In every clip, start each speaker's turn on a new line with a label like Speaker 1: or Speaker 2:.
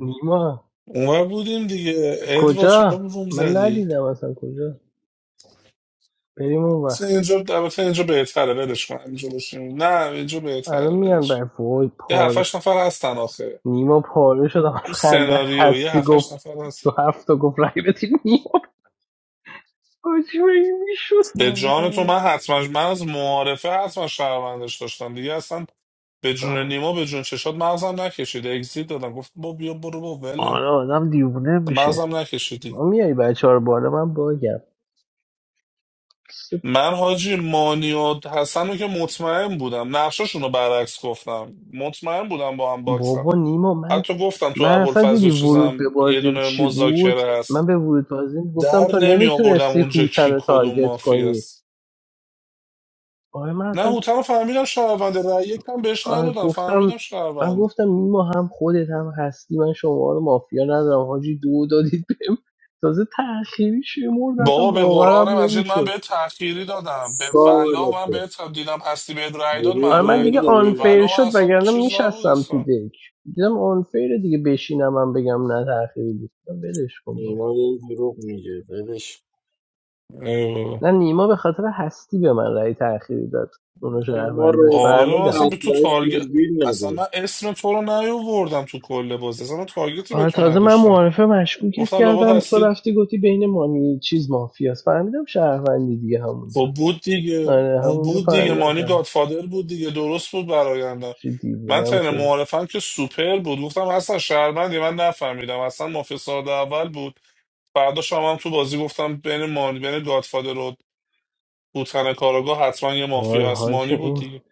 Speaker 1: نیما
Speaker 2: اونور بودیم دیگه ادوارد چرا
Speaker 1: کجا
Speaker 2: روم
Speaker 1: من
Speaker 2: زدی
Speaker 1: ندیدم اصلا کجا بریم اون
Speaker 2: اصلا
Speaker 1: ور.
Speaker 2: اینجا البته اینجا بهتره ولش کن اینجا باشیم نه اینجا
Speaker 1: الان
Speaker 2: بهتره
Speaker 1: میان
Speaker 2: ولش کن.
Speaker 1: بر وای
Speaker 2: یه
Speaker 1: پاره
Speaker 2: هفتش نفر هستن آخه
Speaker 1: نیما پاره شدم از
Speaker 2: تو
Speaker 1: خنده
Speaker 2: سناریو یه
Speaker 1: هستی
Speaker 2: هفتش
Speaker 1: گفت
Speaker 2: نفر هست
Speaker 1: تو هفته گفت رای بدین نیما حاجی این میشد
Speaker 2: به جان تو
Speaker 3: سلام
Speaker 2: من حتما من از معارفه حتما شهروندش داشتم دیگه اصلا به جون نیما به جون چشات مغزم نکشید اگزیت دادم گفت با بیا برو با ولم
Speaker 1: آره
Speaker 2: کن.
Speaker 1: آدم دیوونه میشه
Speaker 2: مغزم نکشیدی
Speaker 1: ما میای بچه ها رو بالا من باگم
Speaker 2: من حاجی مانی و حسن رو که مطمئن بودم نقشاشون رو برعکس گفتم مطمئن بودم با هم باکسم
Speaker 1: بابا نیما من
Speaker 2: حتی گفتم تو
Speaker 1: من اصلا
Speaker 2: ابوالفضل
Speaker 1: دیدی ورود به
Speaker 2: چیزم یه
Speaker 1: بازیم
Speaker 2: دونه
Speaker 1: چی بود
Speaker 2: مذاکره
Speaker 1: من
Speaker 2: هست
Speaker 1: به ورود بازیم گفتم
Speaker 2: در
Speaker 1: تو
Speaker 2: نمی آوردم
Speaker 1: نمیتونستی
Speaker 2: اونجا
Speaker 1: هوتن
Speaker 2: کی
Speaker 1: رو
Speaker 2: کدوم
Speaker 1: تارگت
Speaker 2: مافی
Speaker 1: کنی
Speaker 2: است
Speaker 1: آره من
Speaker 2: نه
Speaker 1: اصلا
Speaker 2: هوتن رو فهمیدم شهرونده رأی یکم بهش
Speaker 1: آره
Speaker 2: ندادم
Speaker 1: گفتم
Speaker 2: فهمیدم
Speaker 1: من
Speaker 2: شهرونده
Speaker 1: گفتم نیما هم خودت هم هستی من شما رو مافیا ندارم حاجی دو دادید بهم تازه تأخیری شمرد اصلا
Speaker 2: بابا به
Speaker 1: باورم
Speaker 2: قرآن مجید من
Speaker 1: نمیشد
Speaker 2: به تأخیری دادم به ولا
Speaker 4: سوال
Speaker 2: من
Speaker 4: کن
Speaker 2: به دیدم هستی بهت رأی داد
Speaker 4: دروغ
Speaker 1: آره
Speaker 2: من
Speaker 1: من
Speaker 2: رأی
Speaker 1: دیگه
Speaker 4: نگه
Speaker 2: دادم به
Speaker 1: آنفیر
Speaker 2: ولا من
Speaker 1: شد
Speaker 2: اصلا
Speaker 1: وگرنه
Speaker 2: چیز نبود
Speaker 1: میشستم تو
Speaker 2: اصلا
Speaker 1: دک دیدم آنفیر دیگه بشینم من بگم نه تأخیری بود گفتم ولش کن با
Speaker 4: نیما یه دروغ میگه بدش
Speaker 2: ای بابا.
Speaker 1: نه نیما به خاطر هستی به من رأی تأخیری داد اونو
Speaker 4: نیما
Speaker 1: شهروندش
Speaker 4: راستی
Speaker 2: آره من
Speaker 1: فهمیدم
Speaker 2: اصلا به تو
Speaker 4: اصلا
Speaker 2: تارگت
Speaker 4: دوربین
Speaker 2: اصلا من
Speaker 4: نداشت
Speaker 2: اسم تو رو نیاوردم تو کل بازی اصلا من تارگتی به
Speaker 1: آره
Speaker 2: تو
Speaker 1: تازه من
Speaker 2: نداشتم
Speaker 1: معارفه مشکوکت
Speaker 2: گفتم لابد
Speaker 1: کردم تو
Speaker 2: هستی
Speaker 1: رفتی گفتی بین مانی چیز مافیاست فهمیدم شهروندی دیگه همونجا
Speaker 2: خب بود دیگه
Speaker 1: آره
Speaker 2: اون
Speaker 1: همونجا
Speaker 2: بود دیگه
Speaker 1: فهمیدم
Speaker 2: مانی
Speaker 1: که
Speaker 2: گادفادر بود دیگه درست بود برآینده
Speaker 1: چی
Speaker 2: من
Speaker 1: دیوونم
Speaker 2: تن
Speaker 1: شده
Speaker 2: معارفم که سوپر بود گفتم اصلا شهروندی من نفهمیدم اصلا مافیا ساده اول بود فردا شما هم تو بازی گفتم بین مانی بین گادفادر و بوتن کاراگاه حتما یه
Speaker 1: وای
Speaker 2: مافیا هست
Speaker 1: حاجی
Speaker 2: مانی بود
Speaker 1: این
Speaker 2: دیگه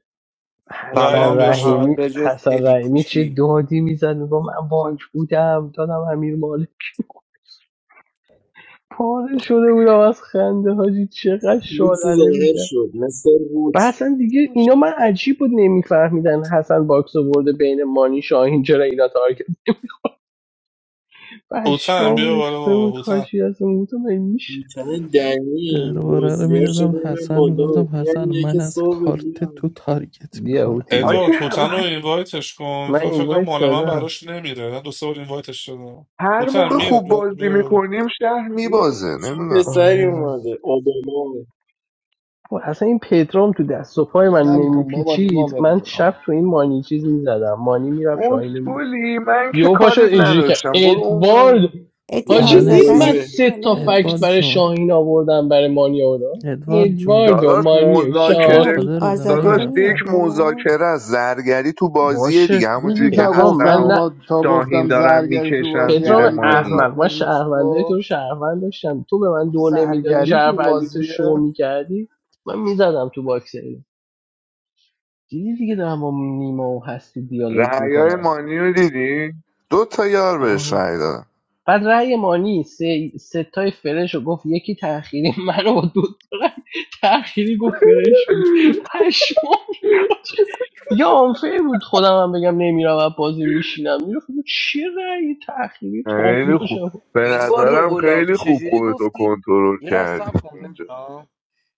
Speaker 2: رایم
Speaker 1: حسن
Speaker 5: سلام به
Speaker 2: بهش
Speaker 5: همه
Speaker 2: داد
Speaker 1: رحیمی
Speaker 5: به جز
Speaker 1: حسن
Speaker 5: ادی
Speaker 1: رحیمی چه
Speaker 5: پوشی
Speaker 1: دادی میزد میگم من بانک بودم دادم امیر مالک پاره شده بودم از خنده حاجی چقدر
Speaker 4: هوت
Speaker 1: شادله
Speaker 4: ظاهر
Speaker 1: میکرد
Speaker 4: شد مثل
Speaker 1: و
Speaker 4: روت
Speaker 1: حسن دیگه اینا من عجیب بود نمیفهمیدن حسن باکس برده بین مانی شاهین چرا اینا تارگت
Speaker 2: هوتن
Speaker 1: پشمام
Speaker 2: بیا بالا
Speaker 1: ریخته
Speaker 2: بابا
Speaker 1: بود
Speaker 2: هوتن
Speaker 1: حاجی از اون بودم میشه
Speaker 4: میتن دنی
Speaker 6: درباره رو
Speaker 4: موزیا
Speaker 6: میدادم
Speaker 4: شده این
Speaker 6: حسن میگفتم
Speaker 4: بالا
Speaker 6: حسن
Speaker 4: یعنی
Speaker 6: من
Speaker 4: یکی
Speaker 6: از
Speaker 4: صبح
Speaker 6: کارت
Speaker 4: بیان
Speaker 6: تو تارگت
Speaker 1: بیا
Speaker 6: میخورم
Speaker 1: هوتی دیگه
Speaker 7: حاجی
Speaker 2: ادوارد هوتن رو
Speaker 7: هم
Speaker 2: اینوایتش کن
Speaker 1: من
Speaker 2: ف-
Speaker 1: این
Speaker 2: فکر کنم
Speaker 1: وایت
Speaker 2: مال من
Speaker 1: دادم
Speaker 2: براش نمیره من دو سه بار اینوایتش شدم
Speaker 7: هر
Speaker 2: هوتن
Speaker 7: موقع
Speaker 2: بیا
Speaker 7: خوب بازی
Speaker 2: بیا
Speaker 7: میکنیم شهر
Speaker 4: این
Speaker 7: میبازه
Speaker 4: چی
Speaker 7: نمیدونم چرا
Speaker 4: پسری
Speaker 1: آره آره.
Speaker 4: اومده اوباما
Speaker 1: خب، اصلا این پدرام تو دست و پای من
Speaker 8: بلم کن بابا
Speaker 1: نمیپیچید
Speaker 8: امام
Speaker 1: من
Speaker 8: قرآن
Speaker 1: شب تو این مانی چیز میزدم مانی میرفت شاهین رو میزد
Speaker 7: اسکولی من که
Speaker 1: یهو پا
Speaker 7: کاری
Speaker 1: اینجوری که
Speaker 7: نداشتم برو اون ور.
Speaker 1: ادوارد
Speaker 3: ادی
Speaker 1: حاجی
Speaker 6: من
Speaker 4: یعنی
Speaker 1: دید
Speaker 3: آزاده رو
Speaker 4: بازی
Speaker 1: من
Speaker 3: هم
Speaker 6: اسن
Speaker 1: سه
Speaker 3: بالا
Speaker 1: تا
Speaker 3: این
Speaker 1: فکت
Speaker 6: ادوارد
Speaker 3: بسته
Speaker 1: برای
Speaker 6: جون
Speaker 1: شاهین آوردم برای مانی آوردم
Speaker 6: ادوارد جون
Speaker 1: ادوارد و
Speaker 7: داداش
Speaker 1: مانی و
Speaker 7: مذاکره
Speaker 3: ادوارد
Speaker 1: شاهین
Speaker 6: گادفادر بودم
Speaker 3: آزاده
Speaker 7: داداش
Speaker 3: رو
Speaker 7: یک
Speaker 3: میاری
Speaker 6: نمیرفتم
Speaker 3: بالا
Speaker 7: مذاکره از زرگری تو بازیه
Speaker 1: باشه
Speaker 7: دیگه
Speaker 8: دیدی
Speaker 7: همونجوری که
Speaker 8: تا
Speaker 1: پدرام
Speaker 8: گفتم
Speaker 7: حسن
Speaker 1: من
Speaker 7: و
Speaker 1: نه
Speaker 8: ما تا
Speaker 7: شاهین
Speaker 8: گفتم
Speaker 7: دارن
Speaker 8: زرگری تو
Speaker 7: میکشن
Speaker 8: بازی
Speaker 7: زیر
Speaker 1: پدرام
Speaker 8: علی بیازار
Speaker 7: مانی
Speaker 1: احمق من
Speaker 8: ترنش
Speaker 1: شهروندای تو رو
Speaker 8: گفت
Speaker 1: شهروند داشتم تو به من
Speaker 8: گفت
Speaker 1: دو نمیدادی
Speaker 8: زرگری تو
Speaker 1: شهروندی تو
Speaker 8: بازیه
Speaker 1: شو میکردی من میزدم تو باکس دیدی دیگه دارم با نیما و هستی دیالوگ
Speaker 7: رعیای
Speaker 1: میکنم
Speaker 7: مانی رو دیدی؟ دو تا یار بهش
Speaker 1: آه.
Speaker 7: رعی دادن
Speaker 1: بعد رأی مانی سه ستای فرش رو گفت یکی تأخیری منو با دو رأی تأخیری گفت فرش بود پشمام دیگه آنفیر بود خودم هم بگم نمیرم و بازی میشینم میرفت چه رأی تأخیری
Speaker 7: خیلی
Speaker 1: تابلو
Speaker 7: خوب
Speaker 1: شد
Speaker 7: به
Speaker 9: ادوارد
Speaker 7: نظرم
Speaker 9: اولاق
Speaker 7: خیلی خوب
Speaker 9: چجوری
Speaker 7: خودتو
Speaker 9: گفتی
Speaker 7: کنترل
Speaker 9: یه لحظه صبر کن
Speaker 7: کردی
Speaker 9: پدرام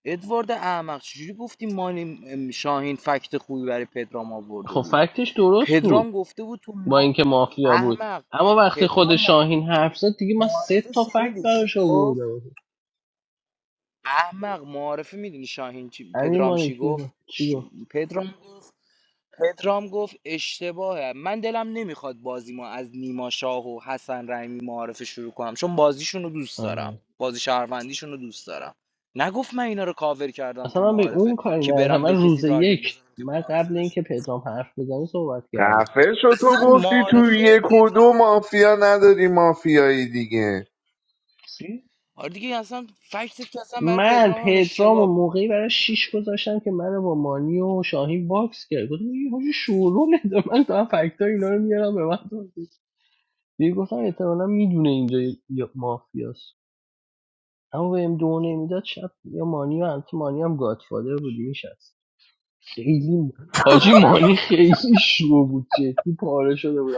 Speaker 9: ادوارد احمق چجوری گفتی مانی شاهین فکت خوبی برای پدرام آورده
Speaker 1: خب
Speaker 9: بود
Speaker 1: فکتش درست بود
Speaker 9: پدرام گفته بود تو
Speaker 1: با
Speaker 9: ما...
Speaker 1: اینکه مافیا بود
Speaker 9: احمق
Speaker 1: اما وقتی
Speaker 9: پدرام
Speaker 1: خود
Speaker 9: ما-
Speaker 1: شاهین حرف زد دیگه من سه
Speaker 9: معارفه
Speaker 1: تا فکت
Speaker 9: شنیدی چی
Speaker 1: براش
Speaker 9: گفت
Speaker 1: آوردم
Speaker 9: احمق معارفه میدونی شاهین چی...
Speaker 1: همین
Speaker 9: پدرام چی
Speaker 1: مالک
Speaker 9: گفت
Speaker 1: بیرم چی
Speaker 9: ش...
Speaker 1: گفت
Speaker 9: پدرام گفت پدرام گفت اشتباهه من دلم نمیخواد بازی ما از نیما شاه و حسن رحیمی معارفه شروع کنم چون بازیشون رو دوست
Speaker 1: آره.
Speaker 9: دارم بازی شهروندیشون رو دوست دارم نگفت من اینا رو کاور کردم تو
Speaker 1: اصلا من به
Speaker 9: معارفه
Speaker 1: اون کاری
Speaker 9: که
Speaker 1: نداشتم
Speaker 9: برم به
Speaker 1: من
Speaker 9: کسی
Speaker 1: روز
Speaker 9: تارگت
Speaker 1: یک
Speaker 9: بزنم که
Speaker 1: من
Speaker 9: معارفه
Speaker 1: قبل
Speaker 9: داشت
Speaker 1: اینکه پدرام حرف بزنه صحبت کردم
Speaker 7: خفه شو تو
Speaker 9: اصلا
Speaker 7: گفتی تو
Speaker 9: معارفه
Speaker 7: یک و
Speaker 9: پدرام
Speaker 7: دو مافیا نداری مافیایی دیگه
Speaker 1: چی؟
Speaker 9: آره دیگه اصلا فکتت که اصلا برای
Speaker 1: من
Speaker 9: پدرام هم
Speaker 1: پدرام و
Speaker 9: اشتباه بود
Speaker 1: موقعی برای شیش گذاشتم که من با مانی و شاهین باکس کرد گفتم این حاجی شورو نده، من تو فکت اینا رو میارم به من توضیح دیگه گفتم احتمالا میدونه اینجا یا- مافیاست اما به ام دو نمیداد شب یا مانی و البته مانی هم گادفادر بودی میشست خیلی حاجی مانی خیلی شو بود جدی پاره شده بود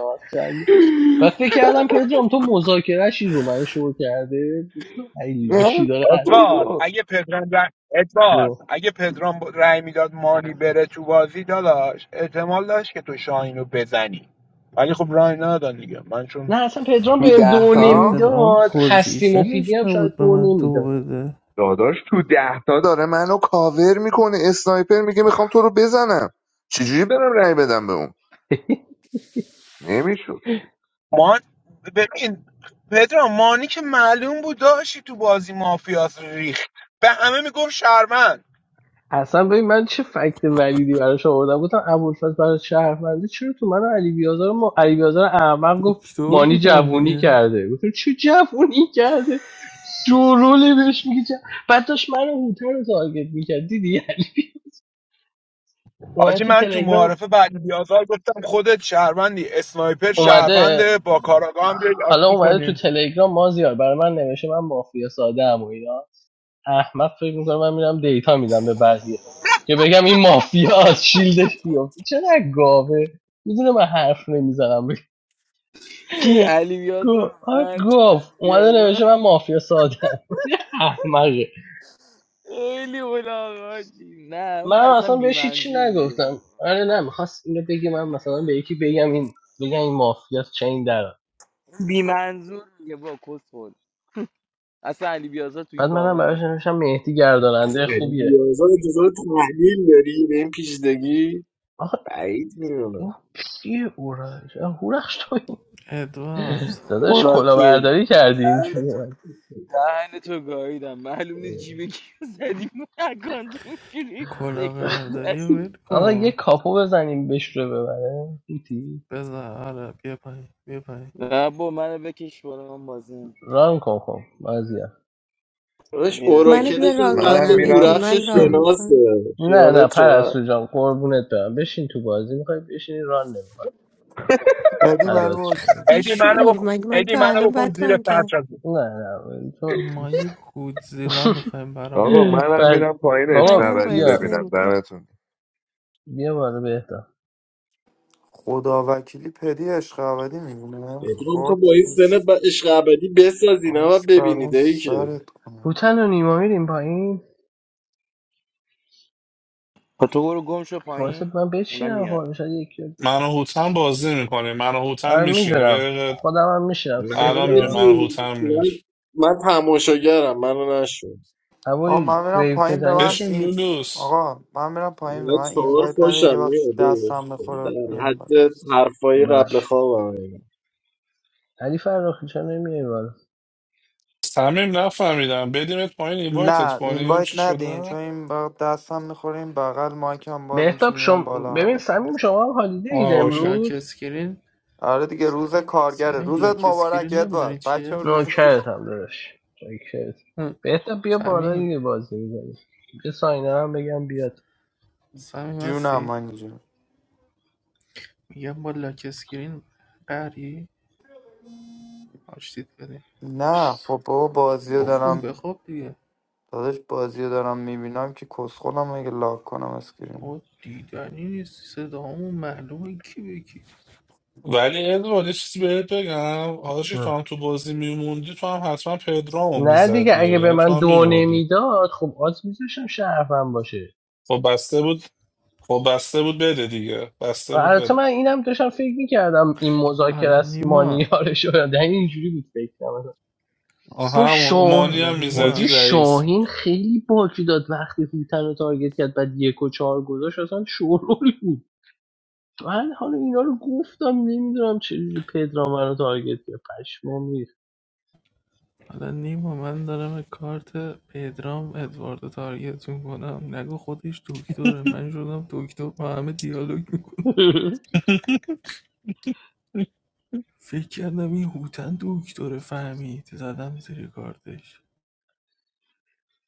Speaker 1: و فکر کردم پدرام تو مذاکرهشی رو من شروع کرده گفتم ای لاشی
Speaker 7: نه
Speaker 1: داره الف.
Speaker 10: ادوارد
Speaker 7: بابا
Speaker 10: اگه پدرام ر... ادوارد اگه پدرام ب- رأی میداد مانی بره تو بازی داداش احتمال داشت که تو شاهین رو بزنی ولی خب رای ندادن دیگه من
Speaker 1: نه
Speaker 10: چون
Speaker 1: اصلا پدرام
Speaker 7: تو
Speaker 1: بهم
Speaker 7: ده
Speaker 1: دو
Speaker 7: تا
Speaker 6: پدرام
Speaker 1: نمیداد هستی مفیدی
Speaker 6: پوزیشنش
Speaker 1: هم شاید
Speaker 6: نبود به
Speaker 1: دو
Speaker 6: من تو
Speaker 1: نمیداد
Speaker 6: بده
Speaker 7: داداش تو ده تا داره منو کاور میکنه اسنایپر میگه میخوام تو رو بزنم چجوری برم رأی بدم به اون نمیشد
Speaker 10: مان ببین پدرام مانی که معلوم بود داشتی تو بازی مافیاس ریخت به همه میگفت شهروند
Speaker 1: اصلا ببین من چه فکت ولیدی براش آوردم گفتم ابوالفضل برای شهرمنده چرا تو من و علی بیازار رو- ما علی بیازار احمق گفت
Speaker 6: دکتر
Speaker 1: مانی
Speaker 6: بودم
Speaker 1: جوونی
Speaker 6: دیگه
Speaker 1: کرده گفتم چه جوونی کرده شوروله بهش میگه جوون. بعد داشت من هوتر رو تارگت میکرد دیدی یعنی اومده
Speaker 10: حاجی
Speaker 1: تو
Speaker 10: من تو
Speaker 1: تلگرام
Speaker 10: معارفه بعد بیازار گفتم خودت شهروندی اسنایپر
Speaker 1: اومده
Speaker 10: شهرونده با کاراگاه هم بیای
Speaker 1: حالا
Speaker 10: آشتی
Speaker 1: اومده تو
Speaker 10: کنی
Speaker 1: تلگرام مازیار برای من نوشته من مافیا ساده ام و اینا احمد فکر میکنه من میرم دیتا میدم به بقیه که بگم این مافیا از شیلدش بیفته چقدر گاوه میدونه من حرف نمیزنم
Speaker 9: کی علی
Speaker 1: گو-
Speaker 9: بیازار
Speaker 1: آ
Speaker 9: اومد
Speaker 1: گاو
Speaker 9: علی
Speaker 1: اومده
Speaker 9: بیازار
Speaker 1: نوشته من مافیا ساده ام، احمقه
Speaker 9: خیلی اولاغاچی نه
Speaker 1: من
Speaker 9: اون اصلا
Speaker 1: اصلا بهش هیچی
Speaker 9: بیمنظور میگه
Speaker 1: نگفتم آره نه میخواست اینو بگی من مثلا به یکی بگم این بگم این مافیا چه این در
Speaker 9: بی منظور میگه با کس خود اصلا علی بیازار تو این
Speaker 1: بعد منم
Speaker 9: باغان
Speaker 1: براش
Speaker 9: نیست
Speaker 1: نوشتم مهدی گرداننده
Speaker 4: علی
Speaker 1: خوبیه
Speaker 4: بیازار انتظار تحلیل داری به این پیشدگی
Speaker 1: آخه
Speaker 4: بعید میدونم
Speaker 1: ما پسی اورش آه، هورخش تو این.
Speaker 6: ادوارد
Speaker 1: داداش
Speaker 9: اوراکل
Speaker 1: کلاهبرداری کردی
Speaker 9: دهن
Speaker 1: اینجوری
Speaker 9: تو
Speaker 1: اومد
Speaker 9: دهن تو گاییدم معلوم نیست جیب کیو زدی من اکانت میگیری سیکرت نه
Speaker 6: کلاهبرداری رو ول
Speaker 1: آقا یه
Speaker 6: کن
Speaker 1: کاپو بزنیم بهش رو ببره بیتی
Speaker 6: بذار آره بیا پایین بیا پایین
Speaker 9: نه با منو بکش بالا من بازی نمی‌کنم.
Speaker 1: ران کن خب مازیار
Speaker 4: داداش
Speaker 9: بیا بیا
Speaker 3: منو بیا
Speaker 4: اوراکلش
Speaker 9: من.
Speaker 4: هم
Speaker 3: ران
Speaker 4: قد
Speaker 7: منم
Speaker 3: کنم ادی
Speaker 7: میرم
Speaker 4: هورخش
Speaker 3: من ران
Speaker 4: شناسه
Speaker 3: میکنم
Speaker 1: نه نه
Speaker 4: خیالت راحت
Speaker 1: پرستو جان قربونت برم بشین تو بازی میخوای بشینی ران نمیخواد
Speaker 5: پدی برای
Speaker 1: فدات شم عزیز.
Speaker 10: ادی منو
Speaker 3: بیشعور
Speaker 10: بکن
Speaker 3: مگه من
Speaker 10: ادی
Speaker 3: تا
Speaker 10: منو
Speaker 3: الان
Speaker 10: بکن
Speaker 3: بد
Speaker 10: زیر
Speaker 3: ران
Speaker 10: فرش
Speaker 3: کردم
Speaker 1: نه نه تو
Speaker 6: ما یه گودزیلا میخوایم برامون
Speaker 7: آقا
Speaker 6: ران
Speaker 7: منم
Speaker 1: بل...
Speaker 6: کنه
Speaker 7: میرم پایین عشق
Speaker 1: بابا
Speaker 3: منم
Speaker 7: ابدی
Speaker 3: بازی
Speaker 1: بیا
Speaker 7: ببینم
Speaker 3: نمیکنم
Speaker 7: دمتون
Speaker 1: بیا بالا بهتا
Speaker 5: خدا وکیلی پدی عشق ابدی میمونه
Speaker 4: پدرام تو
Speaker 5: خاک
Speaker 4: با این سن ب... عشق ابدی بساز اینا و
Speaker 5: خاک بر اون
Speaker 4: ببینید ای که
Speaker 5: سرت کنه
Speaker 1: هوتن و نیما میریم پایین
Speaker 9: خب تو برو گم شو
Speaker 1: باعث
Speaker 9: پایین
Speaker 1: من
Speaker 9: اونا
Speaker 1: بچینم
Speaker 9: میان
Speaker 1: خب شاید یکی
Speaker 2: من و هوتن بازی میکنیم من و هوتن
Speaker 1: آره
Speaker 2: میشینیم یه
Speaker 1: میدونم
Speaker 2: دقیقه
Speaker 1: خودم هم میشینم
Speaker 4: من
Speaker 1: سه
Speaker 2: الان
Speaker 4: یه
Speaker 2: میره
Speaker 1: تا
Speaker 2: من و
Speaker 4: جور-
Speaker 2: هوتن
Speaker 4: من,
Speaker 2: میرش
Speaker 4: من تماشاگرم منو نشون
Speaker 5: آقا
Speaker 1: هوایی
Speaker 5: من میرم
Speaker 1: قیف
Speaker 5: پایین به
Speaker 1: میزنی
Speaker 5: من
Speaker 2: بشین
Speaker 5: این
Speaker 2: لولوس
Speaker 5: آقا من میرم پایین به
Speaker 4: من
Speaker 5: من
Speaker 4: چهار
Speaker 5: اینوایت ندین یه
Speaker 4: پاشم میاد
Speaker 5: وقت
Speaker 4: داداش.
Speaker 5: دستم میخوره
Speaker 4: در
Speaker 5: میام بر
Speaker 4: حد حرفای قبل
Speaker 1: باش
Speaker 4: خوابم
Speaker 1: علی فراخی چرا نمیای بالا
Speaker 2: صمیم نفهمیدم بدیمت پایین اینوایتت
Speaker 5: نه
Speaker 2: کنیم
Speaker 5: اینوایت
Speaker 2: چی
Speaker 5: ندین چون
Speaker 2: شده
Speaker 5: این با دستم میخوره این بغل مایکم باز میشه
Speaker 1: بهتاب
Speaker 5: میام
Speaker 1: شم...
Speaker 5: بالا
Speaker 1: ببین
Speaker 5: حواسم
Speaker 1: سمیم شما هم حالیده
Speaker 2: آه
Speaker 1: اید
Speaker 2: اوکی
Speaker 6: لاک
Speaker 1: امروز
Speaker 6: اسکرین
Speaker 5: آره دیگه روز کارگره
Speaker 6: سمیم
Speaker 5: روزت
Speaker 6: لاک
Speaker 5: مبارک
Speaker 6: اسکرین نمیدونی
Speaker 5: ادوارد بچه
Speaker 6: چیه
Speaker 5: روز
Speaker 1: نوکرت هم دارش چاکرت
Speaker 6: هوم
Speaker 1: بهتاب بیا بالا
Speaker 6: صمیم
Speaker 1: دیگه بازی میزنی بیا ساینه هم بگم بیاد
Speaker 6: صمیم
Speaker 5: جونم
Speaker 6: هستی
Speaker 5: من
Speaker 6: میگم با لاک اسکرین قری آشتید بده
Speaker 5: نه خب بابا بازی رو
Speaker 6: گفت کن
Speaker 5: دارم
Speaker 6: بخواب دیگه
Speaker 5: داداش بازی رو دارم میبینم که کسخولم اگه لاک کنم اسکرین
Speaker 6: آقا دیدنی نیستی صدامون معلومه کی به کی
Speaker 2: ولی ادوارد یه چیزی بهت بگم حاجی تو هم تو بازی میموندی تو هم حتما پدرامو
Speaker 1: نه دیگه
Speaker 2: میزدی
Speaker 1: اگه به
Speaker 2: یعنی تو
Speaker 1: من
Speaker 2: هم
Speaker 1: دو
Speaker 2: میمردی
Speaker 1: نمیداد خب آز میذاشم شرفم باشه
Speaker 2: خب بسته بود خب بسته بود بده دیگه
Speaker 1: و
Speaker 2: بسته بود
Speaker 1: البته
Speaker 2: بده
Speaker 1: من اینم داشتم فکر میکردم این مذاکره
Speaker 6: حالا
Speaker 1: است
Speaker 6: نیما
Speaker 1: مانیارش رو در اینجوری بود فکر کنم
Speaker 2: آه
Speaker 1: اصلا
Speaker 2: همون مانی
Speaker 1: شاه
Speaker 6: حالا
Speaker 2: هم میزدی
Speaker 1: حاجی
Speaker 6: نیما
Speaker 2: رئیس بود
Speaker 1: شاهین خیلی باکی داد وقتی هوتن رو تارگت کرد بعد یک و چهار گذاشت اصلا شورول بود من حالا اینا رو گفتم نمیدونم چجوری پدرام من رو تارگت کرد پشمام ریخت
Speaker 6: حالا نیما من دارم کارت پدرام ادوارد تارگتون کنم نگو خودش دکتره من شدم دکتر با همه دیالوگ میکنم فکر کردم این هوتن دکتره فهمید زدم زیر کارتش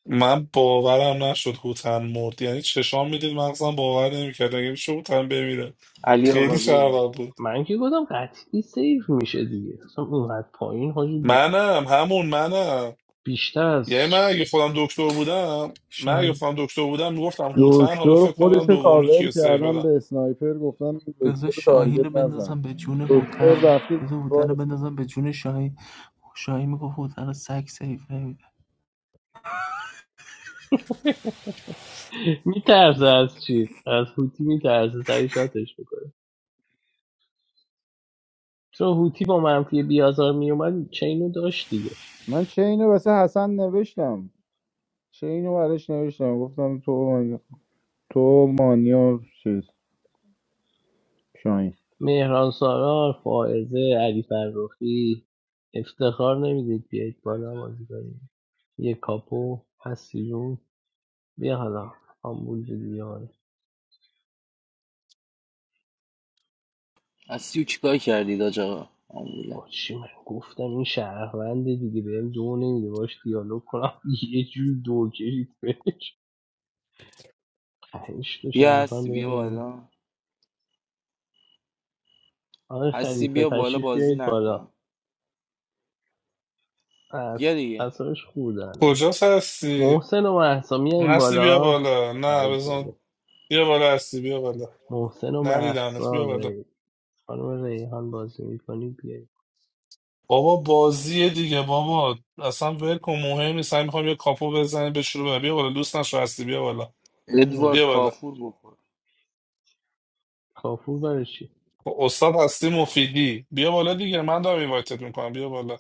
Speaker 2: من باورم نشد هوتن مرد یعنی چشام میدید مغزم باور نمیکرد اگه میشه هوتن بمیره
Speaker 9: علی
Speaker 2: خیلی
Speaker 9: آقا
Speaker 1: اون-
Speaker 9: بیا
Speaker 2: شرمم بود
Speaker 1: من که گفتم قطعی سیف میشه دیگه اصلا اونقدر پایین حاجی بیش-
Speaker 2: منم همون منم
Speaker 1: بیشتر از
Speaker 2: یعنی من اگه خودم دکتر بودم من اگه
Speaker 6: شاهین
Speaker 2: خودم دکتر بودم میگفتم هوتن حالا
Speaker 8: دکتر
Speaker 2: فکر کنم برم
Speaker 8: خودش رو
Speaker 2: دومی
Speaker 8: کاور
Speaker 2: کیو سیو
Speaker 8: کردم
Speaker 2: بدم
Speaker 8: به اسنایپر گفتم
Speaker 6: بذار
Speaker 8: دکتر رو
Speaker 6: شاهین رو
Speaker 8: تارگت نزن
Speaker 6: بندازم به جون
Speaker 8: دکتر
Speaker 6: هوتن
Speaker 8: رفته
Speaker 6: بذار هوتن
Speaker 8: دیوار
Speaker 6: رو
Speaker 8: رو
Speaker 6: بندازم به جون شاهین شاهین میگفت هوتن رو سگ سیف نمیده
Speaker 1: میترسه از چیز از هوتی میترسه سری شاتش میکنه چون هوتی با منفی بیازار میومد چینو داشت دیگه
Speaker 8: من چه اینو واسه حسن نوشتم چه اینو براش نوشتم گفتم تو تو مانیا چیز شاین
Speaker 1: مهران سارار فائزه علی فرخی افتخار نمیدید بیایید بالا بازی کنیم یه کاپو هستی جون بیا حالا آمبول شدی حالا
Speaker 9: هستی و چیکار کردی داج آقا آمبوله.
Speaker 1: با چی من گفتم این شهروند دیگه بهم دو نمیده باش دیالوگ کنم یه جوری دو کشید بهش پنج تو
Speaker 9: بیا
Speaker 1: شهروند
Speaker 9: هستی بیا
Speaker 1: ببرد
Speaker 9: بالا
Speaker 1: آقای
Speaker 9: هستی
Speaker 1: خلیفه
Speaker 9: بیا بالا
Speaker 1: تشریف
Speaker 9: بازی
Speaker 1: بیایید
Speaker 9: نکن
Speaker 1: بالا از
Speaker 9: بیا دیگه
Speaker 1: اصابش خوردن
Speaker 2: کجاست هستی
Speaker 1: محسن و محسا میاییم
Speaker 2: هستی بیا
Speaker 9: پایینه.
Speaker 1: بالا
Speaker 2: بالا نه
Speaker 1: ای
Speaker 2: بزن
Speaker 1: بابا
Speaker 2: بیا بالا هستی بیا بالا
Speaker 1: محسن و
Speaker 2: ندیدمت بیا بالا
Speaker 1: محسا خانم ریحان بازی میکنی بیایید
Speaker 2: بابا بازیه دیگه بابا اصلا ول کن مهم نیست من میخوام یه کاپو بزنیم به شروع بیا بالا دوست نشو هستی بیا بالا
Speaker 1: خانم
Speaker 9: ادوارد
Speaker 2: بیا بالا
Speaker 9: کافور گفت
Speaker 1: کافور برای چی
Speaker 2: خب، استاد هستی مفیدی بیا بالا دیگه من دارم اینوایتت میکنم بیا بالا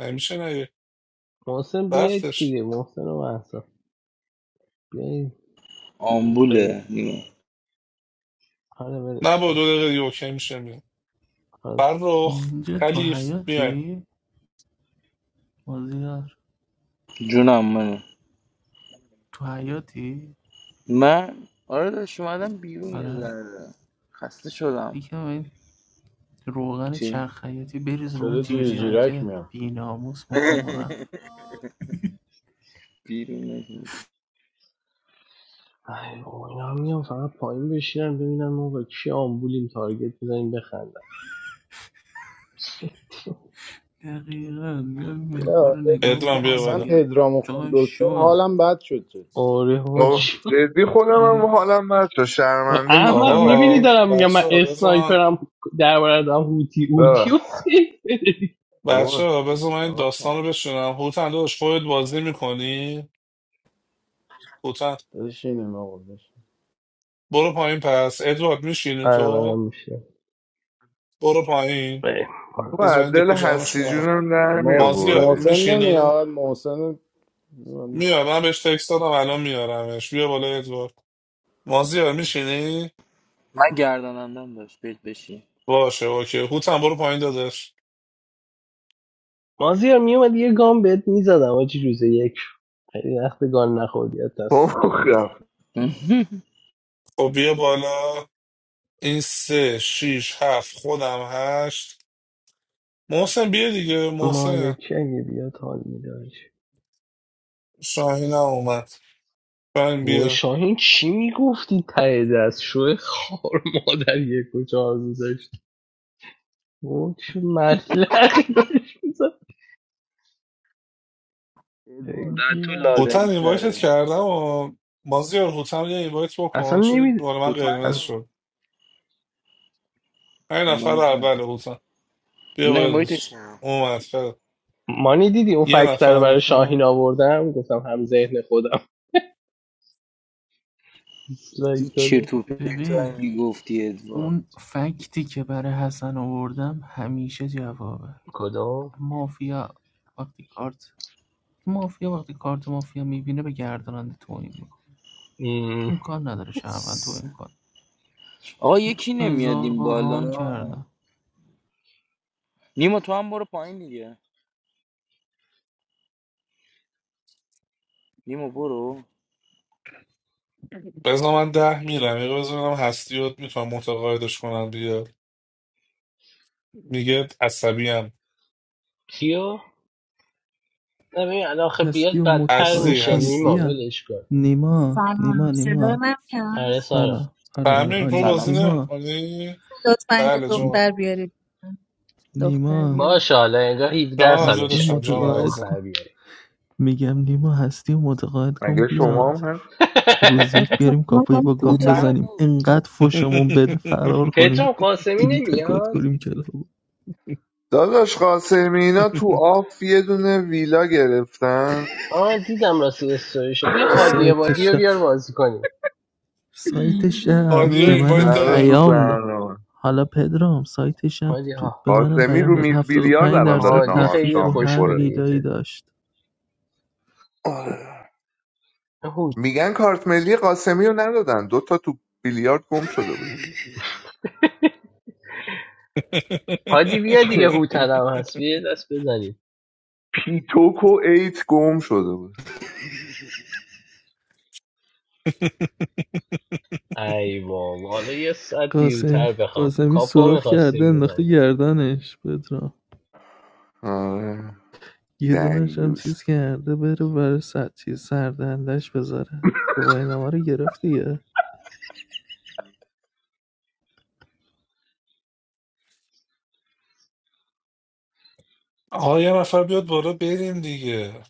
Speaker 2: نمیشه نه
Speaker 1: محسن بیایید
Speaker 2: رفتش
Speaker 1: دیگه محسن و محسن بیایید
Speaker 9: آمبوله
Speaker 1: ریحان
Speaker 9: نیمه.
Speaker 1: خانم
Speaker 2: نه
Speaker 1: برش
Speaker 2: با
Speaker 1: کن.
Speaker 2: دو دقیقه دیگه اوکی میشه میاد
Speaker 1: خب.
Speaker 2: فرخ
Speaker 6: اینجا تو
Speaker 2: خلیف بیاین
Speaker 6: حیاتی مازیار
Speaker 9: جونم منه
Speaker 6: تو حیاتی
Speaker 9: من آره داشت اومدم بیرون یه
Speaker 6: آره
Speaker 9: ذره خسته شدم
Speaker 6: یکم این روغن
Speaker 9: چی؟
Speaker 6: چرخ حیاتی بریز رو اون
Speaker 8: صدا جیرجیرک
Speaker 6: جیرجیرکه
Speaker 8: میاد
Speaker 6: بیناموس مخمون رفت
Speaker 9: بیرون نشین.
Speaker 1: ای بابا اینا هم میان فقط پایین بشینن ببینن ما با کی آمبولیم تارگت بزنیم بخندن
Speaker 6: دقیقا میاد نگاه
Speaker 8: آره.
Speaker 6: رو نگاه
Speaker 8: نه،
Speaker 2: ادوان بیا
Speaker 6: میکنه
Speaker 8: اصلا
Speaker 2: بالا
Speaker 6: میگه
Speaker 8: پدرامو خون
Speaker 6: جای
Speaker 8: دکتر
Speaker 6: شوه
Speaker 8: حالم بد شد جدی
Speaker 1: آره
Speaker 7: بابا
Speaker 1: حاجی
Speaker 7: جدی خودم هم حالم بد شد شرمنده
Speaker 1: احمق
Speaker 7: بودم
Speaker 1: میبینی
Speaker 7: ولی
Speaker 2: آقا
Speaker 1: دارم میگم من
Speaker 2: بچه ها بذار من
Speaker 1: اسنایپرم درباره دارم هوتی اوتی و
Speaker 7: آه،
Speaker 1: سیف بده.
Speaker 7: بابا
Speaker 2: بچه ها بذار من این
Speaker 7: چیکار کنم؟
Speaker 2: داستان رو بشنم هوتن داشت خودت بازی میکنی هوتن
Speaker 8: داداش اینه آقا، داداش.
Speaker 2: برو پایین پس ادوارد میشینی
Speaker 1: آره منم
Speaker 2: تو
Speaker 1: میشه
Speaker 2: برو پایین
Speaker 7: تو
Speaker 2: بذار
Speaker 7: از
Speaker 2: من
Speaker 7: دل
Speaker 2: دکو جمعش
Speaker 7: هستی
Speaker 2: کنم
Speaker 7: جونم در می
Speaker 8: محس-
Speaker 2: مازیار
Speaker 7: آوردیم
Speaker 8: محسن
Speaker 2: میشینی
Speaker 8: نمیاد محسن
Speaker 2: میاد من بهش تکست دادم الان میارمش بیا بالا ادوارد مازیار میشینی؟
Speaker 9: من گردانندم داشت بهت بشی
Speaker 2: باشه اوکی هوتم برو پایین دادش
Speaker 1: مازیار میومد یه گام بهت میزدم آجی روز یک خیلی وقت گان نخوردیت
Speaker 7: بابا خف.
Speaker 2: خب بیا بالا این سه شیش هفت خودم هشت محسن بیا دیگه محسن
Speaker 1: مالکی اگه بیاد حال میداد
Speaker 2: شاهین هم اومد شاهین
Speaker 1: و
Speaker 2: بیا
Speaker 1: شاهین چی میگفتی ته دست شوه خار مادر یک و چهار میذاشت و چه ملقی داشت می‌زد.
Speaker 9: ادوارد در تو
Speaker 2: هوتن
Speaker 9: لادری
Speaker 2: اینوایتت
Speaker 9: تره
Speaker 2: کردم و مازیار هوتن یه اینوایت
Speaker 1: اصلا
Speaker 2: بکن چه
Speaker 1: نمی
Speaker 2: بار من
Speaker 9: بوتن
Speaker 2: قرمز
Speaker 9: کن
Speaker 2: شد این نفر
Speaker 9: ایمان کن
Speaker 2: اول هوتن بیا
Speaker 9: نه
Speaker 2: بالا
Speaker 9: این وایت
Speaker 2: دادش اومد خیلی
Speaker 1: مانی دیدی اون
Speaker 2: یه
Speaker 1: فکتر رو
Speaker 2: نفر
Speaker 1: برای
Speaker 2: میخوام
Speaker 1: شاهین آوردم گفتم هم ذهن خودم دیسلایک
Speaker 9: این
Speaker 1: داده
Speaker 9: چرت و پرت
Speaker 6: ببین
Speaker 9: میگفتی ادوارد
Speaker 6: اون فکتی که برای حسن آوردم همیشه جوابه
Speaker 1: کدام
Speaker 6: مافیا وقتی کارت مافیا وقتی کارت مافیا میبینه به گرداننده توهین میکنه امکان نداره شهروند توهین کنه
Speaker 9: آقا یکی نمیاد
Speaker 6: هزار
Speaker 9: این
Speaker 6: بار ران
Speaker 9: بالا
Speaker 6: کردم
Speaker 9: نیما تو هم برو پایین دیگه نیما برو
Speaker 2: بزن من ده میرم یه بزنم هستی رو میتونم متقاعدش کنم بیا میگه عصبی
Speaker 1: کیو نه ببین
Speaker 6: هستی
Speaker 1: بیاد
Speaker 6: و
Speaker 1: بدتر
Speaker 2: هستی
Speaker 6: متقاعد
Speaker 1: میشه
Speaker 6: کنی
Speaker 2: هستی
Speaker 1: نیما
Speaker 6: بیا
Speaker 1: ولش کن
Speaker 6: نیما
Speaker 11: سلام
Speaker 6: نیما
Speaker 11: صدای
Speaker 6: نیما
Speaker 11: من کم
Speaker 1: آره سارا
Speaker 6: سلام آره آره
Speaker 2: تمرین تو
Speaker 6: عالیه
Speaker 9: سلام
Speaker 2: بازی
Speaker 9: سلام
Speaker 6: نیما
Speaker 2: نمیکنی
Speaker 11: لطفا یه
Speaker 2: بله
Speaker 6: ن-
Speaker 2: جان
Speaker 11: دختر بیارید دختر
Speaker 6: نیما
Speaker 11: بیارید
Speaker 1: باشه حالا انگار 17
Speaker 2: جانم هم
Speaker 6: هستی و
Speaker 1: سالشه
Speaker 2: داداشم
Speaker 1: یه
Speaker 2: جانم
Speaker 6: متقاعد
Speaker 2: عزیزم
Speaker 6: کن
Speaker 1: دختر بیاری
Speaker 6: میگم نیما هستی و متقاعد کن
Speaker 7: مگه شما
Speaker 6: بیاد
Speaker 7: هم هست
Speaker 6: روز یک
Speaker 11: خیلی تو-
Speaker 6: بیاریم
Speaker 11: ما-
Speaker 6: کاپایی
Speaker 11: ما
Speaker 6: با
Speaker 11: چی
Speaker 6: گام
Speaker 9: بوتن
Speaker 6: بزنیم
Speaker 11: داریم؟
Speaker 9: کو
Speaker 6: انقدر فشمون بده فرار کنیم
Speaker 1: پدرام قاسمی
Speaker 6: دیلیت کد
Speaker 1: نمیاد
Speaker 6: کنیم کلابو
Speaker 7: داداش قاسمی اینا تو آف یه دونه ویلا گرفتن
Speaker 1: آه دیدم راستی استوریشو بیا
Speaker 6: تو
Speaker 1: هادی
Speaker 6: سایت
Speaker 1: عبادی رو
Speaker 6: شب
Speaker 1: بیار بازی کنیم
Speaker 6: سایت شب
Speaker 2: آدیا
Speaker 6: به
Speaker 7: نیست
Speaker 2: اینوایت
Speaker 6: منم
Speaker 7: الان
Speaker 2: داده
Speaker 7: تو
Speaker 6: پیام داد
Speaker 7: برنامه
Speaker 6: حالا پدرام سایت شب
Speaker 1: هادی
Speaker 6: تو
Speaker 1: ها.
Speaker 6: به منم
Speaker 7: قاسمی
Speaker 6: پیام
Speaker 7: رو
Speaker 6: داد
Speaker 7: میز
Speaker 6: هفتاد و
Speaker 7: بیلیارد
Speaker 6: پنج
Speaker 7: الان داره
Speaker 6: درصد
Speaker 1: هادی
Speaker 7: نهار
Speaker 6: تخفیف
Speaker 1: خیلی
Speaker 6: رو
Speaker 7: شام
Speaker 1: خوش
Speaker 6: هر
Speaker 7: میخوره
Speaker 1: بده یه
Speaker 6: ویلایی
Speaker 1: جد.
Speaker 6: داشت
Speaker 7: آره.
Speaker 1: هود
Speaker 7: میگن کارت ملی قاسمی رو ندادن دوتا تو بیلیارد گم شده بوده
Speaker 1: هادی بیا دیگه هوترم هست بیا یه دست بزنیم
Speaker 7: پیتوک و ایت گم شده بود
Speaker 1: ای بابا حالا یه ساعت
Speaker 6: قاسمی
Speaker 1: دیرتر بخوام
Speaker 6: قاسمی
Speaker 1: کاپو
Speaker 6: سوراخ کرده
Speaker 1: میخواستیم
Speaker 6: انداخته
Speaker 1: بزنیم
Speaker 6: گردنش پدرام
Speaker 7: آره
Speaker 6: یه دونش هم
Speaker 7: دیوز
Speaker 6: چیز کرده بره برای سر چیز سردندش بذاره گواهینامه رو گرفت دیگه
Speaker 2: آقا یه نفر بیاد بالا بریم دیگه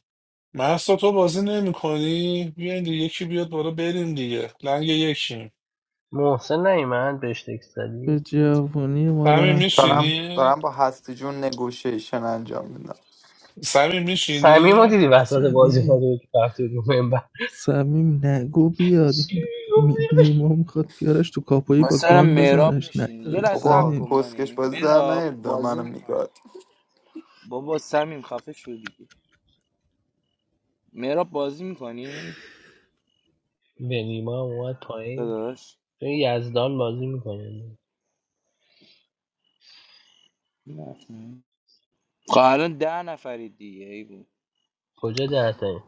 Speaker 2: محسا تو بازی نمی کنی بیاین دیگه یکی بیاد بالا بریم دیگه لنگ یکیم
Speaker 1: محسن نیمند بهش تکس
Speaker 6: به
Speaker 1: زدی
Speaker 6: جوونی ما
Speaker 2: سمی
Speaker 6: رحم
Speaker 5: دارم
Speaker 6: کنید
Speaker 2: میشینی
Speaker 5: دارم با هستی جون نگوشیشن انجام میدم
Speaker 2: سمی
Speaker 1: صمیم
Speaker 2: میشینی
Speaker 1: رو دیدی وسط بازی
Speaker 6: سمی
Speaker 1: فاضل که رفت رو منبر
Speaker 6: صمیم نگو بیاد
Speaker 1: چی
Speaker 6: این می-
Speaker 1: گفتی؟
Speaker 6: نیما میخواد بیارش تو کاپایی با
Speaker 9: مثلا
Speaker 6: گان
Speaker 9: مهراب
Speaker 6: بزنش
Speaker 9: میشین یه
Speaker 6: نیارش
Speaker 9: لحظه صبر
Speaker 5: بابا
Speaker 9: کن
Speaker 6: صمیم
Speaker 5: کسکش
Speaker 9: مانی
Speaker 5: بازی در
Speaker 9: مهراب
Speaker 5: نیدا
Speaker 9: بازی
Speaker 5: منو
Speaker 9: میکنه
Speaker 5: میگاد
Speaker 9: بابا سمیم خفه شو دیگه مهراب بازی میکنی
Speaker 1: بنیما هم اومد پایین
Speaker 9: داداش
Speaker 1: یزدان بازی میکنه
Speaker 9: نه. خب الان ده نفرید دیگه ای بود
Speaker 1: کجا دهتایی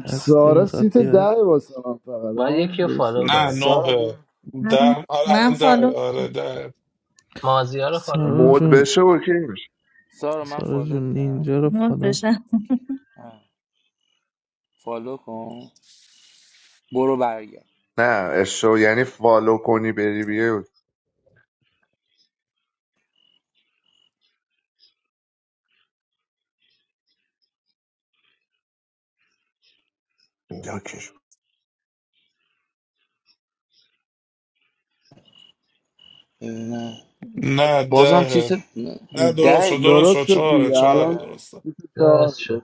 Speaker 6: هستی
Speaker 8: سارا
Speaker 6: میخواد
Speaker 8: سیت
Speaker 6: بیاد
Speaker 8: ده واسه من فقط
Speaker 1: باید
Speaker 8: ها
Speaker 1: یکی رو
Speaker 8: درسته
Speaker 1: فالو
Speaker 2: نه
Speaker 1: کنه
Speaker 9: سارا
Speaker 2: نوه
Speaker 9: بیم
Speaker 11: من
Speaker 2: ده آره
Speaker 11: من
Speaker 2: الان
Speaker 11: فالو
Speaker 2: ده آره
Speaker 11: می‌کنم.
Speaker 2: ده
Speaker 1: مازیا رو فالو
Speaker 6: سارا
Speaker 7: مد
Speaker 1: کن
Speaker 6: جون
Speaker 7: بشه اوکی
Speaker 9: سارا من
Speaker 6: سارا
Speaker 9: فالو
Speaker 6: جون
Speaker 9: کردم
Speaker 6: نینجا رو
Speaker 11: مود
Speaker 6: فدا کن
Speaker 9: اوکی. آه. فالو کن برو برگرد
Speaker 7: نه اشو یعنی فالو کنی بری بیای داکش
Speaker 9: ببینم
Speaker 2: نه
Speaker 9: بازم
Speaker 2: ده
Speaker 9: چیز
Speaker 2: نه درست
Speaker 9: ده
Speaker 2: شد درست
Speaker 8: درست
Speaker 9: ته.
Speaker 2: شد
Speaker 8: شد
Speaker 2: چهاره
Speaker 8: دیگه
Speaker 2: چهاره
Speaker 8: الان
Speaker 9: آره
Speaker 2: درسته
Speaker 8: بیست و چهار
Speaker 1: درست شد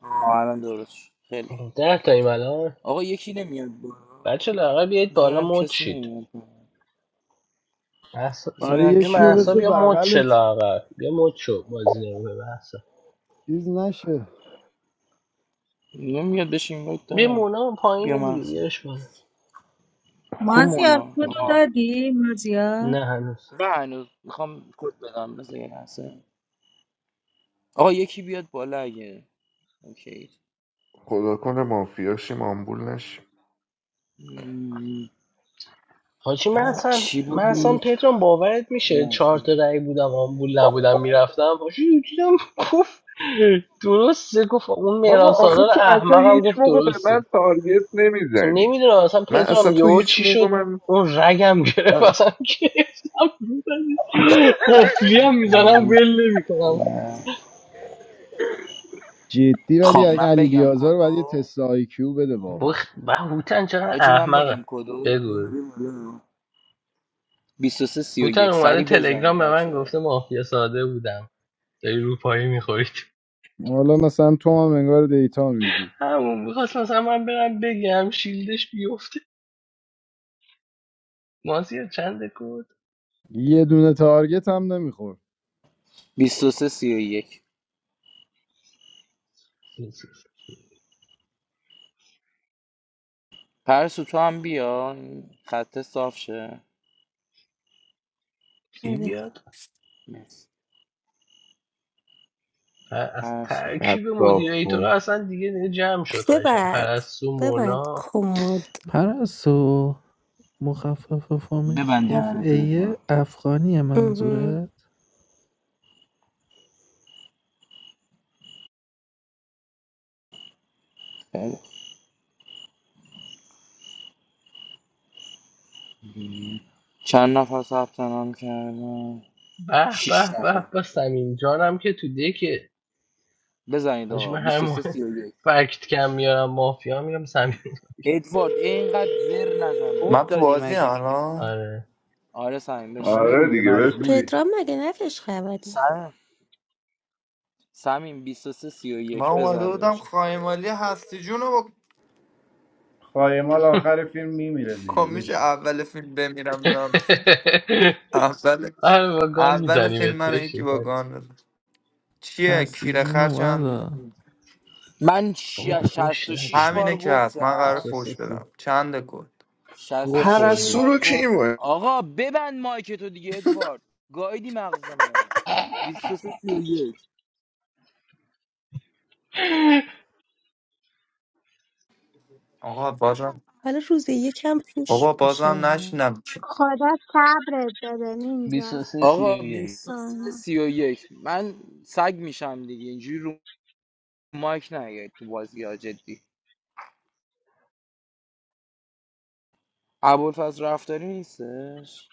Speaker 9: آه، الان درست شد. خیلی
Speaker 1: ده تاییم الان
Speaker 9: آقا یکی نمیاد
Speaker 1: بچه
Speaker 9: برو
Speaker 1: لاغر بیایید
Speaker 9: بذار
Speaker 1: بالا
Speaker 9: ببینم
Speaker 1: مد
Speaker 9: کسی
Speaker 1: شید
Speaker 9: نمیاد برو
Speaker 1: محسا
Speaker 9: بذار
Speaker 8: آره
Speaker 9: ببینم
Speaker 1: بیا
Speaker 8: یکی
Speaker 9: کیو
Speaker 8: رو
Speaker 1: محسا
Speaker 8: بذار
Speaker 9: بیارم
Speaker 1: بیا مد شه
Speaker 8: بغلت
Speaker 1: لاغر بیا مد شو بازی نمیکنه محسا
Speaker 8: چیز نشه
Speaker 9: نمیاد بهش اینوایت
Speaker 1: بیا
Speaker 9: دادم
Speaker 1: مونا
Speaker 9: بیا
Speaker 1: پایینه دیگه
Speaker 9: محسن
Speaker 1: بیارش بالا
Speaker 9: کو
Speaker 11: مازیار کدو
Speaker 7: حاجی،
Speaker 9: آه.
Speaker 11: دادی مازیار
Speaker 1: نه هنوز
Speaker 9: نه هنوز میخوام کد بدم بذار یه لحظه آقا یکی بیاد بالا اگه اوکی
Speaker 7: خدا کنه مافیاشی مامبول نشی
Speaker 9: مم.
Speaker 1: حاجی من اصلا
Speaker 9: چی
Speaker 1: من اصلا
Speaker 9: بود
Speaker 1: پترم باورت میشه چهار تا
Speaker 9: مافیا
Speaker 1: رأی بودم آمبول نبودم میرفتم حاجی دیدم گفت درسته گفت اون مهران
Speaker 7: بابا آخه
Speaker 1: سالار
Speaker 7: تو اصلا
Speaker 1: احمقم
Speaker 7: هیچ
Speaker 1: گفت
Speaker 7: موقع به
Speaker 1: درسته
Speaker 7: من تارگت نمیزنی
Speaker 1: نمیدونم اصلا
Speaker 7: من
Speaker 1: پدرام
Speaker 7: اصلا تو
Speaker 1: یهو
Speaker 7: هیچ
Speaker 1: چی
Speaker 7: موقع
Speaker 1: شد
Speaker 7: من
Speaker 1: اون رگم گرفت
Speaker 7: آه،
Speaker 1: اصلا گرفتم قفلی هم
Speaker 9: کاپو
Speaker 1: میزنم ول نمیکنم
Speaker 9: و-
Speaker 8: جدی ولی
Speaker 9: خب
Speaker 8: اگه
Speaker 9: من
Speaker 8: علی
Speaker 9: بگم
Speaker 8: بیازار باید یه
Speaker 9: کدو
Speaker 8: تست آی کیو بده
Speaker 1: و
Speaker 8: واقعا
Speaker 1: هوتن چقدر
Speaker 9: حاجی من بگم
Speaker 1: احمقه
Speaker 9: کدو
Speaker 1: بگو
Speaker 9: مونا
Speaker 1: بگو.
Speaker 9: بیا بالا. 23
Speaker 1: هوتن
Speaker 9: 31
Speaker 1: اومده
Speaker 9: سری بزنید
Speaker 1: تلگرام به من
Speaker 9: بچه ها
Speaker 1: گفته مافیا ساده بودم داری روپایی میخورید
Speaker 8: حالا مثلا تو هم انگار دیتا میدی
Speaker 1: همون میخواست مثلا من برم بگم شیلدش بیفته مازیار چند کد
Speaker 8: یه دونه تارگت هم نمیخور
Speaker 9: 23 31 پرسو تو هم بیا این خطه صاف شه
Speaker 1: کی بیاد
Speaker 9: مرسی.
Speaker 1: پ- از
Speaker 9: پرسو
Speaker 1: ترکیب
Speaker 7: خطاف
Speaker 1: مدیریتورا
Speaker 7: کن
Speaker 1: اصلا دیگه دیگه جمع شد قشنگ
Speaker 3: ببند
Speaker 1: پرستو
Speaker 3: ببند
Speaker 1: مونا
Speaker 3: کمود
Speaker 6: پرستو مخفف فامیل
Speaker 9: ببند
Speaker 6: اف
Speaker 9: دهن تو
Speaker 6: ای
Speaker 9: ادوارد
Speaker 6: افغانی
Speaker 3: اها.
Speaker 6: منظوره
Speaker 9: خیلی. چند نفر ثبت نام کردن
Speaker 1: به
Speaker 9: شیش
Speaker 1: به به
Speaker 9: نفر
Speaker 1: به سمیم جانم که تو دکه
Speaker 9: بزنید
Speaker 1: حاجی
Speaker 9: آقا
Speaker 1: من هر
Speaker 9: 23
Speaker 1: موقع
Speaker 9: 31
Speaker 1: فکت کم میارم مافیا میرم سمیم
Speaker 9: ادوارد اینقدر زر نزن
Speaker 5: من
Speaker 12: خود
Speaker 5: تو
Speaker 9: ادوارد
Speaker 12: دادی
Speaker 5: بازی هم
Speaker 12: مگه
Speaker 5: الان
Speaker 1: آره
Speaker 9: آره سمیم بشین
Speaker 8: آره
Speaker 7: آره
Speaker 8: دیگه
Speaker 7: دیگه بس
Speaker 8: مجبوری
Speaker 3: پدرام مگه نفش خبره
Speaker 9: سر سمیم 23
Speaker 5: من
Speaker 9: 31
Speaker 5: اومده
Speaker 9: بزن
Speaker 5: بودم
Speaker 9: داشت
Speaker 5: خایمالی هستی جون رو با
Speaker 8: خایمال آخر فیلم میمیره دیگه
Speaker 5: کمیش
Speaker 8: بشه
Speaker 5: اول فیلم بمیرم دارم اول
Speaker 1: آره با گان
Speaker 5: اول
Speaker 1: میزنیم
Speaker 5: فیلم
Speaker 1: ات
Speaker 5: من یکی
Speaker 1: بشین
Speaker 5: با گان بزن. چیه
Speaker 6: هستی
Speaker 5: کیره
Speaker 6: جون
Speaker 5: خر چند
Speaker 6: اومد
Speaker 9: من ش-
Speaker 1: بابا فوش
Speaker 9: 66
Speaker 1: ندیدی
Speaker 9: بار
Speaker 5: همینه که هست من قرار
Speaker 9: گفتم
Speaker 1: 23
Speaker 5: فوش
Speaker 1: سی
Speaker 5: بدم چند کد
Speaker 1: گو
Speaker 9: 66
Speaker 1: خوردی
Speaker 7: پرستو رو
Speaker 9: بار
Speaker 7: کی
Speaker 9: گفت
Speaker 7: بود؟
Speaker 9: آقا ببند مایک تو دیگه ادوارد گایدی مغز منو 23
Speaker 5: آقا بازم
Speaker 3: حالا روز یکم فوش
Speaker 5: بابا بازم
Speaker 3: میشه
Speaker 5: نشینم
Speaker 13: Khoda sabre da da ninja,
Speaker 1: 23 سی و
Speaker 9: آقا
Speaker 1: یک
Speaker 13: no.
Speaker 9: 23 یک من سگ میشم دیگه اینجوری رو مایک نیاید تو بازی ها جدی ابوالفضل رفتاری نیستش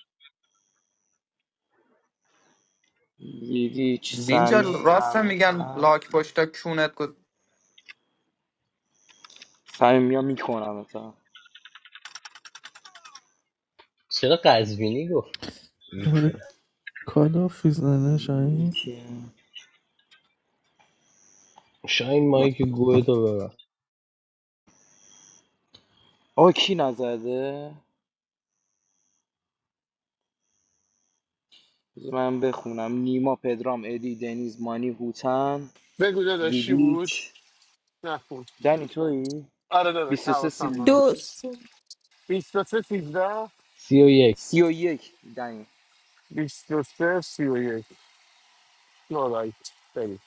Speaker 9: لیدیچ
Speaker 5: نینجا
Speaker 9: سمین
Speaker 5: راست میگن
Speaker 9: ابوالفضل
Speaker 5: لاک پشتا کونت کو
Speaker 9: سمین یا میکنم اتا
Speaker 1: چرا قزوینی گفت
Speaker 6: داره
Speaker 1: میکنه
Speaker 6: کالاف میزنه
Speaker 9: این
Speaker 6: شاهین
Speaker 9: کیه؟
Speaker 1: شاین مایی که گوه تو ببر
Speaker 9: آقا کی نزده بذار من بخونم نیما پدرام ادی دنیز مانی هوتن
Speaker 14: بگو داداش چی بود
Speaker 9: ویدیچ
Speaker 14: نخون
Speaker 9: دنی توی
Speaker 14: آره داداش
Speaker 9: 23
Speaker 14: حواسم من
Speaker 9: 31 یک
Speaker 3: دوست
Speaker 14: 23 13
Speaker 1: سی و یک
Speaker 9: سی و یک دنی
Speaker 14: 23 31 نورایت بریم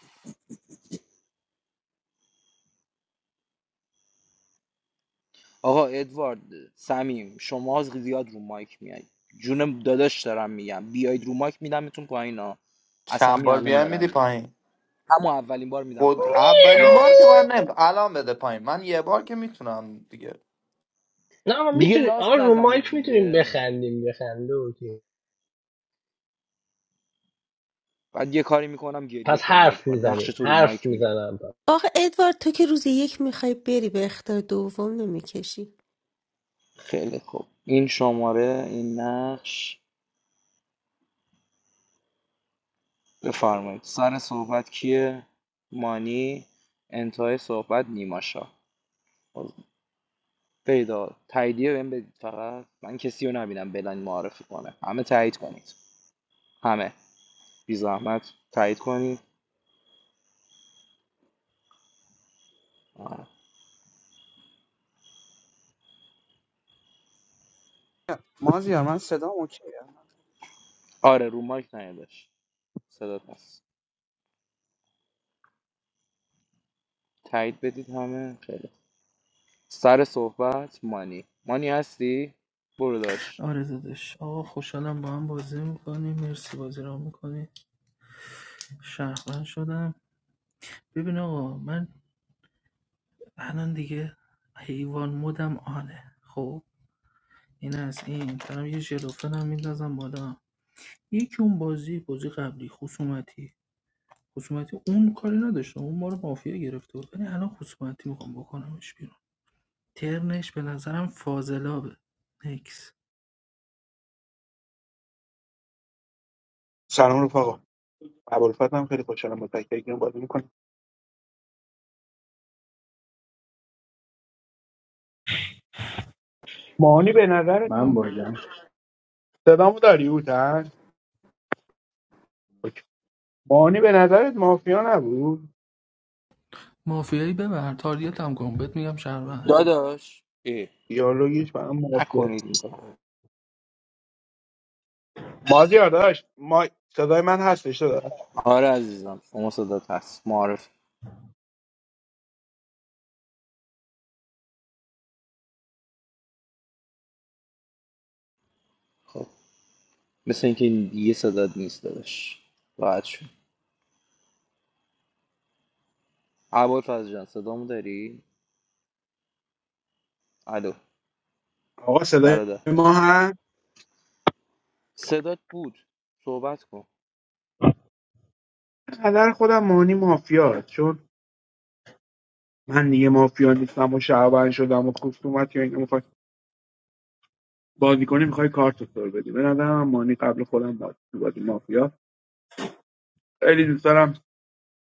Speaker 9: آقا ادوارد سمیم شما زیاد رو مایک میای جونم داداش دارم میگم بیاید رو مایک میدمتون پایین ها از
Speaker 5: چند
Speaker 9: همین
Speaker 5: بار
Speaker 9: الان
Speaker 5: بیای
Speaker 9: دارم
Speaker 5: میدی
Speaker 9: میگم
Speaker 5: پایین
Speaker 9: اما اولین بار میدم
Speaker 5: خود
Speaker 9: پایین
Speaker 5: اولین
Speaker 9: اما
Speaker 5: بار که
Speaker 9: اولین
Speaker 5: من
Speaker 9: بار
Speaker 5: نه الان بده پایین من یه بار که میتونم دیگه
Speaker 1: نه ما
Speaker 9: دیگه
Speaker 1: میتونیم
Speaker 9: لاست
Speaker 1: آره رو
Speaker 9: نزنید
Speaker 1: مایک میتونیم
Speaker 9: دیگه
Speaker 1: بخندیم بخنده اوکی
Speaker 9: بعد یه کاری میکنم گریه
Speaker 1: پس
Speaker 9: کنی
Speaker 1: حرف
Speaker 9: ادوارد نقش
Speaker 1: میزنیم
Speaker 9: تو رو
Speaker 1: حرف
Speaker 9: مایک میگم
Speaker 1: میزنم
Speaker 3: آخه ادوارد تو که روز یک میخوای بری به اختار دوم نمیکشی
Speaker 9: خیلی خوب این شماره این نقش بفرمایید سر صحبت کیه مانی انتهای صحبت نیماشا پیدا تاییدیه بهم بدید فقط من کسی رو نبینم بلن معرفی کنه همه تایید کنید همه بی زحمت تایید کنید آره,
Speaker 12: مازیار من
Speaker 9: آره رو مایک نیادش صدات هست تایید بدید همه خیلی سر صحبت مانی مانی هستی برو داش
Speaker 6: آره دادش آقا خوشحالم با هم بازی میکنی مرسی بازی را میکنی شهروند شدم ببین آقا من الان دیگه حیوان مدم آنه خب این از این دارم یه ژلوفن هم میندازم بالا یکی اون بازی بازی قبلی خصومتی خصومتی اون کاری نداشتم اون ما رو مافیا گرفته بود ولی الان خصومتی میخوام بکنمش بیرون ترنش به نظرم فاضلابه نکس
Speaker 10: سلام رفقا ابوالفضل هم خیلی خوشحالم با تک تک بازی میکنم مانی به نظرت
Speaker 8: من
Speaker 10: من
Speaker 8: باگم
Speaker 10: صدامو داری هوتن اوکی. مانی به نظرت مافیا نبود
Speaker 6: مافیایی ببر تاریت هم کن بهت میگم شهروند
Speaker 9: داداش ای
Speaker 10: دیالوگش برام مافیا.
Speaker 9: نکنید این کار
Speaker 10: مازیار داشت ما صدای من هستش داشت
Speaker 9: آره عزیزم شما صدات هست معرف خب مثل اینکه این یه صدات نیست دادش راحت شد عبال فضل جان صدامو داری؟ الو
Speaker 10: آقا صدای
Speaker 9: برادر
Speaker 10: ما هم
Speaker 9: صدات بود صحبت کن
Speaker 10: نظر خودم مانی مافیاست چون من دیگه مافیا نیستم و شعبان شدم و خصومت یا اینکه میخوای بازی کنی میخوای کارت رو سر بدی به نظرم من مانی قبل خودم باز تو بازی مافیا خیلی دوست دارم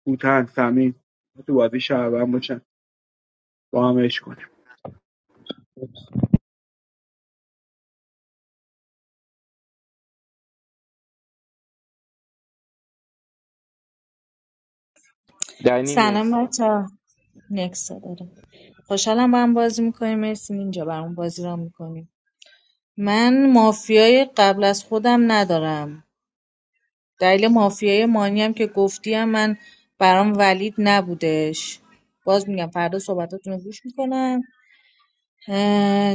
Speaker 10: بوتن سمین تو بازی شعبان باشن با هم عشق کنیم.
Speaker 9: دنی
Speaker 11: سلام
Speaker 9: نکستا
Speaker 11: بچه نکسا داره خوشحالم با هم بازی میکنیم مرسی اینجا برام بازی را میکنیم من مافیای قبل از خودم ندارم دلیل مافیای مانی هم که گفتی هم من برام ولید نبودش باز میگم فردا صحبتاتون رو گوش میکنم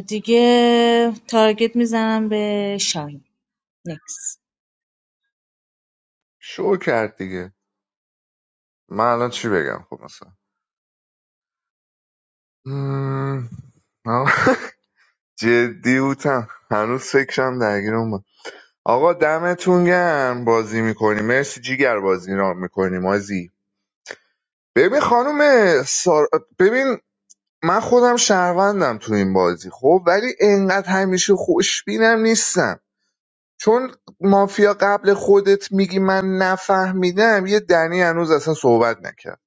Speaker 11: دیگه تارگت میزنم به شاهین نکس
Speaker 7: شو کرد دیگه من الان چی بگم خب مثلا مم، آه، جدی بودم هنوز فکرم درگیرم آقا دمتون گرم بازی میکنی مرسی جیگر بازی را میکنیم مازی ببین خانم سار... ببین من خودم شهروندم تو این بازی خب ولی انقدر همیشه خوشبینم نیستم چون مافیا قبل خودت میگی من نفهمیدم یه دنی هنوز اصلا صحبت نکرد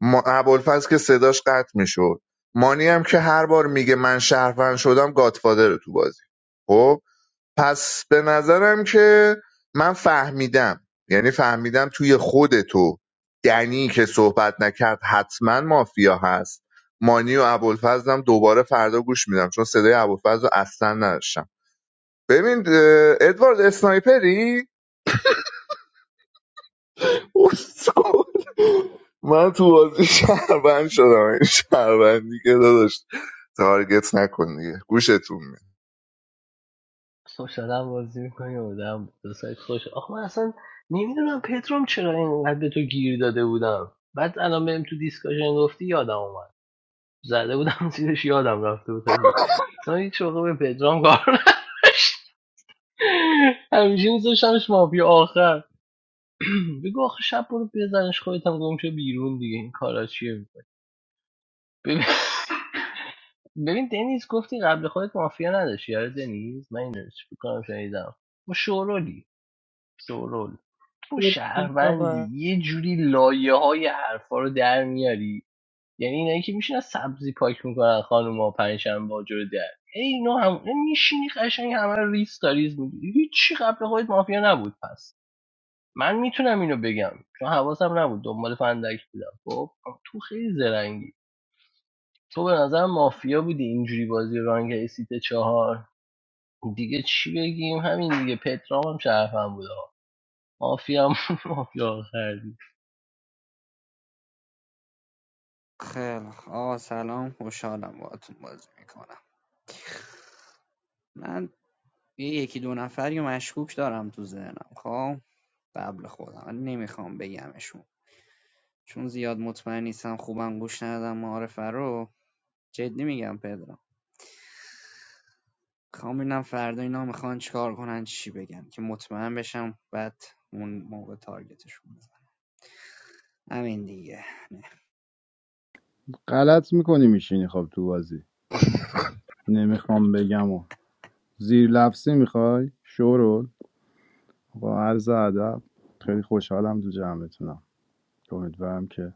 Speaker 7: ما... ابوالفضل که صداش قطع میشد مانی هم که هر بار میگه من شهروند شدم گاتفادر تو بازی خب پس به نظرم که من فهمیدم یعنی فهمیدم توی خود تو دنی که صحبت نکرد حتما مافیا هست مانی و ابوالفضل هم دوباره فردا گوش میدم چون صدای ابوالفضل رو اصلا نداشتم ببین اه، ادوارد اسنایپری اسکل. من تو بازی شهروند شدم این شهروندی که داداش تارگت نکن دیگه گوشتون
Speaker 1: سوشال هم بازی میکنی بودم سوشال آخه من اصلا نمیدونم پتروم چرا اینقدر به تو گیر داده بودم بعد الان بهم تو دیسکاشن گفتی یادم اومد زده بودم زیرش یادم رفته بود حاجی. اصلا هیچ موقع به پدرام کار نه. همیشه میذاشتمش مافیا آخر بگو آخه شب برو بزنش خودت هم گم شو بیرون دیگه این کارا چیه میکنی ببین دنیز گفتی قبل خودت مافیا نداشتی آره دنیز من اینو بکنم شنیدم تو شورولی شورول تو
Speaker 11: بابا
Speaker 1: شهروندی یه جوری لایه های حرفا رو در میاری یعنی اینایی که میشینن سبزی پاک میکنن خانوما پنجشنبه با جور در ای نو هم میشینی قشنگ همه رو ریس تا ریز میگی هیچی قبل خودت مافیا نبود پس من میتونم اینو بگم چون حواسم نبود دنبال فندک بودم خب تو خیلی زرنگی تو به نظرم مافیا بودی اینجوری بازی رانگ سیت چهار دیگه چی بگیم همین دیگه پترام هم شرفم بود آقا. مافیا هم مافیا آخردی
Speaker 12: خیلی خ- آقا سلام خوشحالم باهاتون بازی میکنم من یه یکی دو نفری رو مشکوک دارم تو ذهنم خب قبل خودم ولی نمیخوام بگمشون چون زیاد مطمئن نیستم خوبم گوش ندادم معارفه رو جدی میگم پدرم میخوام ببینم فردا اینا میخوان چیکار کنن چی بگن که مطمئن بشم بعد اون موقع تارگتشون بزنم همین دیگه نه.
Speaker 8: غلط میکنی میشینی خب تو بازی نمیخوام بگم و زیر لفظی میخوای شورول با عرض ادب خیلی خوشحالم تو جمعتونم امیدوارم که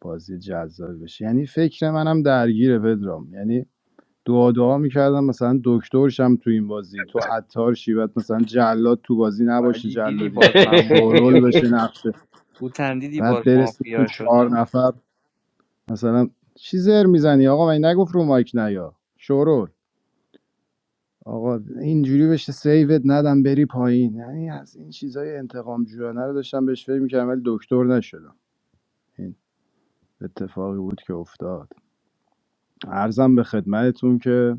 Speaker 8: بازی جذاب بشه یعنی فکر منم درگیره پدرام یعنی دعا دعا میکردم مثلا دکترشم تو این بازی تو عطار شی بعد مثلا جلاد تو بازی نباشه
Speaker 12: حاجی دیدی
Speaker 8: جلادیت
Speaker 12: باز من
Speaker 8: کنه
Speaker 12: مافیا
Speaker 8: شورول بشه نقشه
Speaker 12: او دیدی
Speaker 8: بعد
Speaker 12: باز
Speaker 8: برسیم تو
Speaker 12: مافیا
Speaker 8: چهار
Speaker 12: شدم
Speaker 8: نفر مثلا چی زر میزنی آقا من نگفت رو مایک نیا شورول آقا اینجوری بشه سیوت ندم بری پایین یعنی از این چیزای انتقام جویانه رو داشتم بهش فکر میکردم ولی دکتر نشدم این اتفاقی بود که افتاد عرضم به خدمتتون که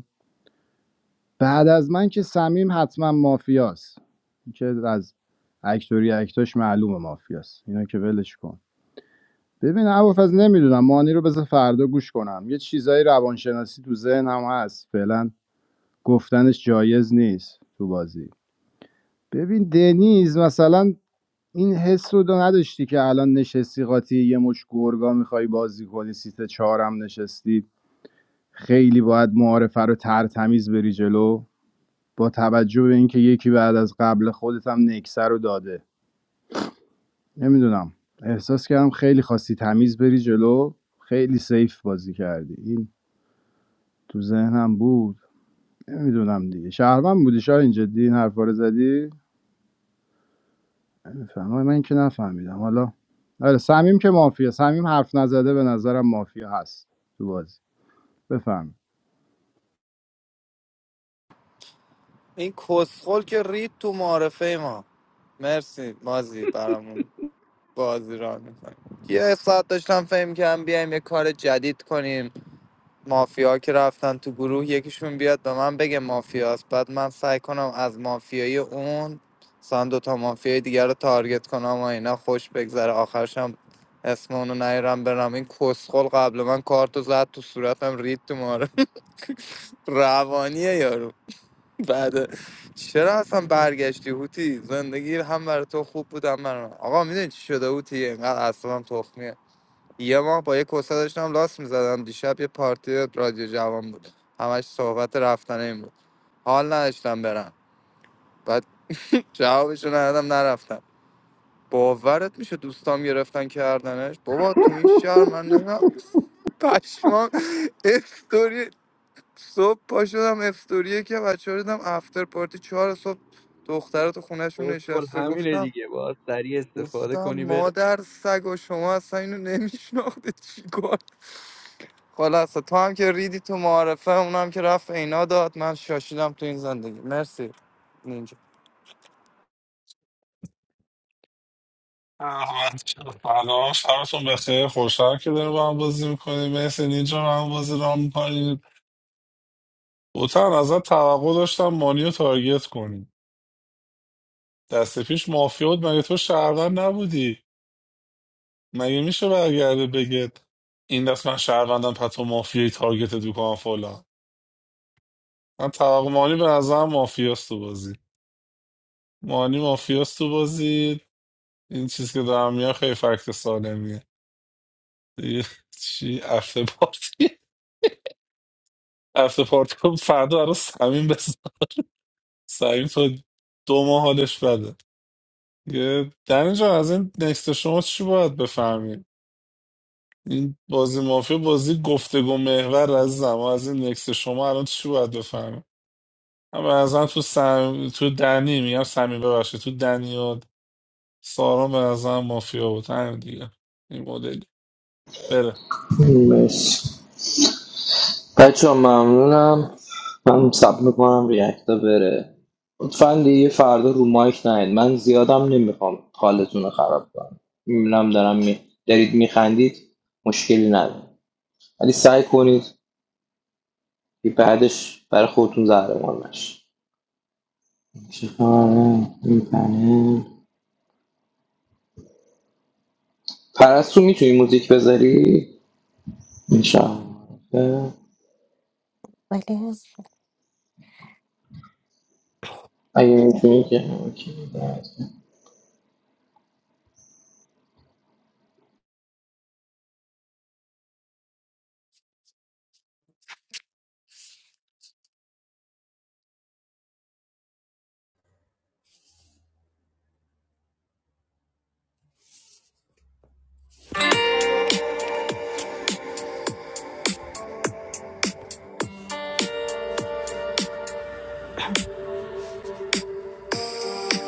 Speaker 8: بعد از من که سمیم حتما مافیاست این که از اکتوری اکتاش معلومه مافیاست اینا که ولش کن ببین ابوالفضل نمیدونم مانی رو بذار فردا گوش کنم یه چیزای روانشناسی تو ذهنم هست فعلا گفتنش جایز نیست تو بازی ببین دنیز مثلا این حس رو نداشتی که الان نشستی قاطی یه مش گرگا میخوای بازی کنی سیت چهارم نشستی خیلی باید معارفه رو ترتمیز بری جلو با توجه به اینکه یکی بعد از قبل خودت هم نکسه رو داده نمیدونم احساس کردم خیلی خواستی تمیز بری جلو خیلی سیف بازی کردی این تو ذهنم بود نمیدونم دیگه شهروند بودی شاید این جدی این حرفا رو زدی بفهم من که نفهمیدم حالا آره سمیم که مافیا سمیم حرف نزده به نظرم مافیا هست تو بازی بفهم
Speaker 5: این کسخل که رید تو معارفه ما مرسی مازی برامون بازی را میکنیم یه ساعت داشتم فهم کردم بیایم یه کار جدید کنیم مافیا که رفتن تو گروه یکیشون بیاد به من بگه مافیاست بعد من سعی کنم از مافیای اون مثلا دوتا مافیای دیگر رو تارگت کنم و اینا خوش بگذره آخرشم اسم اونو نیرم برم این کسخل قبل من کارتو زد تو صورتم رید تو ماره روانیه یارو بعد چرا اصلا برگشتی هوتی زندگی هم برای تو خوب بود هم برای من آقا میدونی چی شده هوتی اینقدر اصلا تخمیه. یه ماه با یه کسه داشتم لاست میزدم دیشب یه پارتی رادیو جوان بود همش صحبت رفتن این بود حال نداشتم برم بعد جوابشو ندادم نرفتم باورت میشه دوستام گرفتن کردنش بابا تو این شهر من نمیدونم پشمام استوری صبح پا شدم استوریه که بچه ها دیدم افتر پارتی چهار صبح دختره تو خونهشون
Speaker 12: کل
Speaker 5: نشسته
Speaker 12: همینه
Speaker 5: گفتم
Speaker 12: دیگه باید سریع استفاده
Speaker 5: گفتم
Speaker 12: کنی بره
Speaker 5: مادر سگ و شما اصلا اینو نمیشناخته چی کار؟ خلاصه تو هم که ریدی تو معارفه اونم که رفت اینا داد من شاشیدم تو این زندگی مرسی اینجا
Speaker 2: احمد جان، سلام شبتون بخیر خوشحال که داریم با هم بازی میکنیم مرسی نینجا با هم بازی را میکنیم بوتن ازت توقع داشتم مانی رو تارگت کنیم دست پیش مافیا بود مگه تو شهروند نبودی مگه میشه برگرده بگید این دست من شهروندم پتو مافیایی تارگت دو کنم فلان من توقع مانی به نظرم مافیاست تو بازی مانی مافیاست تو بازی این چیز که دارم میگم خیلی فکت سالمیه دیگه چی افته پارتی افته پارتی کن فردا برای سمین بزن سمین تا دو ماه حالش بده یه دنی جان از این نکست شما چی باید بفهمیم این بازی مافیا بازی گفتگو محور از ما از این نکست شما الان چی باید بفهمیم اما از تو سم... تو دنی میگم سمین ببخشید تو دنی و سارا به نظرم مافیا بود همین دیگه این مدلی بره.
Speaker 9: مرسی بچه ها، ممنونم من سب میکنم ریاکتا بره لطفا دیگه فردا رو مایک نهید من زیادم نمیخوام حالتون رو خراب کنم میبینم دارم می... دارید میخندید مشکلی نداره ولی سعی کنید که بعدش برای خودتون زهرمار نشه چیکار می‌کنه؟ پرستو میتونی موزیک بذاری؟ انشاءالله
Speaker 3: بله
Speaker 9: اگه میتونی که اوکی، درد.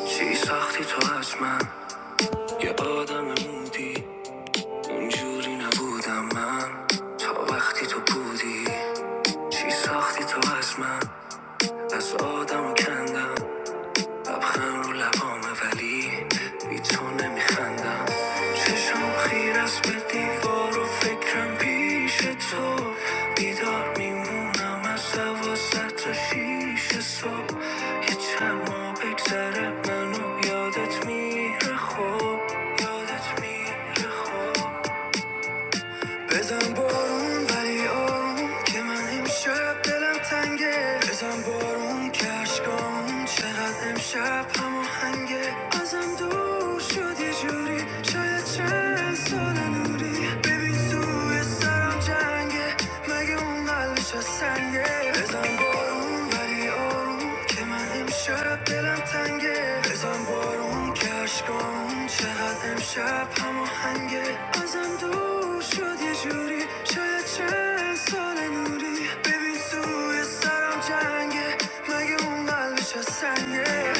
Speaker 3: چی ساختی تو از من یه آدم مودی اونجوری نبودم من تا وقتی تو بودی چی ساختی تو از من از آدم کندم لبخند رو لبامه ولی بی تو نمیخندم چشم خیر است به دیوار و فکرم پیش تو بیدار میمونم از دوازده تا شیش صبح یه چند ماه بگذره منو یادت میره خوب یادت میره خوب بزن بارون ولی آروم که من امشب دلم تنگه بزن بارون که اشکام چقدر امشب همه ازم دور شد یه جوری شاید چند سال نوری ببین توی سرم جنگه مگه اون قلبش از سنگه بزن بارون ولی آروم که من امشب دلم تنگه بزن بارون که عشقامون چقدر امشب همه ازم دور شد یه جوری شاید چه سال نوری ببین توی سرم جنگه مگه اون قلبش از سنگه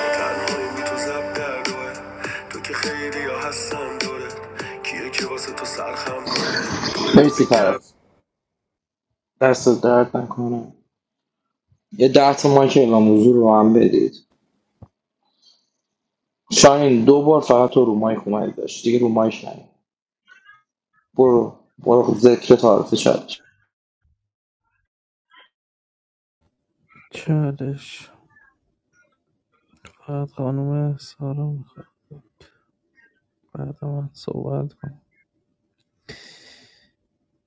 Speaker 3: تنهایی بی تو زب در روه تو که خیلی ها هستن دوره کیه که واسه تو سرخم کنه دورت
Speaker 9: مرسی
Speaker 3: بگرد
Speaker 9: فرات دست درد نکنم یه ده تا مایک اعلام موضوع رو هم بدید شاین دو بار فقط تو رو مایک اومد داشت دیگه رو مایک نیم برو برو ذکر تعارف شد
Speaker 6: چالش فقط خانم سارا میخواد بعد من صحبت کن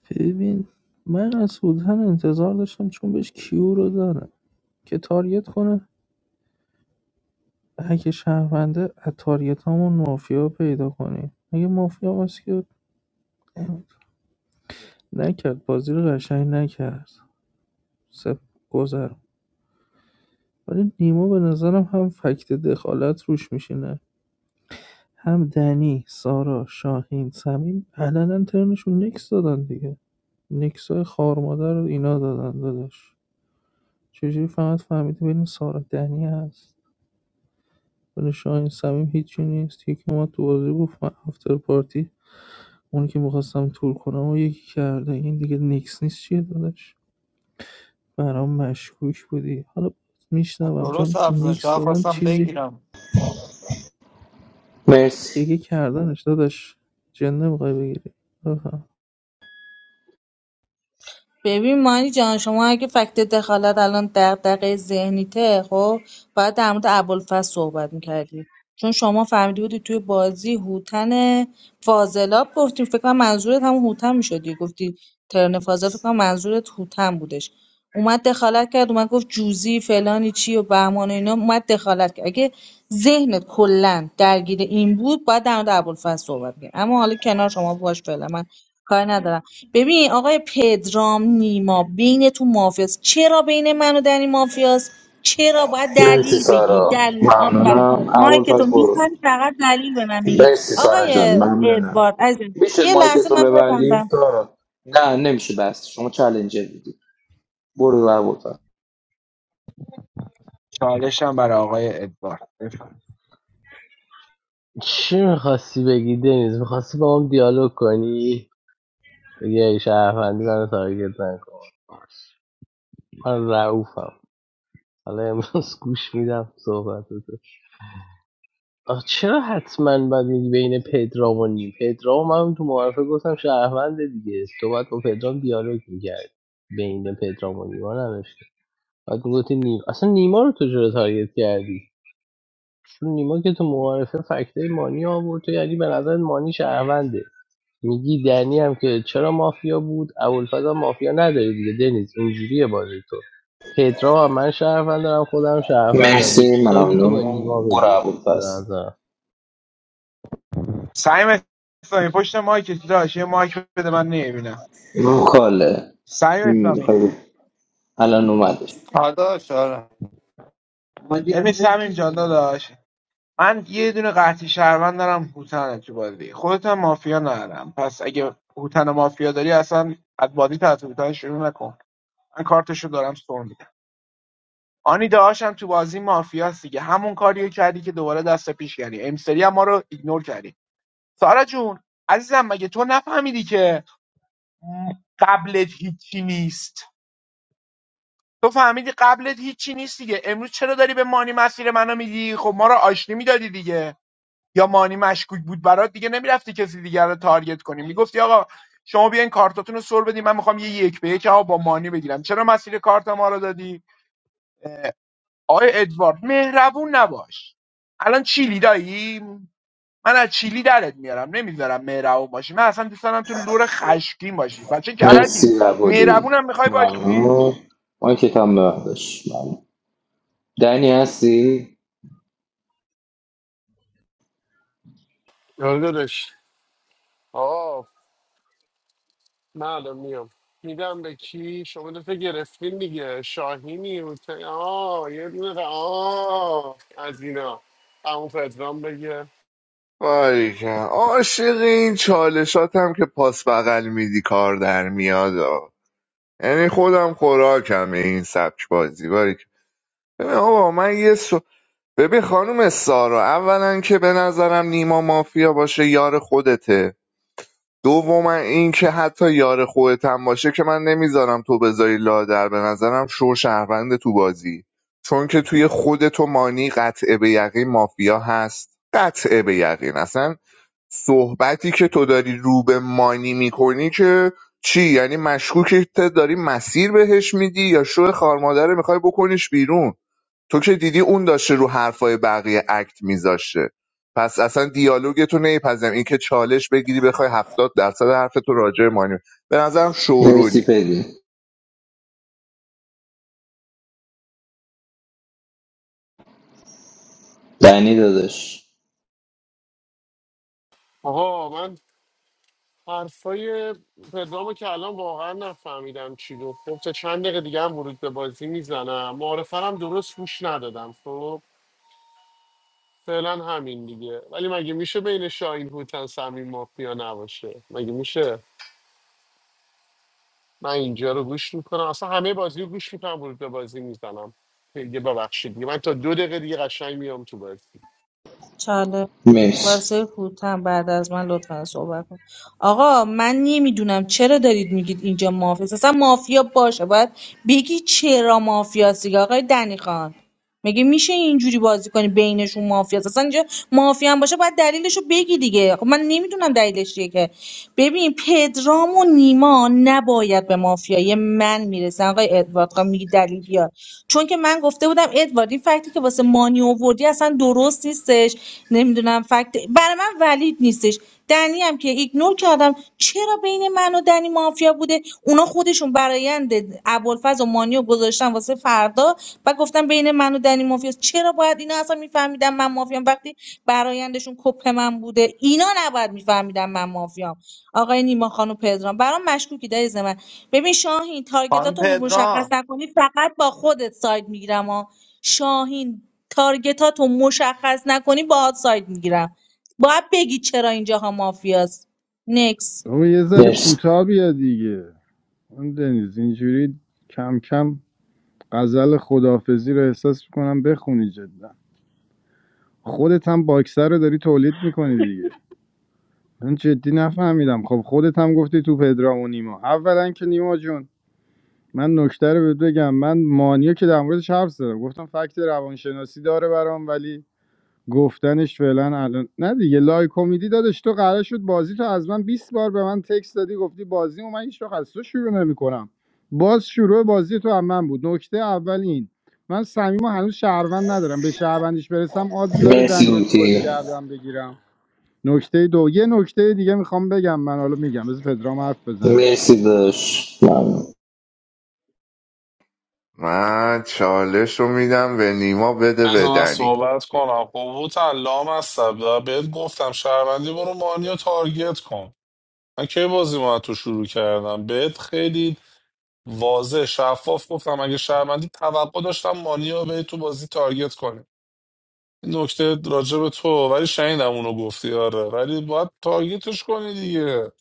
Speaker 6: ببین من از سلطان انتظار داشتم چون بهش کیو رو دارم که تاریت کنه اگه شهرونده از تارگت همون مافیا پیدا کنی اگه مافیا هست که نکرد بازی رو قشنگ نکرد سپ گذر ولی نیما به نظرم هم فکت دخالت روش میشینه هم دنی سارا شاهین سمین علنا ترنشون نکس دادن دیگه نکس های خارمادر رو اینا دادن داداش چجوری فقط فهمیدی بین سارا دنی هست ولی شاهین صمیم هیچی نیست یکی اومد تو بازی گفت من افتر پارتی اونی که میخواستم تور کنم و یکی کرده این دیگه نیکس نیست چیه داداش برام مشکوک بودی حالا میشنوم
Speaker 5: درست
Speaker 6: چون
Speaker 5: حرف زدن
Speaker 6: نیکس
Speaker 5: شاید
Speaker 6: دادن
Speaker 5: خواستم
Speaker 6: چیزی
Speaker 5: بگیرم
Speaker 9: مرسی
Speaker 6: دیگه کردنش داداش جن نمیخوای بگیری آها.
Speaker 11: ببین مانی جان شما اگه فکت دخالت الان دغدغه ذهنیته خب باید در مورد ابوالفضل صحبت میکردی چون شما فهمیده بودی توی بازی هوتن فاضلاب گفتیم فکر کنم منظورت همون هوتن میشدی گفتی ترن فاضل فکر کنم منظورت هوتن بودش اومد دخالت کرد اومد گفت جوزی فلانی چی و بهمان و اینا اومد دخالت کرد اگه ذهنت کلا درگیر این بود باید در مورد ابوالفضل صحبت کرد اما حالا کنار شما باش فعلا من کاری ندارم ببین آقای پدرام نیما بین تو مافیاست چرا بین من و دنی مافیاست چرا باید
Speaker 9: مرسی
Speaker 11: دلیل بگی
Speaker 9: سارا
Speaker 11: دلیل آفرین
Speaker 9: ممنونم اول
Speaker 11: مایک تو
Speaker 9: پس
Speaker 11: میزنی
Speaker 9: برو
Speaker 11: فقط دلیل به من میگی
Speaker 9: مرسی سارا جان
Speaker 11: آقای
Speaker 9: ممنونم
Speaker 11: ادوارد عزیزم
Speaker 9: میشه
Speaker 11: یه لحظه
Speaker 9: مایکت رو
Speaker 11: من
Speaker 9: ببندی
Speaker 11: ببندم
Speaker 9: سارا نه نمیشه بس شما چالنجر بودی برو اول پس
Speaker 10: چالشم برای آقای ادوارد بفرمایید.
Speaker 1: چی میخواستی بگی دنیز میخواستی با هم دیالوگ کنی بگی ای شرفندی منو تارگت نکن من رعوفم حالا امروز گوش میدم صحبتت آخ، چرا حتما باید میگی بین پدرام و نیم پدرام من تو معرفه گفتم شهروند دیگه تو باید با پدرام دیالوگ میکرد بین پدرام و نیما نوشته بعد میگفتی نیم اصلا نیما رو تو چرا تارگت کردی چون نیما که تو معرفه فکته مانی آورد تو یعنی به نظر مانی شهرونده میگی دنی هم که چرا مافیا بود ابوالفضل هم مافیا نداره دیگه دنیز اینجوریه بازی تو پدرام هم من شهروند دارم خودم شهروندم دیگه
Speaker 9: مرسی
Speaker 1: تو ساید تو
Speaker 9: ممنون
Speaker 1: با نیما
Speaker 9: برو
Speaker 1: بگیر
Speaker 9: اول
Speaker 1: به
Speaker 9: پس
Speaker 1: نظرم.
Speaker 10: سعیم اسلامی پشت مایک تو داشت یه مایک بده من نمیبینم
Speaker 9: امام خاله
Speaker 10: سعیم اسلامی
Speaker 9: خیلی الان اومدش
Speaker 5: پداش آره
Speaker 10: اومدی ببین روم سمیم جان داداش من یه دونه قحطی شهروند دارم هوتنه تو بازی خودت هم مافیا ندارم پس اگه هوتن مافیا داری اصلا از بازی طرف هوتن شروع نکن من کارتشو دارم سر میدم آنی داشم تو بازی مافیاست دیگه همون کاریو کردی که دوباره دست پیش کردی امسری هم ما رو ایگنور کردی سارا جون عزیزم مگه تو نفهمیدی که قبلت هیچی نیست تو فهمیدی قبلت هیچی نیست دیگه امروز چرا داری به مانی مسیر منو میدی خب ما رو آشتی میدادی دیگه یا مانی مشکوک بود برات دیگه نمیرفتی کسی دیگر رو تارگت کنی میگفتی آقا شما بیاین کارتاتون رو سر بدین من میخوام یه یک به یک آقا با مانی بگیرم چرا مسیر کارت ما رو دادی آقای ادوارد مهربون نباش الان چیلی دایی من از چیلی درت میارم نمیذارم مهربون باشی من اصلا دوست دارم تو لور خشکی باشی بچه
Speaker 9: مرسی
Speaker 10: کرجی
Speaker 9: عبودی
Speaker 10: مهربونم میخوای باشی
Speaker 9: ممنون اون کتاب ببندش ممنون دنی هستی؟
Speaker 14: آره داداش آه من الان میام میدم به کی شما دفعه گرفتین دیگه شاهینی و ت- آه یه دونه ق- آه از اینا همون پدرام بگه
Speaker 7: باریکن عاشق این چالشات هم که پاس بغل میدی کار در میاد آ. یعنی خودم خوراکم این سبک بازی باریکن ببین آقا من یه سو... ببین خانم سارا اولا که به نظرم نیما مافیا باشه یار خودته دوما این که حتی یار خودت هم باشه که من نمیذارم تو بذاری لادر به نظرم شو شهروند تو بازی چون که توی خود تو مانی قطعه به یقین مافیا هست قطعه به یقین اصلا صحبتی که تو داری رو به مانی میکنی که چی یعنی مشکوکت داری مسیر بهش میدی یا شو خارمادره میخوای بکنیش بیرون تو که دیدی اون داشته رو حرفای بقیه اکت میذاشته پس اصلا دیالوگ تو نمیپذیرم این که چالش بگیری بخوای هفتاد درصد حرف تو راجع به مانی به نظرم
Speaker 9: مرسی
Speaker 7: شورولی
Speaker 9: پدی دنی دادش
Speaker 14: آها من حرفای پدرامو که الان واقعا نفهمیدم چی گفت خب تا چند دقیقه دیگه هم ورود به بازی میزنم معارفه رو هم درست گوش ندادم خب فعلا همین دیگه ولی مگه میشه بین شاهین هوتن صمیم مافیا نباشه مگه میشه من اینجا رو گوش میکنم اصلا همه بازی رو گوش میکنم ورود به بازی میزنم دیگه ببخشید دیگه من تا دو دقیقه دیگه قشنگ میام تو بازی
Speaker 11: چاله
Speaker 9: مرسی
Speaker 11: واسه هوتم بعد از من لطفا صحبت کن آقا من نمیدونم چرا دارید میگید اینجا مافیاست اصلا مافیا باشه باید بگی چرا مافیاست دیگه آقای دنی خان مگه میشه اینجوری بازی کنی بینشون مافیاست اصلا اینجا مافیا هم باشه باید دلیلشو بگی دیگه خب من نمیدونم دلیلش چیه که ببین پدرام و نیما نباید به مافیای من میرسن آقای ادوارد خب میگی دلیل بیار چون که من گفته بودم ادوارد این فکتی که واسه مانی آوردی اصلا درست نیستش نمیدونم فکت برای من ولید نیستش دنی هم که ایگنور کردم چرا بین من و دنی مافیا بوده اونا خودشون برایند ابوالفضل و مانی رو گذاشتن واسه فردا و گفتن بین من و دنی مافیا است. چرا باید اینا اصلا میفهمیدم من مافیام وقتی برایندشون کپ من بوده اینا نباید میفهمیدم من مافیام آقای نیما خانم پدرام برام مشکوکی دایز من ببین شاهین
Speaker 5: خانم
Speaker 11: تارگتاتو مشخص
Speaker 5: پدرام
Speaker 11: نکنی فقط با خودت ساید میگیرم ها شاهین تارگتاتو مشخص نکنی باهات ساید میگیرم باید بگی چرا اینجاها مافیاست نکس
Speaker 8: بابا یه ذره
Speaker 9: مرسی
Speaker 8: کوتاه بیا دیگه اون دنیز اینجوری کم کم غزل خدافزی رو احساس میکنم بخونی جدا خودت هم باکسر رو داری تولید میکنی دیگه من جدی نفهمیدم خب خودت هم گفتی تو پدرام و نیما اولا که نیما جون من نکته رو بهت بگم من مانیا که در موردش حرف زدم گفتم فکت روانشناسی داره برام ولی گفتنش فعلا الان نه دیگه لایک امیدی دادش تو قرار شد بازی تو از من 20 بار به من تکس دادی گفتی بازی و من هیچ وقت از تو شروع نمیکنم باز شروع بازی تو هم من بود نکته اول این من صمیم و هنوز شهروند ندارم به شهروندیش برسم آدز داره
Speaker 9: مرسی
Speaker 8: دنیا تو بازی
Speaker 9: اوتی
Speaker 8: گردم بگیرم نکته دو یه نکته دیگه میخوام بگم من حالا میگم بذار پدرام حرف بزنه
Speaker 9: مرسی دادش ممنون
Speaker 7: من چالش رو میدم به نیما بده به
Speaker 2: بذار من
Speaker 7: دنی
Speaker 2: صحبت کنم خب هوتن لام هستم بهت گفتم شهروندی برو مانی رو تارگت کن من کی بازی ما تو شروع کردم بهت خیلی واضح شفاف گفتم اگه شهروندی توقع داشتم مانی رو به تو بازی تارگت کنی این نکته راجع به تو ولی شنیدم اونو گفتی آره ولی باید تارگتش کنی دیگه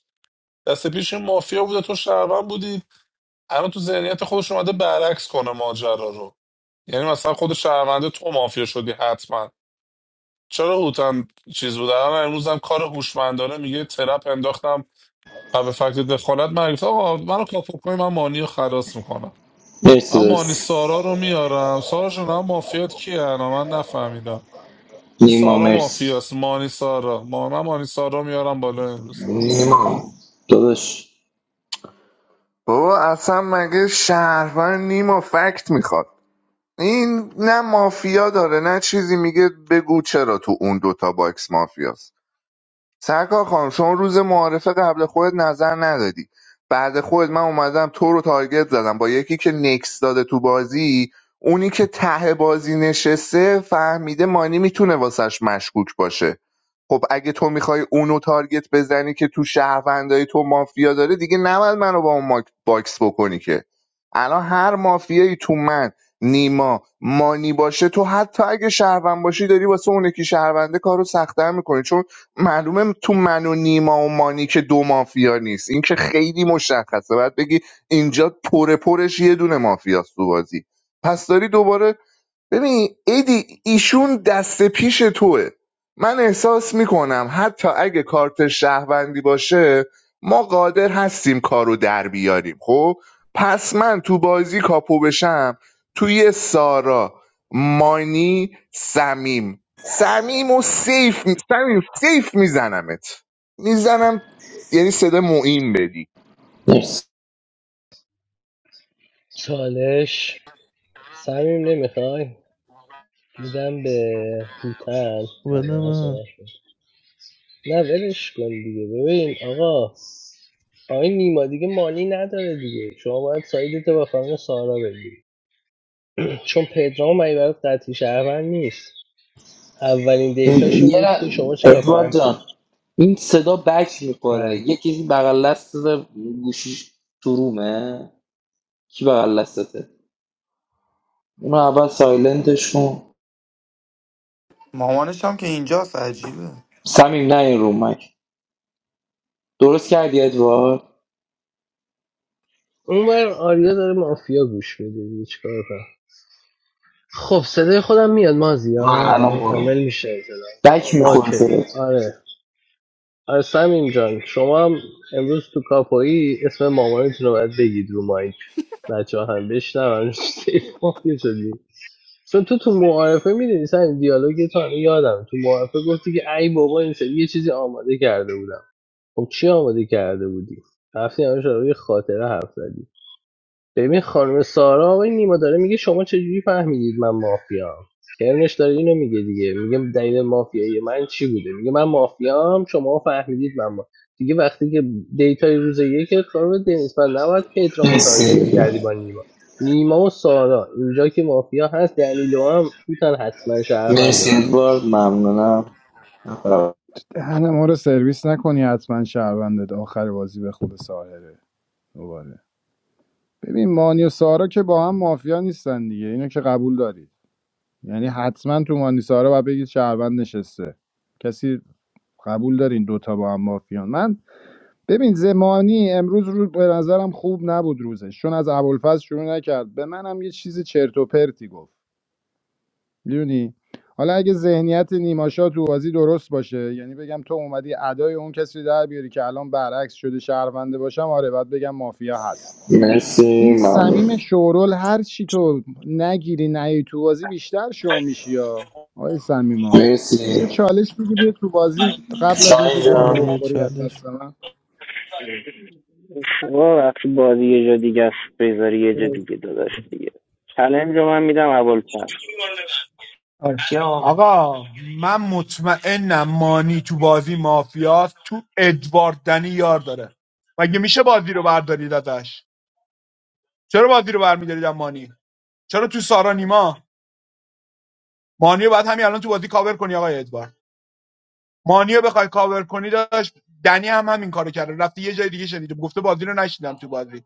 Speaker 2: دست پیش این مافیا بوده تو شهروند بودی الان تو ذهنیت خودش اومده برعکس کنه ماجرا رو یعنی مثلا خود شهرونده تو مافیا شدی حتما چرا هوتن چیز بود الان امروز هم کار هوشمندانه میگه ترپ انداختم و به فکر دخالت من گفت آقا منو کاپو کنی من مانی رو خلاص میکنم
Speaker 9: مرسی
Speaker 2: من مانی
Speaker 9: دادش
Speaker 2: سارا رو میارم سارا جون هم مافیات کیه انا من نفهمیدم این
Speaker 9: نیما
Speaker 2: سارا
Speaker 9: مرسی
Speaker 2: مافیاست مانی سارا ما من مانی سارا میارم بالا امروز
Speaker 9: نیما دادش
Speaker 7: بابا اصلا مگه شهروند نیما فکت میخواد این نه مافیا داره نه چیزی میگه بگو چرا تو اون دوتا باکس مافیاست سرکار خانم شما روز معارفه قبل خودت نظر ندادی بعد خودت من اومدم تو رو تارگت زدم با یکی که نکس داده تو بازی اونی که ته بازی نشسته فهمیده مانی میتونه واسش مشکوک باشه خب اگه تو میخوای اونو تارگت بزنی که تو شهروندای تو مافیا داره دیگه نباید منو با اون ماک- باکس بکنی که الان هر مافیایی تو من نیما مانی باشه تو حتی اگه شهروند باشی داری واسه اون یکی شهرونده کارو سختتر میکنی چون معلومه تو من و نیما و مانی که دو مافیا نیست این که خیلی مشخصه باید بگی اینجا پر پرش یه دونه مافیاست تو بازی پس داری دوباره ببین ایدی ایشون دست پیش توه من احساس میکنم حتی اگه کارت شهروندی باشه ما قادر هستیم کارو در بیاریم خب پس من تو بازی کاپو بشم توی سارا مانی سمیم سمیم و سیف می- سمیم سیف میزنمت میزنم یعنی صدا معین بدی
Speaker 9: مرسی
Speaker 1: چالش صمیم نمیخوای میدم به هوتن بعد
Speaker 6: بده
Speaker 1: من
Speaker 6: من
Speaker 1: صحبت کن نه ولش کن دیگه ببین آقا آقای نیما دیگه مالی نداره دیگه شما باید سایدتو با خانم سارا بگیری چون پدرام اگه برات قطعی شهروند نیست اولین دیتاش این
Speaker 9: یه
Speaker 1: بود که
Speaker 9: ر-
Speaker 1: شما چرا
Speaker 9: ادوارد
Speaker 1: فهم
Speaker 9: جان این صدا بک میخوره
Speaker 1: بله
Speaker 9: یه کسی بغل دست گوشیش تو رومه کی بغل دستته اون اول سایلنتش کن
Speaker 5: مامانش هم که اینجاست عجیبه
Speaker 9: سمیم نه این رومک درست کردی ادوارد
Speaker 1: اون بر آریا داره مافیا گوش میده دیگه چیکار کنم خب صدای خودم میاد
Speaker 9: آره
Speaker 1: مازیار
Speaker 9: الان
Speaker 1: الان
Speaker 9: برو برو
Speaker 1: کامل میشه اطلاع
Speaker 9: بک میخوره
Speaker 1: اوکی
Speaker 9: صدا
Speaker 1: آره آره سمیم جان شما هم امروز تو کاپایی اسم مامانتون رو باید بگید رو مایک بچه هم بشنون سیف مافیا شدی چون تو تو معارفه میدونی سمیم دیالوگ تو هنوز یادم تو معارفه گفتی که ای بابا این سری یه چیزی آماده کرده بودم خب چی آماده کرده بودی؟ رفتی همه شده خاطره حرف زدی ببین خانم سارا آقای نیما داره میگه شما چجوری فهمیدید من مافیام کرنش داره اینو میگه دیگه میگه دلیل مافیایی من چی بوده میگه من مافیام شما فهمیدید من ما. دیگه وقتی که دیتای روز یک خانم دنیس من نباید پدرامو تارگت
Speaker 9: مرسی
Speaker 1: میکردی با نیما نیما و سارا اینجا که مافیا هست دلیلو هم میتونن حتما شرفنده
Speaker 9: مرسی
Speaker 1: برام
Speaker 9: ادوارد ممنونم
Speaker 8: دهن ما رو سرویس نکنی حتما شهروندت آخر بازی به خوب ساهره دوباره. ببین مانی و سارا که با هم مافیا نیستن دیگه اینو که قبول دارید یعنی حتما تو مانی سارا و بگید شهروند نشسته کسی قبول دارین دوتا با هم مافیان من ببین زمانی امروز رو به نظرم خوب نبود روزش چون از ابوالفضل شروع نکرد به منم یه چیز چرت و پرتی گفت میدونی حالا اگه ذهنیت نیماشا تو بازی درست باشه یعنی بگم تو اومدی ادای اون کسی رو در بیاری که الان برعکس شده شهرونده باشم آره باید بگم مافیا هست
Speaker 9: مرسی
Speaker 8: این
Speaker 9: ممنون
Speaker 8: صمیم شورول هر چی تو نگیری نیای تو بازی بیشتر شو میشی یا آقای صمیما
Speaker 9: مرسی
Speaker 8: یه چالش میگی بیا تو بازی قبل از اینکه
Speaker 9: شاین
Speaker 8: گانو
Speaker 6: شاید یه
Speaker 9: جان
Speaker 8: بخوری از
Speaker 6: چالش
Speaker 8: دست من
Speaker 12: آقا وقتی بازی یه جا دیگه است بذاری یه جا دیگه داداش دیگه چلنج رو من میدم اول پر
Speaker 10: من مطمئنم مانی تو بازی مافیاست تو ادوارد دنی یار داره مگه میشه بازی رو بردارید ازش چرا بازی رو برمیدارید از مانی چرا تو سارا نیما مانی رو باید همین الان تو بازی کاور کنی آقای ادوارد مانی رو بخوای کاور کنی داشت دنی هم همین کارو کرده رفته یه جای دیگه شنیده گفته بازی رو نشیدم تو بازی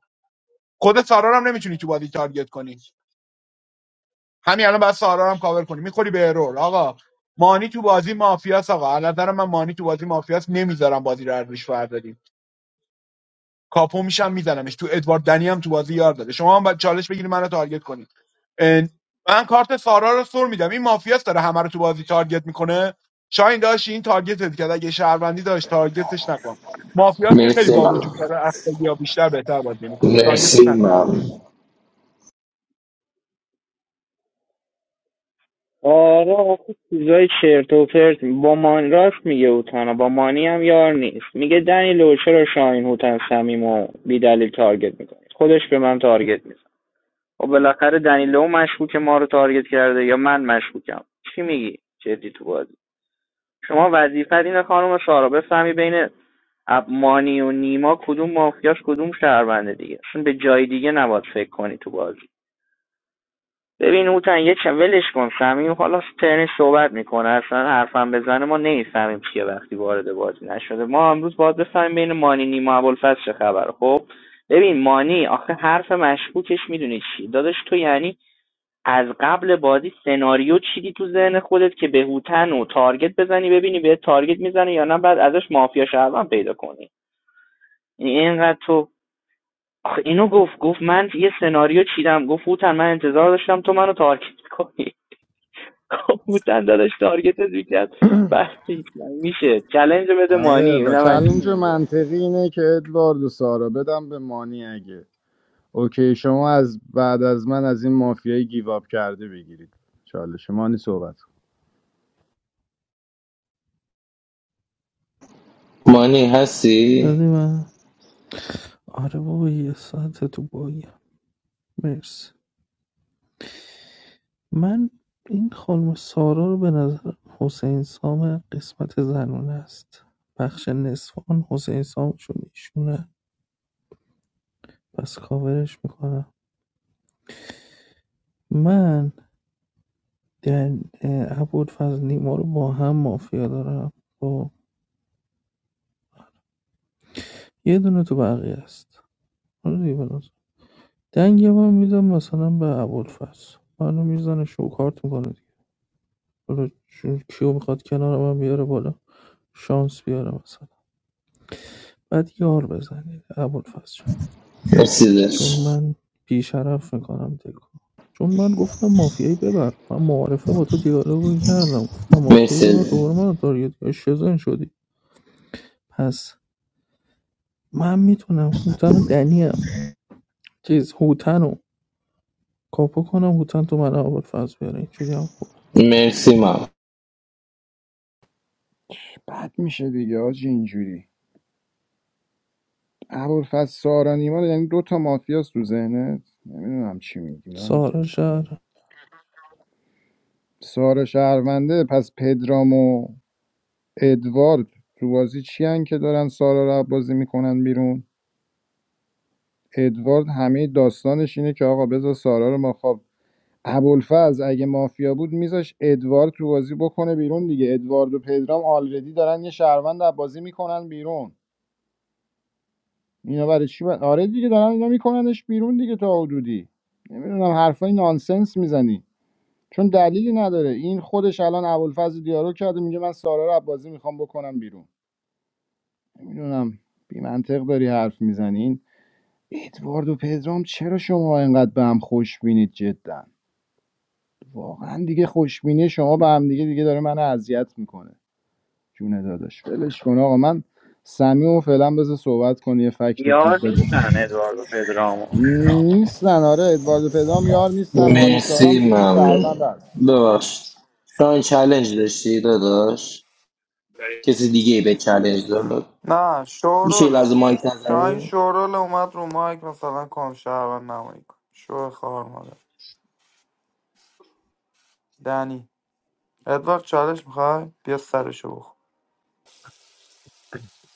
Speaker 10: خود سارا هم نمیتونی تو بازی تارگت کنی همین الان بعد سارا رو هم کاور کنی میخوری به ارور آقا مانی تو بازی مافیاس آقا از نظر من مانی تو بازی مافیاس نمیذارم بازی رو ارزش فردا. کاپو میشم میزنمش تو ادوارد دنی هم تو بازی یار داده شما هم باید چالش بگیرید منو تارگت کنید اه، من کارت سارا رو سر میدم این مافیاس داره همه رو تو بازی تارگت میکنه شاین داشت این تارگت کرد اگه شهروندی داشت تارگتش نکن مافیاس که خیلی
Speaker 9: مرسی
Speaker 10: با وجود
Speaker 9: ممنون
Speaker 10: داره افتادی یا بیشتر بهتر بازی میکنه تارگتش
Speaker 9: مرسی مرسی
Speaker 10: نکن آقا
Speaker 9: ممنون
Speaker 12: آره آخه چیزای چرت و پرت با مانی راست میگه اوتانا با مانی هم یار نیست میگه دنی لوچه رو شاین هوتن صمیم و بیدلیل تارگت میکنه خودش به من تارگت میزنه و بالاخره دنی لو مشکوک ما رو تارگت کرده یا من مشکوکم چی میگی جدی تو بازی شما بفهمین مانی و نیما کدوم مافیاس کدوم شهرونده دیگه اصلا به جای دیگه نباید فکر کنی تو بازی ببین اوتن یه چه ولش کن سمیم حالا ترنش صحبت میکنه اصلا حرفم بزنه ما نمیفهمیم چیه وقتی وارد بازی نشده ما امروز باید بفهمیم بین مانی نیما ابوالفضل چه خبره خب ببین مانی آخه حرف مشکوکش میدونی چی داداش تو یعنی از قبل بازی سناریو چیدی تو ذهن خودت که به هوتن و تارگت بزنی ببینی به تارگت میزنه یا نه بعد ازش مافیا شهروند پیدا کنی یعنی اینقدر تو آخه اینو گفت گفت من یه سناریو چیدم گفت هوتن من انتظار داشتم تو منو تارگت کنی خب هوتن داداش تارگتت میکرد وقتی میشه چلنج رو بده
Speaker 8: آره
Speaker 12: مانی
Speaker 8: و
Speaker 12: اینا من چی
Speaker 8: چلنج
Speaker 12: میگه
Speaker 8: منطقی اینه که ادوارد و سارا بدم به مانی اگه اوکی شما از بعد از من از این مافیای گیواب کرده بگیرید چالش مانی صحبت کن.
Speaker 9: مانی هستی؟
Speaker 6: دادی من آره بابا یه ساعت تو بایی مرسی من این خانم سارا رو به نظر حسین سام قسمت زنونه است بخش نصفان حسین سام چون ایشونه پس کاورش میکنم من در ابوالفضل نیما رو با هم مافیا دارم با یه دونه تو بقیه است حالا دیگه بنازم دنگ یه بار میدم مثلا به ابوالفضل منو میزنه شوکارت میکنه دیگه حالا چون کیو میخواد کنار من بیاره بالا شانس بیاره مثلا بعد یار بزنید ابوالفضل جان. چون
Speaker 9: مرسیدش
Speaker 6: من بیشرف میکنم دکو چون من گفتم مافیایی ببر من معارفه با تو دیالوگو کردم گفتم مافیایی
Speaker 9: مرسی
Speaker 6: ببر دوباره من تارگت کردی. شزن شدی پس من میتونم هوتن و دنیم چیز هوتن رو کاپو کنم هوتن تو من اول فاز بیاره اینجوری هم خوبه
Speaker 9: مرسی ممنون
Speaker 8: که بد میشه دیگه آج اینجوری ابوالفضل سارا نیما یعنی دو تا مافیاست تو ذهنت نمیدونم چی میگی یعنی
Speaker 6: سارا شهر
Speaker 8: سارا شهرونده پس پدرام و ادوارد تو بازی چی هن که دارن سارا رو بازی میکنن بیرون ادوارد همه داستانش اینه که آقا بذار سارا رو ما خواب ابوالفضل اگه مافیا بود میذاش ادوارد تو بازی بکنه بیرون دیگه ادوارد و پدرام آلردی دارن یه شهروند رو بازی میکنن بیرون اینا برای چی ب... آره دیگه دارن اینا میکننش بیرون دیگه تا حدودی نمیدونم حرفای نانسنس میزنی چون دلیلی نداره این خودش الان ابوالفضل دیالوگ کرده میگه من سارا رو از بازی میخوام بکنم بیرون نمیدونم بی منطق داری حرف میزنین ادوارد و پدرام چرا شما اینقدر به هم خوش بینید جدا واقعا دیگه خوشبینی شما به هم دیگه دیگه داره من اذیت میکنه جون داداش ولش کن آقا من سمیم و فعلا بذار صحبت کنه یه فکت خوب
Speaker 12: یار
Speaker 8: بده
Speaker 12: پدرامو
Speaker 8: نیستن آره ادوارد و پدرام یار نیستن مانی سارام
Speaker 9: مرسی
Speaker 8: توشون شهروند
Speaker 9: ممنون
Speaker 8: هست
Speaker 9: ببخشید شاین چالنج داشتی داداش کسی دیگه ای به چالش داد
Speaker 5: نه
Speaker 9: میشه یه
Speaker 5: شوروله
Speaker 9: لحظه مایک
Speaker 5: شاین
Speaker 9: نزنی
Speaker 5: شوروله اومد رو مایک مثلا کام شهرون نمایی کن شو خوار مادر دنی ادوارد چالش میخوای بیا سرشو بخور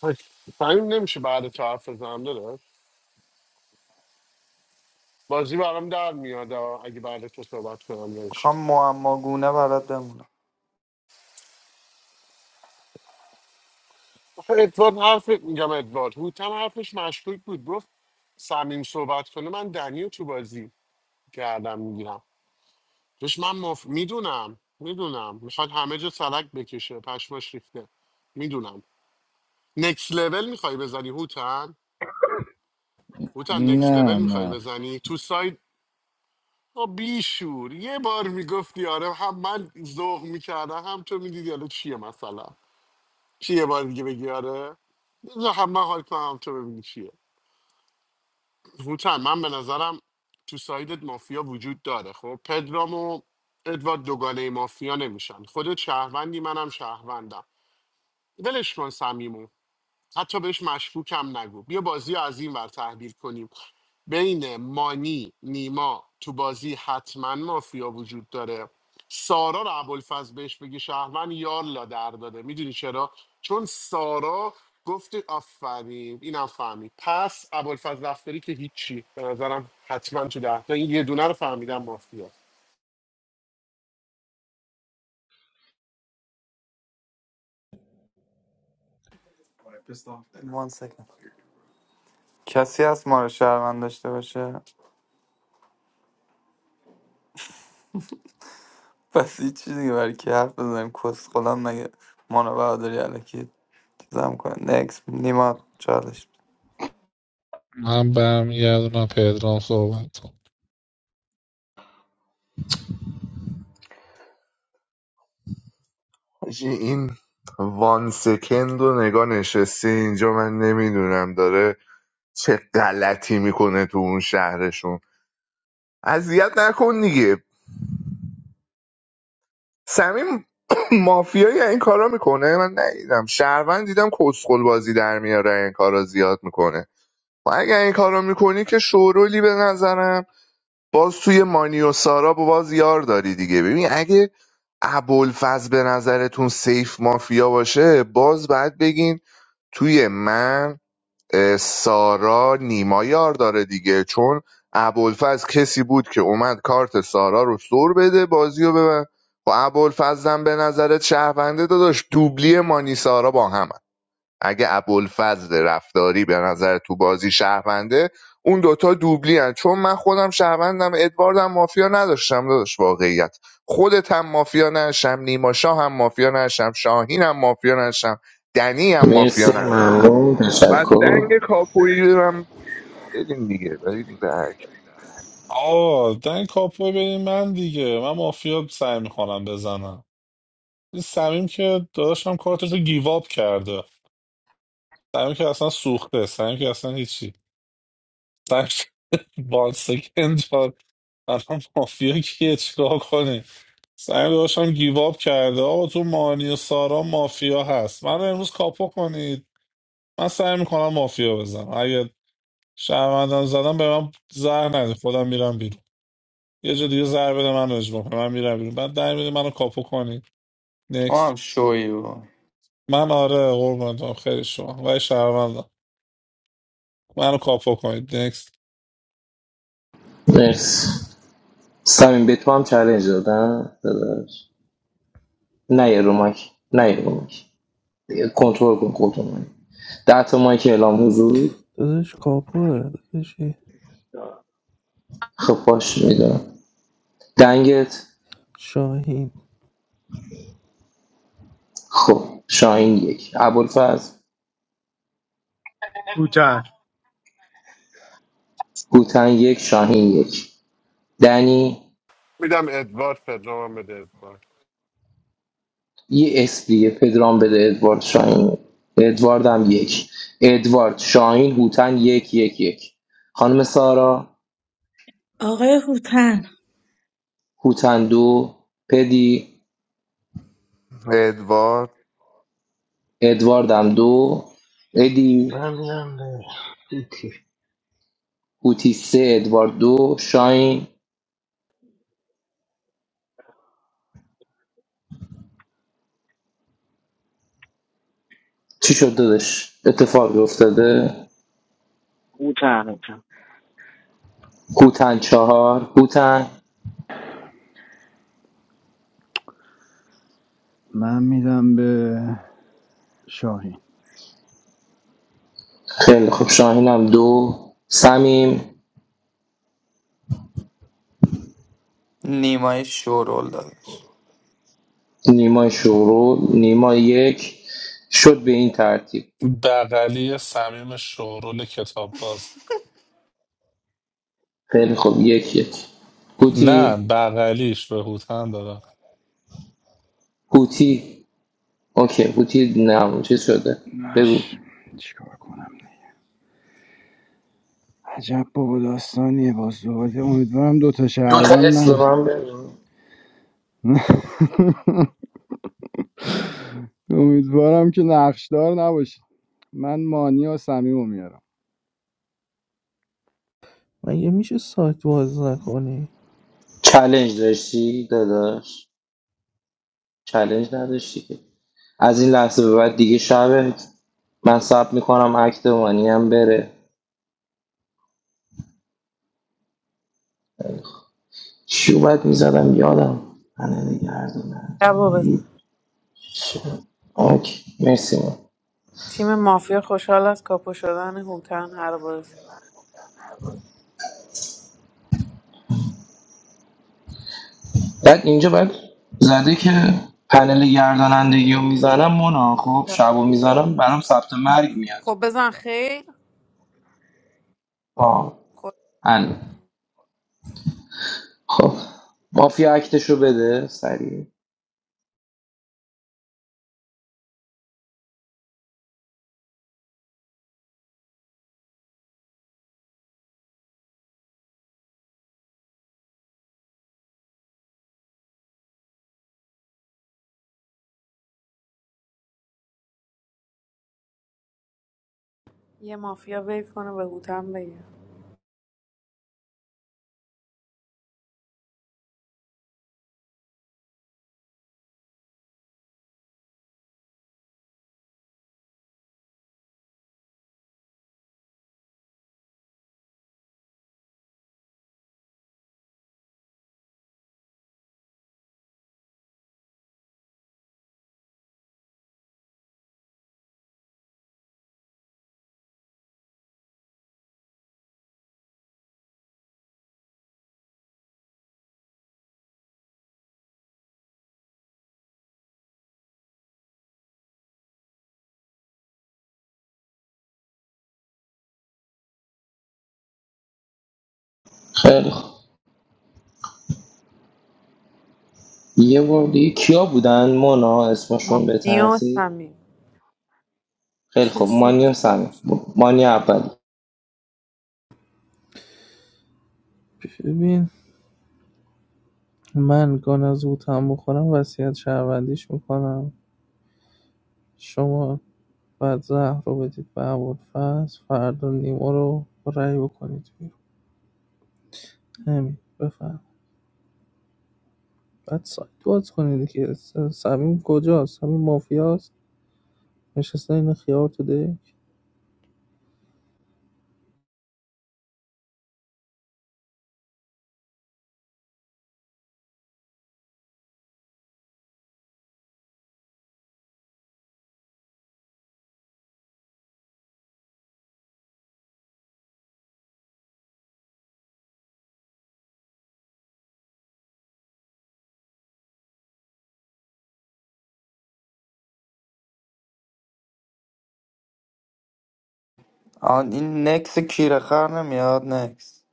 Speaker 14: آخ، فهمیم نمیشه بعد تو حرف بزنم داره بازی برام در میاد آه، اگه بعد تو صحبت کنم بهش
Speaker 5: میخوام معماگونه برات بمونم
Speaker 14: آخه ادوارد حرف میگم ادوارد هوتن حرفش مشکوک بود گفت صمیم صحبت کنه من دنیو تو بازی کردم میگیرم توش من مف... میدونم میدونم میخواد همه جا سلک بکشه پشماش ریخته میدونم نکس لول میخوای بزنی هوتن هوتن نکس
Speaker 8: نه
Speaker 14: لول میخوای
Speaker 8: نه
Speaker 14: بزنی تو ساید آ بیشور یه بار میگفتی آره هم من ذوق میکردم هم تو میدیدی حالا چیه مثلا چیه یه بار دیگه بگی آره بذار هم من حال کنم هم تو ببینی چیه هوتن من به نظرم تو سایدت مافیا وجود داره خب پدرام و ادوارد دوگانه مافیا نمیشن خودت شهروندی منم شهروندم ولش کن صمیمو حتی بهش مشکوکم نگو بیا بازی رو از این ور تحلیل کنیم بین مانی نیما تو بازی حتما مافیا وجود داره سارا رو ابوالفضل بهش بگی شهروند یار لا در داده میدونی چرا چون سارا گفت آفرین اینم فهمید پس ابوالفضل رفتاری که هیچی به نظرم حتما تو ده تا این یه دونه رو فهمیدم مافیا
Speaker 5: وان سکند کسی هست ما رو شهروند داشته باشه پس هیچ چیزی دیگه برای کی حرف بزنیم کس خودم مگه مانا برادری الکی چیزم کنه نکس نیما چالش
Speaker 2: من برمیگردونم پدرام صحبت کن
Speaker 7: حاجی، این وان سکند و نگاه نشسته اینجا من نمیدونم داره چه غلطی میکنه تو اون شهرشون اذیت نکن دیگه سمیم مافیایی این کارا میکنه من ندیدم شهروند دیدم کسخل بازی در میاره این کارا زیاد میکنه و اگر این کارا میکنی که شورولی به نظرم باز توی مانی و سارا باز یار داری دیگه ببین اگه ابوالفضل به نظرتون سیف مافیا باشه باز بعد بگین توی من سارا نیما یار داره دیگه چون ابوالفضل کسی بود که اومد کارت سارا رو سر بده بازی رو ببن و ابوالفضلم به نظرت شهرونده داداش دوبلی مانی سارا با هم اگه ابوالفضل رفتاری به نظر تو بازی شهرونده اون دوتا دوبلی هن. چون من خودم شهروندم ادواردم مافیا نداشتم داداش واقعیت خودت هم مافیا نشم نیما شاه هم مافیا نشم شاهین هم مافیا نشم دنی هم مافیا
Speaker 9: مرسی
Speaker 7: نشم
Speaker 9: ممنون
Speaker 7: پس دنگ
Speaker 9: تشکر
Speaker 7: کاپویی رو هم بدین دیگه بدین برک
Speaker 2: آه دن کاپو ببین من دیگه من مافیا سعی میکنم بزنم این سمیم که داداشم کارتش رو گیواب کرده سعیم که اصلا سوخته سعیم که اصلا هیچی سعیم وان سکند جان الان مافیا کیه چیکار کنه سعیم داشتم گیواب کرده آقا تو مانی و سارا مافیا هست من رو امروز کاپو کنید من سعی میکنم مافیا بزنم اگه شهروندم زدم به من زهر نده خودم میرم بیرون یه جا دیگه زهر بده من اجماع کنه من میرم بیرون بعد در میده منو کاپو کنید
Speaker 5: تو
Speaker 2: نکست
Speaker 5: هم شوی بابا
Speaker 2: من آره قربونتم خیلی شما و شهروندم منو کاپو کنید نکست
Speaker 9: مرسی سمین به تو هم چالنج دادن داداش نه یه رو مایک نه یه رو مایک کنترل کن خودتون رو. ده تا مایک اعلام حضور
Speaker 6: دادش کاپوه دادش
Speaker 9: خب باش میدونم دنگت
Speaker 6: شاهین
Speaker 9: خب شاین یک ابوالفضل
Speaker 10: کوتاه
Speaker 9: هوتن یک شاهین یک دنی
Speaker 14: میدم ادوارد پدرام هم بده ادوارد
Speaker 9: یه اسم دیگه پدرام بده ادوارد شاهین ادوارد هم یک ادوارد شاهین هوتن یک یک یک خانم سارا
Speaker 11: آقای هوتن
Speaker 9: هوتن دو پدی
Speaker 7: ادوارد
Speaker 9: ادوارد هم دو ادی
Speaker 1: من میدم به هیتی
Speaker 9: هوتی سه ادوارد دو شاهین چی شد دادش اتفاقی افتاده هوتن چهار هوتن
Speaker 8: من میدم به شاهین
Speaker 9: خیلی خوب شاهین هم دو سمیم
Speaker 5: نیمای شورول دادش
Speaker 9: نیمای شروع نیمای یک شد به این ترتیب
Speaker 2: بغلی صمیم شورول کتاب باز
Speaker 9: خیلی خوب یک یک هوتی
Speaker 2: نه بغلیش به هوتن دادم
Speaker 9: هوتی اوکی هوتی نام چی شده بگو
Speaker 8: مش چیکار کنم عجب بابا داستانیه با زباده امیدوارم دوتا
Speaker 9: دو تا
Speaker 8: شهروند
Speaker 9: اسم به
Speaker 8: نه
Speaker 9: من بگو
Speaker 8: امیدوارم که نقشدار نباشید من مانی و سمیم میارم
Speaker 6: مگه میشه سایت باز نکنی
Speaker 9: چلنج داشتی داداش چلنج نداشتی که از این لحظه به بعد دیگه شبه من ثبت میکنم اکت مانی هم بره چی اومد میزدم یادم من نگردونم
Speaker 15: شبو بزن
Speaker 9: اوکی مرسی من
Speaker 15: تیم مافیا خوشحال از کاپو شدن هوتن هر بازی
Speaker 9: بعد اینجا باید زده که پنل گردانندگی رو میزنم مونا خب
Speaker 15: شب.
Speaker 9: شب رو میزنم برام ثبت مرگ میاد
Speaker 15: خب بزن خیر
Speaker 9: آه
Speaker 15: خب
Speaker 9: هل. خب مافیا اکتش رو بده سریع
Speaker 15: یه مافیا ویف کنه به هوتن بگه
Speaker 9: خیلی خب یه بار دیگه کیا بودن مونا اسمشون به
Speaker 15: مانی و
Speaker 9: ترتیب
Speaker 15: سمیم
Speaker 9: خیلی
Speaker 3: چه
Speaker 9: خب مانی و سمی
Speaker 3: زود.
Speaker 9: مانی اولی
Speaker 6: ببین من گان از هوتن بخورم وصیت شهروندیش میکنم شما بعد زهر رو بدید به ابوالفضل فردا نیما رو با رأی بکنید بیرون همین بفهم بعد سایت باز کنید که س- صمیم کجاست صمیم مافیاست نشسته این خیار تو دک
Speaker 5: آن این نکس کیره خر نمیاد نکس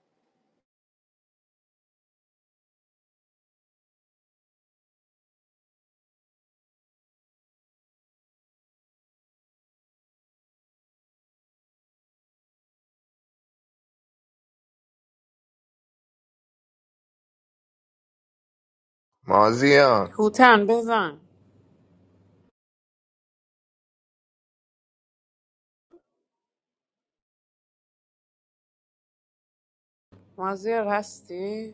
Speaker 7: مازیان
Speaker 15: هوتن بزن مازیار هستی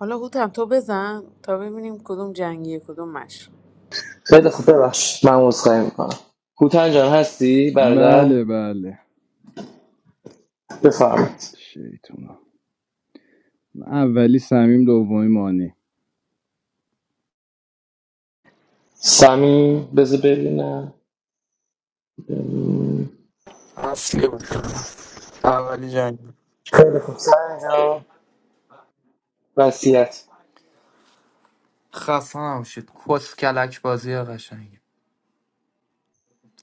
Speaker 15: حالا هوتن تو بزن تا ببینیم کدوم جنگیه کدوم مش
Speaker 9: خیلی خب ببخش من عذرخواهی میکنم هوتن جان هستی برادر
Speaker 8: بله بله
Speaker 9: بفرمایید
Speaker 8: شیطونا اولی سمیم دومی مانی
Speaker 9: سمی بذار ببینم ببینم.
Speaker 5: اصلی بود اولی جنگ
Speaker 9: خیلی خب سمی جان وصیت
Speaker 5: خسته نباشید کس کلک بازی قشنگی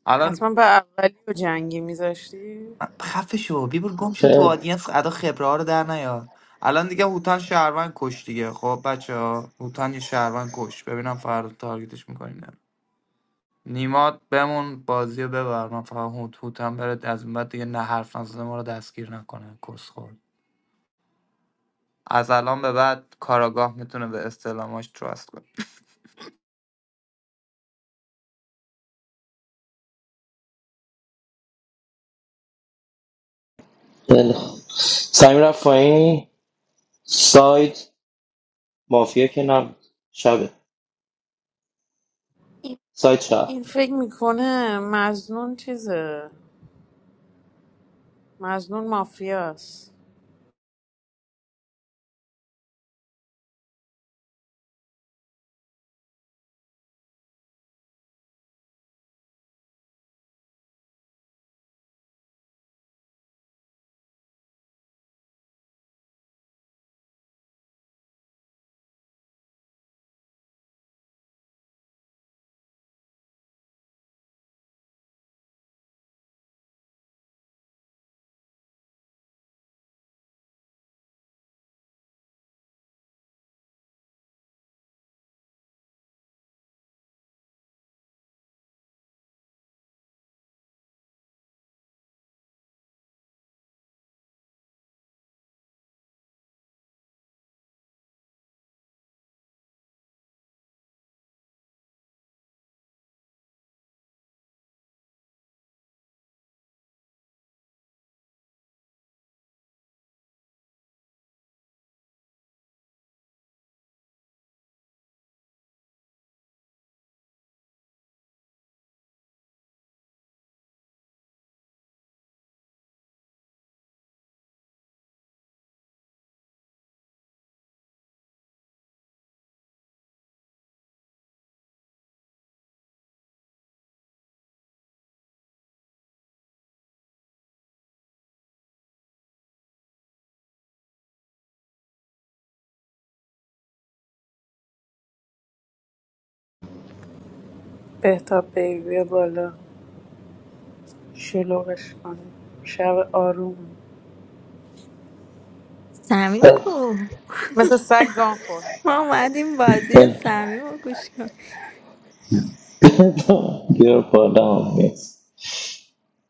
Speaker 5: الان
Speaker 15: حتما به اولی و جنگی میذاشتی
Speaker 5: خفه شو بیبر گم شو تو
Speaker 9: خیلی
Speaker 5: آدینس ادا خبره ها رو در نیار الان دیگه هوتان شهروند کش دیگه خب بچه ها هوتان یه شهروند کش ببینم فردا تارگتش میکنیم نیماد بمون بازی رو ببر من فقط هوت هوتان بره از این بعد دیگه نه حرف نزده ما رو دستگیر نکنه کس خورد از الان به بعد کاراگاه میتونه به استعلاماش تراست کنه
Speaker 9: خیلی خوب سمیم رفت ساید مافیا که نم شبه
Speaker 15: این
Speaker 9: ساید شب
Speaker 15: این فکر میکنه مزنون چیزه مزنون مافیاست بهتاب بیبی بالا شلوغش کنه شب آروم
Speaker 16: Sami, ko
Speaker 9: خیلی
Speaker 15: مثل سگ گان خور
Speaker 16: ma madim bazi ya Sami ma kushka.
Speaker 9: خیلی خوب. بیار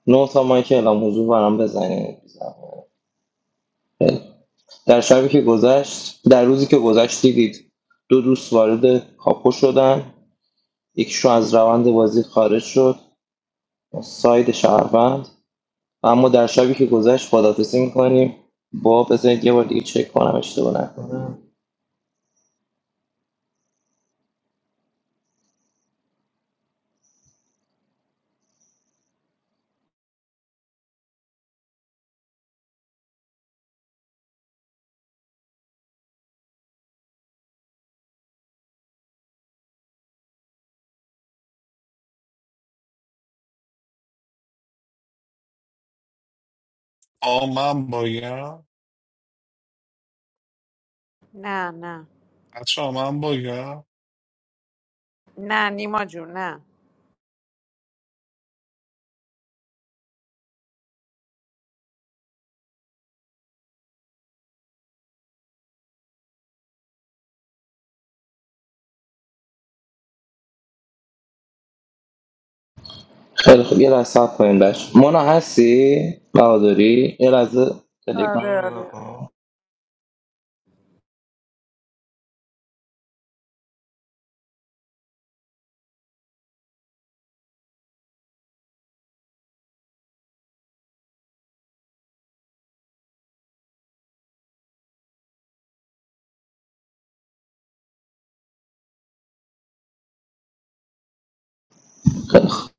Speaker 9: نه تا مایی که الان حضور برام بزنید خیلی. در شبی که گذشت در روزی که گذشت دیدید دو دوست وارد کاپو شدن یکیشون از روند بازی خارج شد ساید شهروند و اما در شبی که گذشت خدافزی میکنیم با بذارید یه بار دیگه چک کنم اشتباه نکنم
Speaker 2: آ من باگم
Speaker 15: نه نه
Speaker 2: بچه من باگم
Speaker 15: نه نیما جون نه
Speaker 9: خیلی خوب یه لحظه صبر کنیم بش مونا هستی بهاداری یه لحظه تلگرام
Speaker 15: آره
Speaker 9: رو نگاه
Speaker 15: آره
Speaker 9: کن. خیلی خوب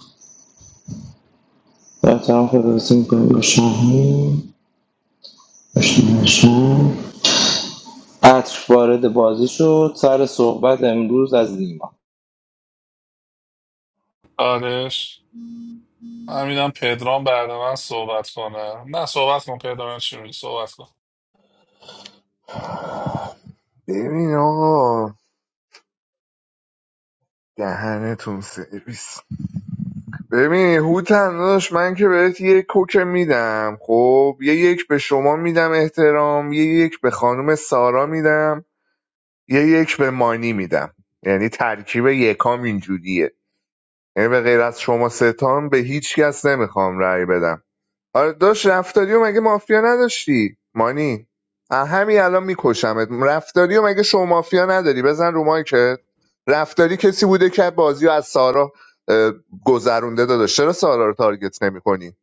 Speaker 9: احترام خدافزی میکنیم با شاهین اشتباه نشد. عطر وارد بازی شد سر صحبت امروز از نیما
Speaker 2: آرش همینم پدرام بعد من صحبت کنه نه صحبت کن پدرام چی میگی صحبت کن
Speaker 7: ببین آقا دهنتون سرویس ببین هوتن داداش من که بهت یه کوک میدم خب یه یک به شما میدم احترام یه یک به خانم سارا میدم یه یک به مانی میدم یعنی ترکیب یکام اینجوریه یعنی به غیر از شما ستان به هیچ کس نمیخوام رأی بدم آره داشت رفتاریو مگه مافیا نداشتی مانی اه، همین الان میکشمت رفتاریو مگه شما مافیا نداری بزن رو مایکت رفتاری کسی بوده که بازی رو از سارا اه، گذرونده داداش چرا سارا رو تارگت نمیکنی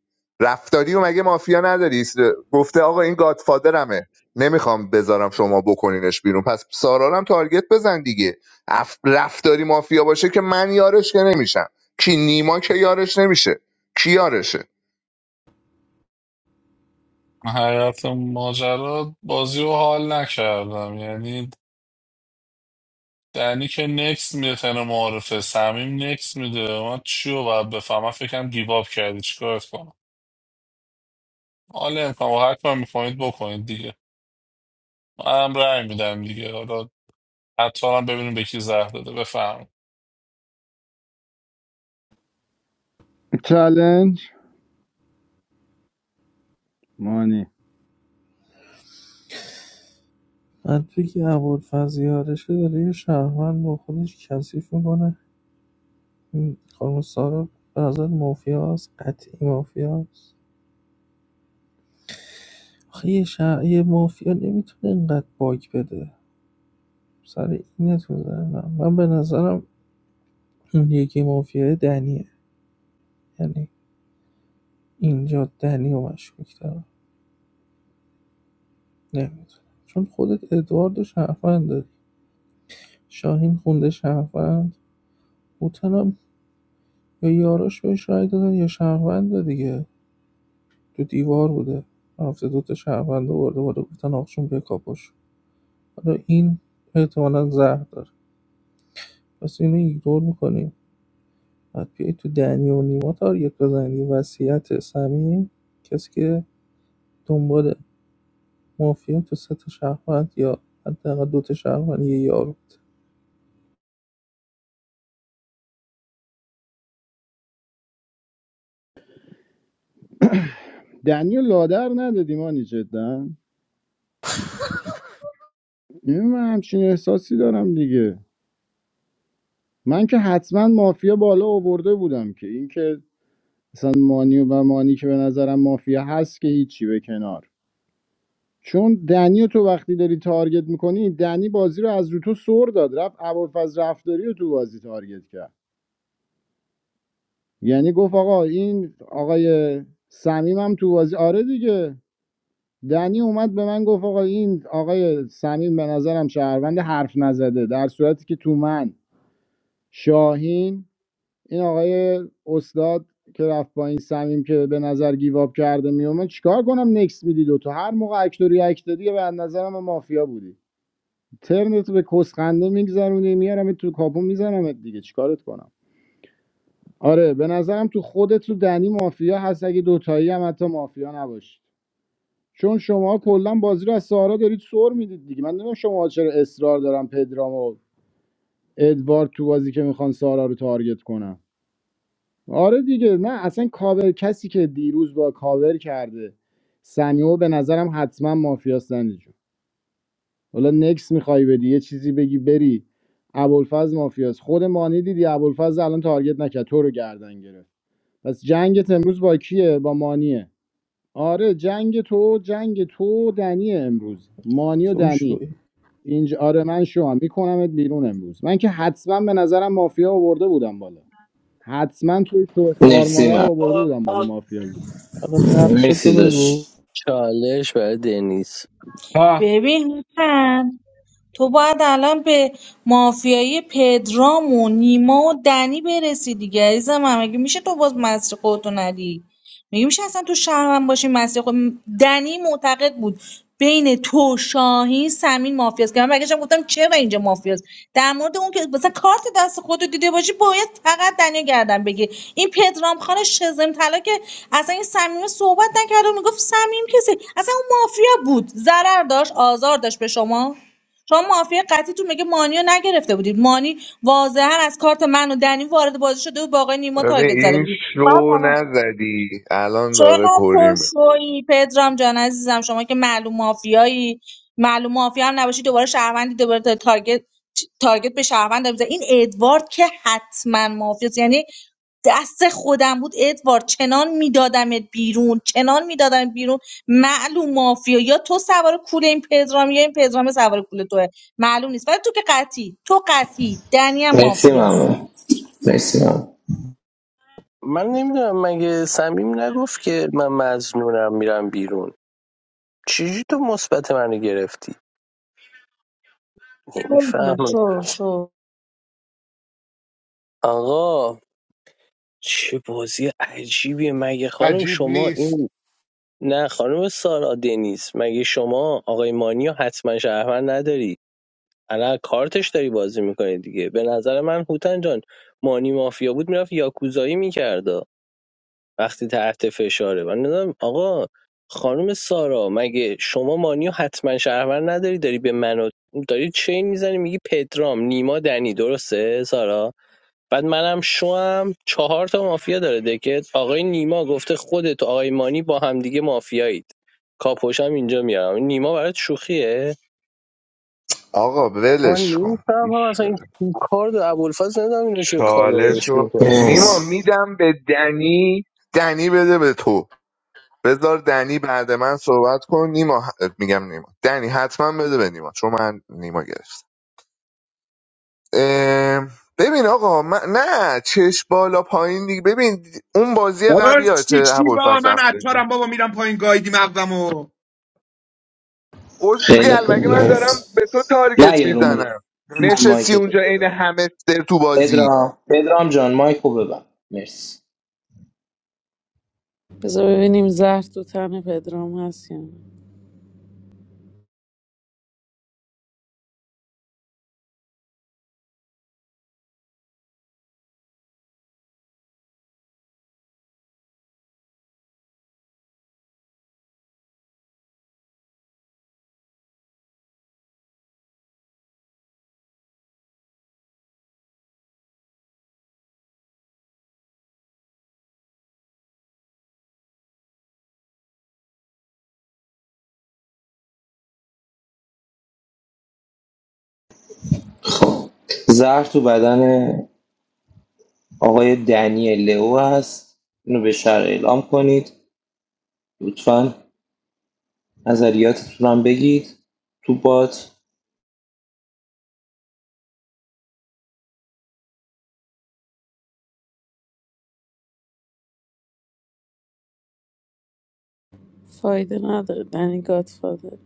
Speaker 7: رفتاریو مگه مافیا نداری س- گفته آقا این گادفادرمه نمیخوام بذارم شما بکنینش بیرون پس سارا رو هم تارگت بزن دیگه اف- رفتاری مافیا باشه که من یارش که نمیشم کی نیما که یارش نمیشه کی یارشه
Speaker 2: حیات ماجرا بازی رو حال نکردم یعنی دنی که نکس میده تن معارفه سمیم نکس میده من چی رو باید بفهمم فکرم گیواب کردی چیکارت کنم حالا امکان و هر کار میکنید بکنید من رای میدم دیگه حالا حتی هم ببینیم به کی زهر داده بفهم
Speaker 8: چلنج مانی
Speaker 6: بعد توی که ابوالفضل یارشه داره یه شهروند با خودش کثیف میکنه این خانم سارا به نظر مافیاست قطعی مافیاست آخه یه, شهر... یه مافیا نمیتونه اینقدر باگ بده سر اینه تو ذهنم. من به نظرم یکی مافیای دنیه یعنی اینجا دنیو مشکوک دارم نمیدونم چون خودت ادواردو شهروند داری شاهین خونده شهروند هوتنم یا یاراش بهش رای دادن یا شهرونده دیگه تو دیوار بوده رفته دوتا شهروند آورده بالا گفتن آقشون بیا کاپوش حالا این احتمالا زهر داره پس اینو ایگنور میکنیم بعد بیای تو دنی و نیما تارگت بزنی وصیت سمیم کسی که دنبال مافیا تو سه تا شهروند یا حداقل دو تا شهروند یه یارو
Speaker 8: دنیو لادر ندادی مانی جدا من همچین احساسی دارم دیگه من که حتما مافیا بالا آورده بودم که این که مثلا مانی و و مانی که به نظرم مافیا هست که هیچی به کنار چون دنیو تو وقتی داری تارگت میکنی دنی بازی رو از رو تو سر داد رفت ابوالفضل رفتاری رو تو بازی تارگت کرد یعنی گفت آقا این آقای سمیم هم تو بازی آره دیگه دنی اومد به من گفت آقا این آقای سمیم به نظرم شهروند حرف نزده در صورتی که تو من شاهین این آقای استاد که رفت با این سمیم که به نظر گیواب کرده میومد چیکار کنم نکس میدی دوتا هر موقع اکتوری اکتوری به نظرم مافیا بودی ترنت به کسخنده میگذرونی میارم تو کاپو میزنم دیگه چیکارت کنم آره به نظرم تو خودت تو دنی مافیا هست اگه دوتایی هم حتی مافیا نباشی چون شما کلا بازی رو از سارا دارید سر میدید دیگه من نمیدونم شما چرا اصرار دارم پدرام و ادوارد تو بازی که میخوان سارا رو تارگت کنن آره دیگه نه اصلا کاور کسی که دیروز با کاور کرده سمیو به نظرم حتما مافیاست دنی جون حالا نکس میخوای بدی یه چیزی بگی بری ابوالفضل مافیاست خود مانی دیدی ابوالفضل الان تارگت نکرد تو رو گردن گرفت پس جنگت امروز با کیه با مانیه آره جنگ تو جنگ تو دنیه امروز مانی و
Speaker 6: تو
Speaker 8: دنی
Speaker 6: شوی
Speaker 8: اینج آره من شما میکنمت بیرون امروز من که حتما به نظرم مافیا آورده بودم بالا حتما توی شوه خار
Speaker 9: مرسی
Speaker 8: مادر رو
Speaker 9: من
Speaker 8: آورده بودم بالا مافیا بود
Speaker 6: حالا تو
Speaker 9: مرسی
Speaker 6: بگو
Speaker 9: داشت
Speaker 1: چالش برای دنیس
Speaker 10: ها
Speaker 11: ببین هوتن تو باید الان به مافیایی پدرام و نیما و دنی برسی دیگه عزیز من مگه میشه تو باز مسیر خودتو ندی مگه میشه اصلا تو شهرم باشی مسیر خود دنی معتقد بود بین تو شاهین سمین مافیاست که من برگشتم گفتم چرا اینجا مافیاست در مورد اون که مثلا کارت دست خودتو دیده باشی باید فقط دنیا گردن بگی این پدرام خان شزم طلا که اصلا این صمیم صحبت نکرد و میگفت صمیم کسی اصلا اون مافیا بود ضرر داشت آزار داشت به شما شما مافیا قطعیتون میگه مانی رو نگرفته بودید مانی واضحا از کارت من و دنی وارد بازی شده و با آقای نیما تارگت
Speaker 7: ببین
Speaker 11: زده
Speaker 7: این
Speaker 11: بودید
Speaker 7: شو نزدی الان
Speaker 11: چقدر
Speaker 7: داره کری میخوره
Speaker 11: پرشویی پدرام جان عزیزم شما که معلوم مافیایی معلوم مافیا هم نباشی دوباره شهروندی دوباره تا- تارگت تارگت به شهروند داری می‌زنی. این ادوارد که حتما مافیاست یعنی دست خودم بود ادوارد چنان میدادمت بیرون چنان میدادم بیرون معلوم مافیا یا تو سوار کول این پدرام یا این پدرام سوار کول توه معلوم نیست ولی تو که قطعی تو قطعی دنیا
Speaker 9: مرسی
Speaker 11: مافیاست
Speaker 9: ممنون مرسی ممنون
Speaker 1: من نمیدونم مگه صمیم نگفت که من مزنونم میرم بیرون چجوری تو مثبت منو گرفتی
Speaker 11: شو
Speaker 1: نمیفهمم
Speaker 11: شو شو.
Speaker 1: آقا چه بازی عجیبیه مگه خانم
Speaker 14: عجیب
Speaker 1: شما
Speaker 14: نیست
Speaker 1: این نه خانم سارا دنیز مگه شما آقای مانیو حتما شهروند نداری الان کارتش داری بازی میکنی دیگه به نظر من هوتن جان مانی مافیا بود میرفت یاکوزایی میکرد وقتی تحت فشاره من نمیدونم آقا خانم سارا مگه شما مانیو حتما شهروند نداری داری به منو داری چین میزنی میگی پدرام نیما دنی درسته سارا بعد منم شوم چهار تا مافیا داره دکت آقای نیما گفته خودت و آقای مانی با همدیگه مافیایید کاپوشم اینجا میارم این نیما برات شوخیه
Speaker 7: آقا
Speaker 1: من
Speaker 7: ولش کن
Speaker 1: نمیفهمم
Speaker 7: گوش
Speaker 1: اصلا
Speaker 7: بده
Speaker 1: این کار دو ابوالفضل نمیدونم اینو چه
Speaker 7: چالش
Speaker 1: کاورش
Speaker 7: رو
Speaker 1: میکنه
Speaker 7: نیما
Speaker 9: مرسی.
Speaker 7: میدم به دنی دنی بده به تو بذار دنی بعد من صحبت کن نیما ه- میگم نیما دنی حتما بده به نیما چون من نیما گرفتم اه، ببین آقا من... نه چش بالا پایین دیگه ببین اون بازی
Speaker 10: بابا
Speaker 7: قبل
Speaker 10: چی
Speaker 7: یادته
Speaker 10: چی بابا
Speaker 7: ابوالفضل
Speaker 10: من
Speaker 7: رفته
Speaker 10: عطارم بابا میرم پایین گایدی مغزمو
Speaker 9: خیلی
Speaker 7: اوزگل
Speaker 9: خوب
Speaker 7: مگه من
Speaker 9: مرسی.
Speaker 7: دارم به تو
Speaker 9: نه
Speaker 7: تارگت
Speaker 9: یه رو مایک
Speaker 7: میزنم
Speaker 9: ببند
Speaker 7: نشستی
Speaker 9: مایک تو
Speaker 7: اونجا عین
Speaker 9: پدرام
Speaker 7: همستر تو بازی
Speaker 9: پدرام پدرام جان مایک رو ببند مرسی
Speaker 15: بذار ببینیم زهر تو تن پدرام هست یا نه
Speaker 9: زهر تو بدن آقای دنیل لئو هست اینو به شهر اعلام کنید لطفا نظریاتتون هم بگید تو بات
Speaker 15: فایده نداره دنی گادفادر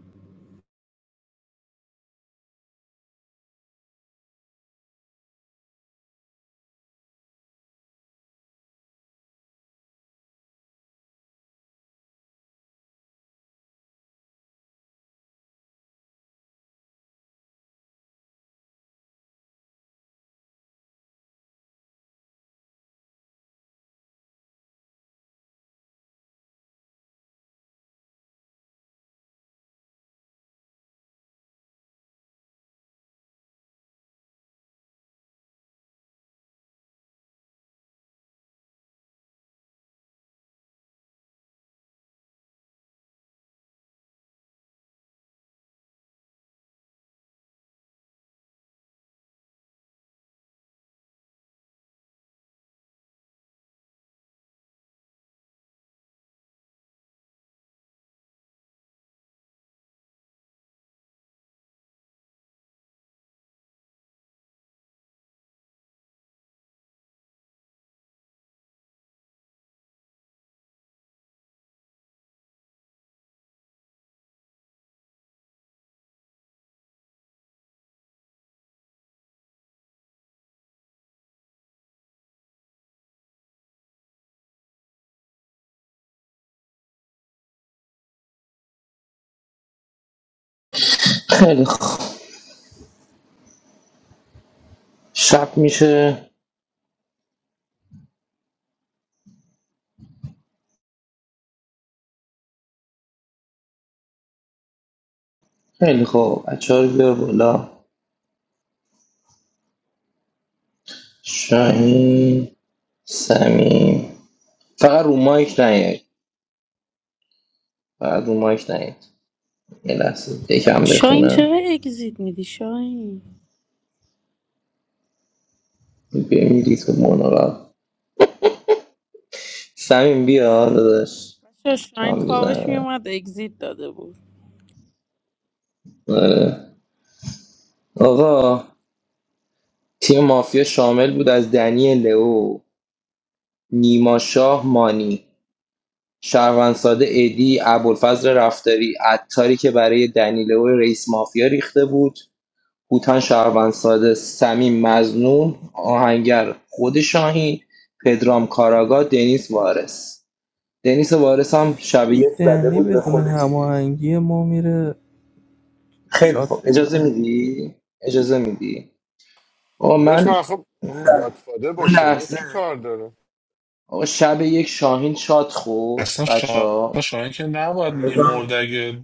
Speaker 9: خیلی خوب شب میشه خیلی خوب بچه ها رو بیار بالا شاهین سمیم فقط رو مایک نیاید فقط رو مایک نیاید یه لحظه یکم
Speaker 15: شاین چرا
Speaker 9: بخونم
Speaker 15: اگزیت میدی شاین
Speaker 9: بمیرید و سمیم بیا داداش
Speaker 15: بچه‌ها،
Speaker 9: تو
Speaker 15: شاین
Speaker 9: هم
Speaker 15: خوابش
Speaker 9: بیزنه
Speaker 15: میومد اگزیت داده بود
Speaker 9: آره آقا تیم مافیا شامل بود از دنی لئو نیما شاه مانی شهروندساده ادی ابوالفضل رفتاری عطاری که برای دنی لئو رئیس مافیا ریخته بود هوتان شهروندساده سمیم مزنون آهنگر خود شاهین پدرام کاراگا دنیس وارس دنیس وارس هم شبیه زده
Speaker 6: دنی
Speaker 9: بود به
Speaker 6: بدون
Speaker 9: خود تیم
Speaker 6: هماهنگی ما میره
Speaker 9: خیلی خوب
Speaker 6: شات
Speaker 9: اجازه
Speaker 6: میزنه
Speaker 9: میدی اجازه میدی آقا
Speaker 14: داشت
Speaker 9: من
Speaker 14: من خب
Speaker 9: اون لح-
Speaker 14: گادفادر با
Speaker 9: اون
Speaker 14: شما چی
Speaker 9: لحظه
Speaker 14: کار داره
Speaker 9: آقا شب یک شاهین شاد خورد
Speaker 2: اصلا
Speaker 9: بچه
Speaker 2: شما
Speaker 9: ها
Speaker 2: شما که نباید میمرد اگه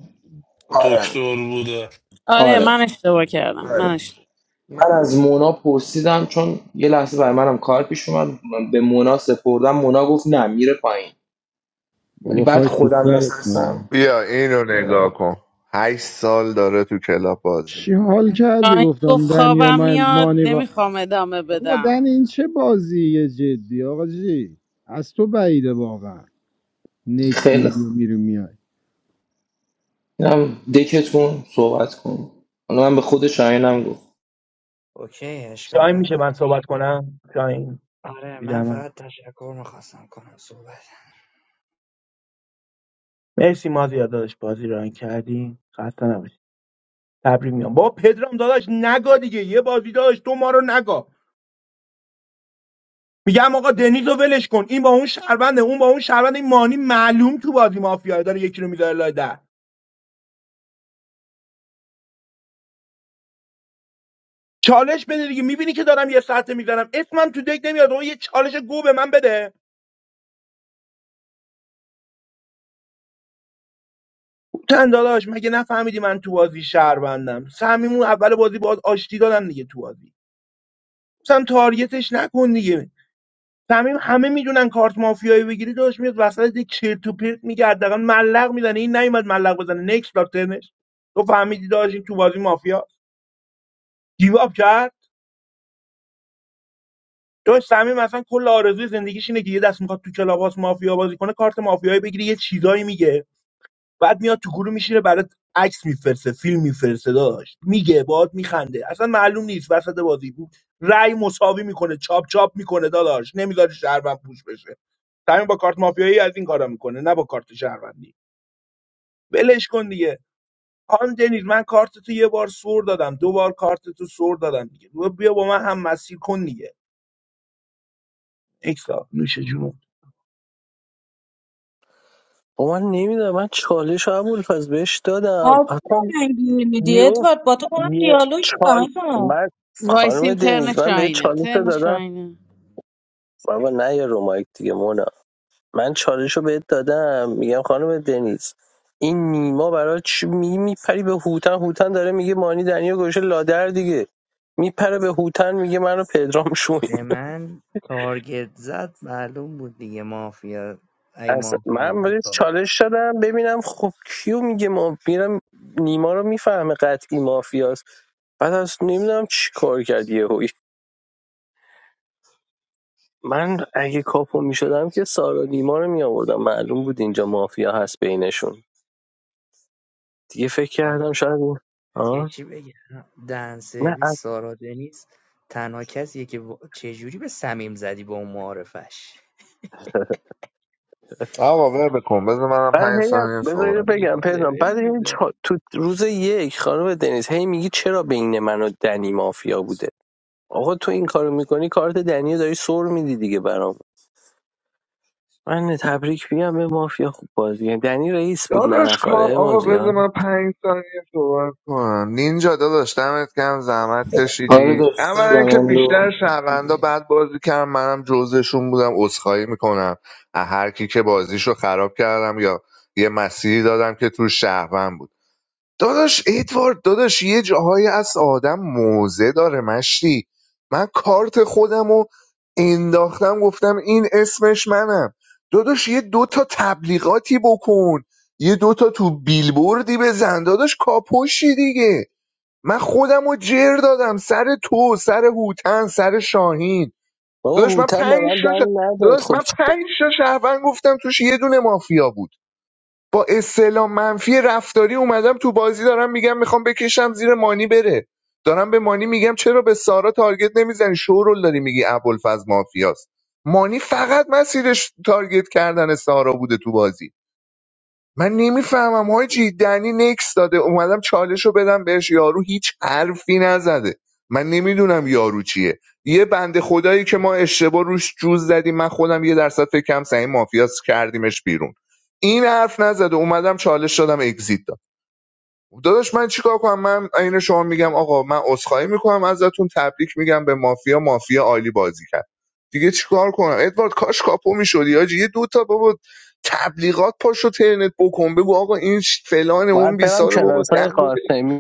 Speaker 9: آره
Speaker 2: دکتر بوده
Speaker 15: آره
Speaker 9: آره
Speaker 15: من اشتباه کردم
Speaker 9: آره
Speaker 15: من اشتباه
Speaker 9: من از مونا پرسیدم چون یه لحظه برای منم کار پیش اومد من به مونا سپردم مونا گفت نه میره پایین ولی
Speaker 8: بابا
Speaker 9: بعد
Speaker 8: خاک تو
Speaker 9: خودم
Speaker 8: سرت من
Speaker 9: نشستم
Speaker 7: بیا اینو
Speaker 9: اه،
Speaker 7: نگاه کن هشت سال داره تو کلاب بازی
Speaker 8: چی
Speaker 7: میکنه
Speaker 8: حال کردی
Speaker 15: شاین گفت
Speaker 8: گفتم دنی و
Speaker 15: خوابم
Speaker 8: من
Speaker 15: میاد
Speaker 8: مانی با
Speaker 15: نمیخوام ادامه
Speaker 8: آقا دنی
Speaker 15: بدم
Speaker 8: این چه بازیه جدی آقا جی از تو بعیده واقعا نکس
Speaker 9: خیلی
Speaker 8: میدی و
Speaker 9: خوب.
Speaker 8: میری میای
Speaker 9: اینم دکتون صحبت کن حالا من به خود شاهینم گفت
Speaker 12: اوکی اشکال
Speaker 10: شاهین میشه من
Speaker 12: نداره
Speaker 10: صحبت کنم شاهین
Speaker 12: آره من
Speaker 10: بیدم من
Speaker 12: فقط تشکر میخواستم کنم صحبت
Speaker 10: مرسی مازیار داداش بازی ران کردی خسته نباشی تبریک میگم بابا پدرام داداش نگا دیگه یه بازی داداش تو ما رو نگا میگم آقا دنیز رو ولش کن این با اون شربنده اون با اون شربنده این مانی معلوم تو بازی مافیا داره یکی رو میذاره لای ده چالش بده دیگه میبینی که دارم یه ساعته میذارم اسمم تو دک نمیاد اون یه چالش گو به من بده تن داداش مگه نفهمیدی من تو بازی شهروندم سمیمون اول بازی باز آشتی دادم دیگه تو بازی مثلا تارگتش نکن دیگه صمیم همه میدونن کارت مافیایی بگیری داشت میاد وسط یک چرت و پرت میگه حداقل ملق میزنه این نیومد ملق بزنه نکس داد ترنش تو فهمیدی داشت این تو بازی مافیا گیواب کرد داشت صمیم اصلا کل آرزوی زندگیش اینه که یه دست میخواد تو کلاباس مافیا بازی کنه کارت مافیایی بگیری یه چیزایی میگه بعد میاد تو گروه میشینه برات عکس میفرسه فیلم میفرسه داشت میگه باهات میخنده اصلا معلوم نیست وسط بازی بود رأی مساوی میکنه چاپ چاپ میکنه داداش نمیذاره شهروند پوش بشه تمیم با کارت مافیایی از این کارا میکنه نه با کارت شهروندی ولش کن دیگه آن دنیز من کارت تو یه بار سور دادم دو بار کارت تو سور دادم دیگه بیا با من هم مسیر کن دیگه اکسا نوش جون.
Speaker 1: من نمیدونم من چالش ابوالفضل بهش دادم
Speaker 11: آبونه
Speaker 1: اصلا
Speaker 11: من گیر میدی
Speaker 1: یو
Speaker 11: ادوارد با تو دارم
Speaker 1: یه
Speaker 11: دیالوگ میکنم
Speaker 1: چال من
Speaker 15: وایس
Speaker 1: خانم
Speaker 15: این ترن
Speaker 1: دنیز من به
Speaker 15: شاینه
Speaker 1: چالش رو
Speaker 15: ترن
Speaker 1: دادم
Speaker 15: شاینه
Speaker 1: بابا نه یا رومایک دیگه مونا من چالش رو بهت دادم میگم خانم دنیز این نیما برای چی می میپری به هوتن هوتن داره میگه مانی دنیا گوشه لادر دیگه میپره به هوتن میگه منو پدرام شویم
Speaker 12: به من تارگت زد معلوم بود دیگه مافیا ای
Speaker 1: اصلا
Speaker 12: مافیا
Speaker 1: من
Speaker 12: بودی
Speaker 1: بهش
Speaker 12: کار
Speaker 1: چالش دادم ببینم خب کیو میگه ما میرم نیما رو میفهمه قطعی مافیاست بعد از نمیدونم چی کار کرد یهو من اگه کاپو می شدم که سارا نیما رو می آوردم معلوم بود اینجا مافیا هست بینشون دیگه فکر
Speaker 12: نکرد
Speaker 1: کردم شاید این
Speaker 12: یه
Speaker 1: آه؟
Speaker 12: چی بگم دهن
Speaker 1: نه از-
Speaker 12: سرویس سارا دنیز تنها کسیه که وا- چجوری به سمیم زدی با اون معارفش
Speaker 7: آقا ول کن بذار منم
Speaker 1: بعد
Speaker 7: پنج
Speaker 1: هی هم-
Speaker 7: ثانیه
Speaker 1: بذار
Speaker 7: صحبت
Speaker 1: اینو
Speaker 12: یک
Speaker 1: بگم پدرام
Speaker 12: لول
Speaker 1: بعد هی
Speaker 12: میزن
Speaker 1: چا- تو روز یک خانم دنیز هی میگی چرا بین من و دنی مافیا بوده آقا تو این کارو میکنی کارت دنی رو داری سر میدی دیگه برام من تبریک میگم به مافیا خوب بازی کرد. دنی رئیس بود
Speaker 7: داداش کام
Speaker 1: نرفاره
Speaker 7: آقا
Speaker 1: مازی
Speaker 7: بذار
Speaker 1: ها
Speaker 7: من پنج ثانیه صحبت کنم نینجا داداش دمت کم زحمت
Speaker 9: آره
Speaker 7: کشیدی
Speaker 9: داشت
Speaker 7: اولا
Speaker 9: دادم
Speaker 7: که بیشتر
Speaker 9: اندو
Speaker 7: شهروندا بعد بازی کردم منم جزشون بودم عذرخواهی میکنم از هر کی که بازیشو خراب کردم یا یه مسیری دادم که تو شهروند بود داداش ادوارد داداش یه جاهایی از آدم موزه داره مشتی من کارت خودم رو انداختم گفتم این اسمش منم داداش یه دوتا تبلیغاتی بکن یه دوتا تو بیلبوردی بزن داداش کاپوشی دیگه من خودم رو جر دادم سر تو سر هوتن سر شاهین
Speaker 1: بابا
Speaker 7: داداش من
Speaker 1: هوتن به
Speaker 7: پنج
Speaker 1: من
Speaker 7: شش
Speaker 1: دنی نداد
Speaker 7: داداش
Speaker 1: خب
Speaker 7: من
Speaker 1: چ-
Speaker 7: پنج تا شهروند گفتم توش یه دونه مافیا بود با استعلام منفی رفتاری اومدم تو بازی دارم میگم میخوام بکشم زیر مانی بره دارم به مانی میگم چرا به سارا تارگت نمیزنی شورول داری میگی ابوالفضل مافیاست مانی فقط مسیرش تارگت کردن سارا بوده تو بازی من نمیفهمم حاجی دنی نکس داده اومدم چالش رو بدم بهش یارو هیچ حرفی نزده من نمیدونم یارو چیه یه بنده خدایی که ما اشتباه روش جوز زدیم من خودم یه درصد فکرم سعی مافیاس کردیمش بیرون این حرف نزده اومدم چالش دادم اگزیت داد داداش من چیکار کنم من عین شما میگم آقا من عذرخواهی میکنم ازتون تبریک میگم به مافیا مافیا عالی بازی کرد دیگه چیکار کنم ادوارد کاش کاپو میشدی حاجی، یه دو تا بابا تبلیغات پاشو ترنت بکن بگو آقا این ش- فلان اون
Speaker 1: باید
Speaker 7: بی
Speaker 1: برم
Speaker 7: ساله بابا
Speaker 1: کلاس
Speaker 7: دم رو بگیر.
Speaker 1: های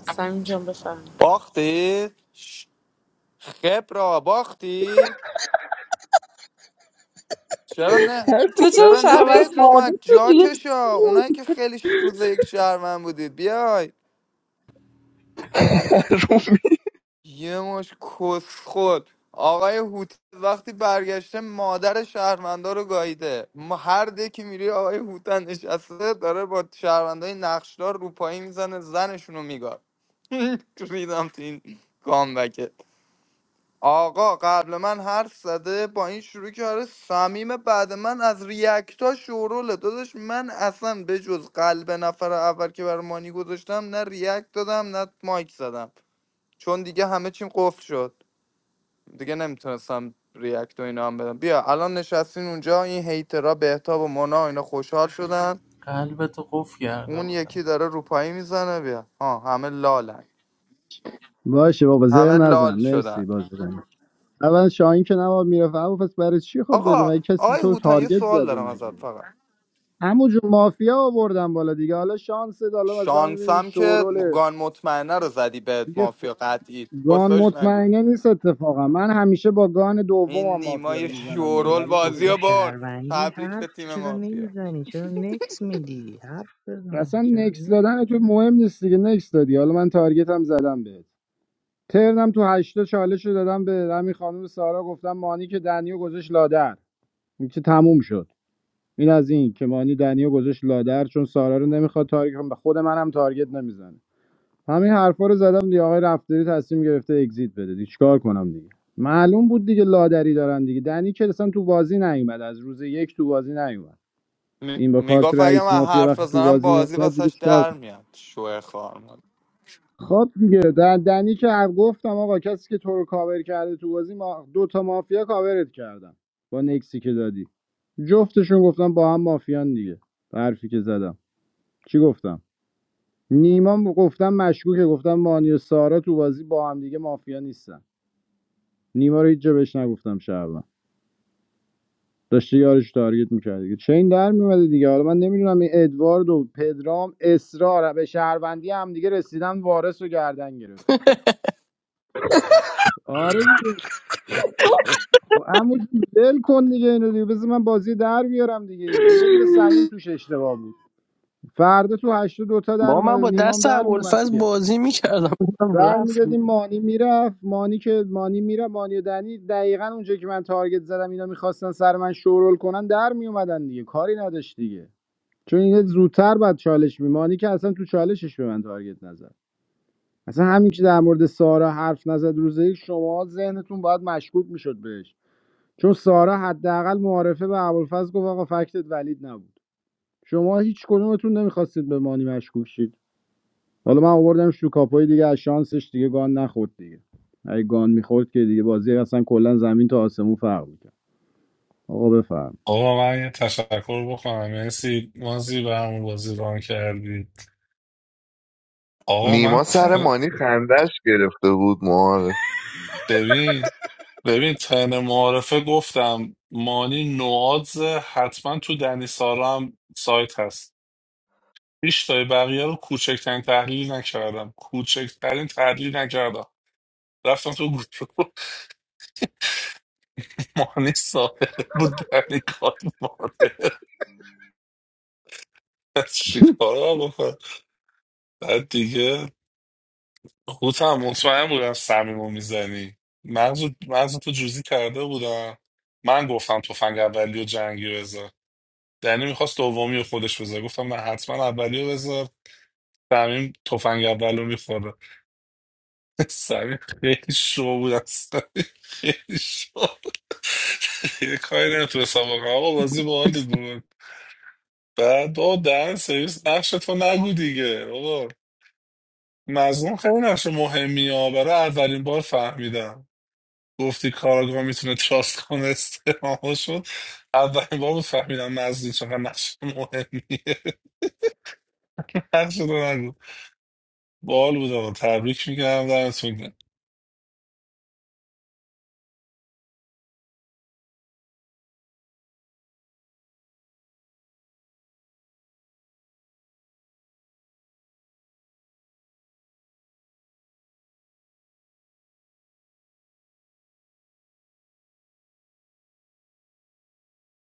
Speaker 15: سمین جان بفهم
Speaker 5: باختی؟ ش- خبره باختی؟ چرا نه
Speaker 11: تو چرا
Speaker 5: چرا
Speaker 11: شهروند
Speaker 5: نمیاد رو ما
Speaker 11: ساده
Speaker 5: جا
Speaker 11: شدی؟
Speaker 5: کشا اونایی که خیلی ش- روز یک شهرمن بودید بیای یه مش کس خود آقای هوت وقتی برگشته مادر شهروندا رو گاییده ما هر دکی میری آقای هوتن نشسته داره با شهروندای نقشدار روپایی میزنه زنشون رو میگار ریدم تو این گامبکه آقا قبل من حرف زده با این شروع کرده صمیم بعد من از ریاکتا شوروله داداش من اصلا به جز قلب نفر اول که بر مانی گذاشتم نه ریاکت دادم نه مایک زدم چون دیگه همه چیم قفل شد دیگه نمیتونستم ریاکت و اینا هم بدم بیا الان نشستین اونجا این هیترا بهتاب و مونا و اینا خوشحال شدن
Speaker 6: قلبتو قفل کرده
Speaker 5: اون
Speaker 6: بودم
Speaker 5: یکی داره روپایی میزنه بیا ها همه لالن
Speaker 8: باشه بابا زر
Speaker 5: همه
Speaker 8: نزن
Speaker 5: لال
Speaker 8: مرسی
Speaker 5: شدن
Speaker 8: بازی کنی اول شاهین که نواب میرفت اما پس برای چی خب داری
Speaker 5: آقا
Speaker 8: مگه کسی
Speaker 5: آقای
Speaker 8: تو رو
Speaker 5: هوتن یه
Speaker 8: تارگت
Speaker 5: سوال
Speaker 8: زده
Speaker 5: دارم
Speaker 8: مگه
Speaker 5: ازت فقط
Speaker 8: همون جون مافیا آوردن بالا دیگه حالا شانس حالا مثلا ببین
Speaker 5: شانسم که
Speaker 8: شوروله
Speaker 5: گان مطمئنه رو زدی به
Speaker 8: دیگه
Speaker 5: مافیا قطعی
Speaker 8: گان
Speaker 5: پستاش نگو
Speaker 8: مطمئنه نیست اتفاقا من همیشه با گان دوم
Speaker 5: این
Speaker 8: هم مافیا رو
Speaker 5: نیمای
Speaker 12: دهن
Speaker 8: میزنم دیگه
Speaker 5: شورول
Speaker 12: سرویس
Speaker 8: همینو
Speaker 12: خود
Speaker 5: بازی
Speaker 12: تو
Speaker 5: رو
Speaker 8: میدونم
Speaker 5: برد
Speaker 12: شهروندی
Speaker 5: تبریک
Speaker 12: حرف
Speaker 5: به تیم
Speaker 12: چرا
Speaker 5: مافیا
Speaker 12: نمیزنی چرا نکس میدی حرف بزن
Speaker 8: اصلا
Speaker 12: چرا
Speaker 8: نکس دادن تو مهم نیست دیگه نکس دادی حالا من تارگت هم زدم بهت ترنم تو هشتا چالش رو دادم به همین خانم سارا گفتم مانی که دنیو گذاشت لادر این که تموم شد این از این که مانی دنیو گذاشت لادر چون سارا رو نمیخواد تارگت کنه. به خود منم تارگت نمیزنه همین حرفا رو زدم دیگه آقای رفتاری تصمیم گرفته اگزییت بده دیگه چیکار کنم دیگه معلوم بود دیگه لادری دارن دیگه دنی که اصلا تو بازی نیومد از روز یک تو بازی نیومد
Speaker 5: می-
Speaker 8: این با کارت
Speaker 5: میگفت اگه
Speaker 8: رئیس
Speaker 5: من
Speaker 8: مافیا
Speaker 5: حرف
Speaker 8: وقتی تو
Speaker 5: بزنم
Speaker 8: بازی
Speaker 5: بازی
Speaker 8: نمیاد دیگه
Speaker 5: واسش
Speaker 8: چیکار
Speaker 5: در
Speaker 8: کنم
Speaker 5: میاد شوه خار
Speaker 8: خب دیگه در دنی که هر گفتم آقا کسی که تو رو کاور کرده تو بازی ما دو تا مافیا کاورت کردم با نکسی که دادی جفتشون گفتم با هم مافیان دیگه حرفی که زدم چی گفتم نیما گفتم مشکوکه گفتم مانی و سارا تو بازی با هم دیگه مافیا نیستن نیما رو هیچ جا بهش نگفتم شعبان داشته یارش تارگت میکرد چین در میومده دیگه حالا من نمیدونم این ادوارد و پدرام اصرار به شهروندی هم دیگه رسیدن وارث رو گردن گرفتن آره دیگه خب عمو جون ول کن دیگه اینو دیگه بذار من بازی در بیارم دیگه اینجا یه دونه سمیم توش اشتباه بود فردا تو هشت دو تا دوتا در
Speaker 1: با من
Speaker 8: اومده
Speaker 1: با
Speaker 8: نیمام
Speaker 1: دست
Speaker 8: در میومد
Speaker 1: ابوالفضل
Speaker 8: دیگه.
Speaker 1: بازی میکردم
Speaker 8: رای
Speaker 1: رفت
Speaker 8: میدادیم مانی میرفت مانی که مانی میره مانی و دنی دقیقا اونجا که من تارگت زدم اینا میخواستن سر من شورول کنن در میومدن دیگه کاری نداشت دیگه چون اینا زودتر بعد چالش می مانی که اصلا تو چالشش به من تارگت نزد اصلا همین که در مورد سارا حرف نزد روزه یک شما ذهنتون باید مشکوک میشد بهش چون سارا حداقل معارفه به ابوالفضل گفت آقا فکتت ولید نبود شما هیچ کدومتون نمیخواستید به مانی مشکوک شید حالا من آوردمش تو کاپوی دیگه از شانسش دیگه گان نخورد دیگه اگه گان میخورد که دیگه بازی اصلا کلا زمین تا آسمون فرق میکرد آقا بفرمایید
Speaker 2: آقا من یه تشکر بکنم مرسی مازی به همون بازی ران کردی آقا من
Speaker 7: نیما سر
Speaker 2: تن...
Speaker 7: مانی خندش گرفته بود
Speaker 2: ببین ببین تن معارفه گفتم مانی نوادز حتما تو دنی سارا هم سایت هست هیچ تای بقیه رو کوچکترین تحلیل نکردم کوچکترین تحلیل نکردم رفتم تو گروه مانی سابقه بود دنی کارت ماره چیکار رو بکنم بعد دیگه خودم هم مطمئن بودم صمیمو میزنی مغز مغز تو جوزی کرده بودم من گفتم تفنگ اولی و جنگی رو بذار دنی میخواست دومی رو خودش بذار گفتم من حتما اولی رو بذار صمیم تفنگ اول رو میخوره صمیم خیلی شو بود اصلا. خیلی شو یه کاری نمیتونستم بکنم آقا بازی باحالی بود بعد آه دهن سرویس نقشتو نگو دیگه آقا مظلوم خیلی نقش مهمی ها برای اولین بار فهمیدم گفتی کاراگاه میتونه تراست کنه استعمال شد اولین بار بود فهمیدم مظلوم چقدر نقش مهمیه نقشتو نگو بال بود آقا تبریک میگم دمتون گرم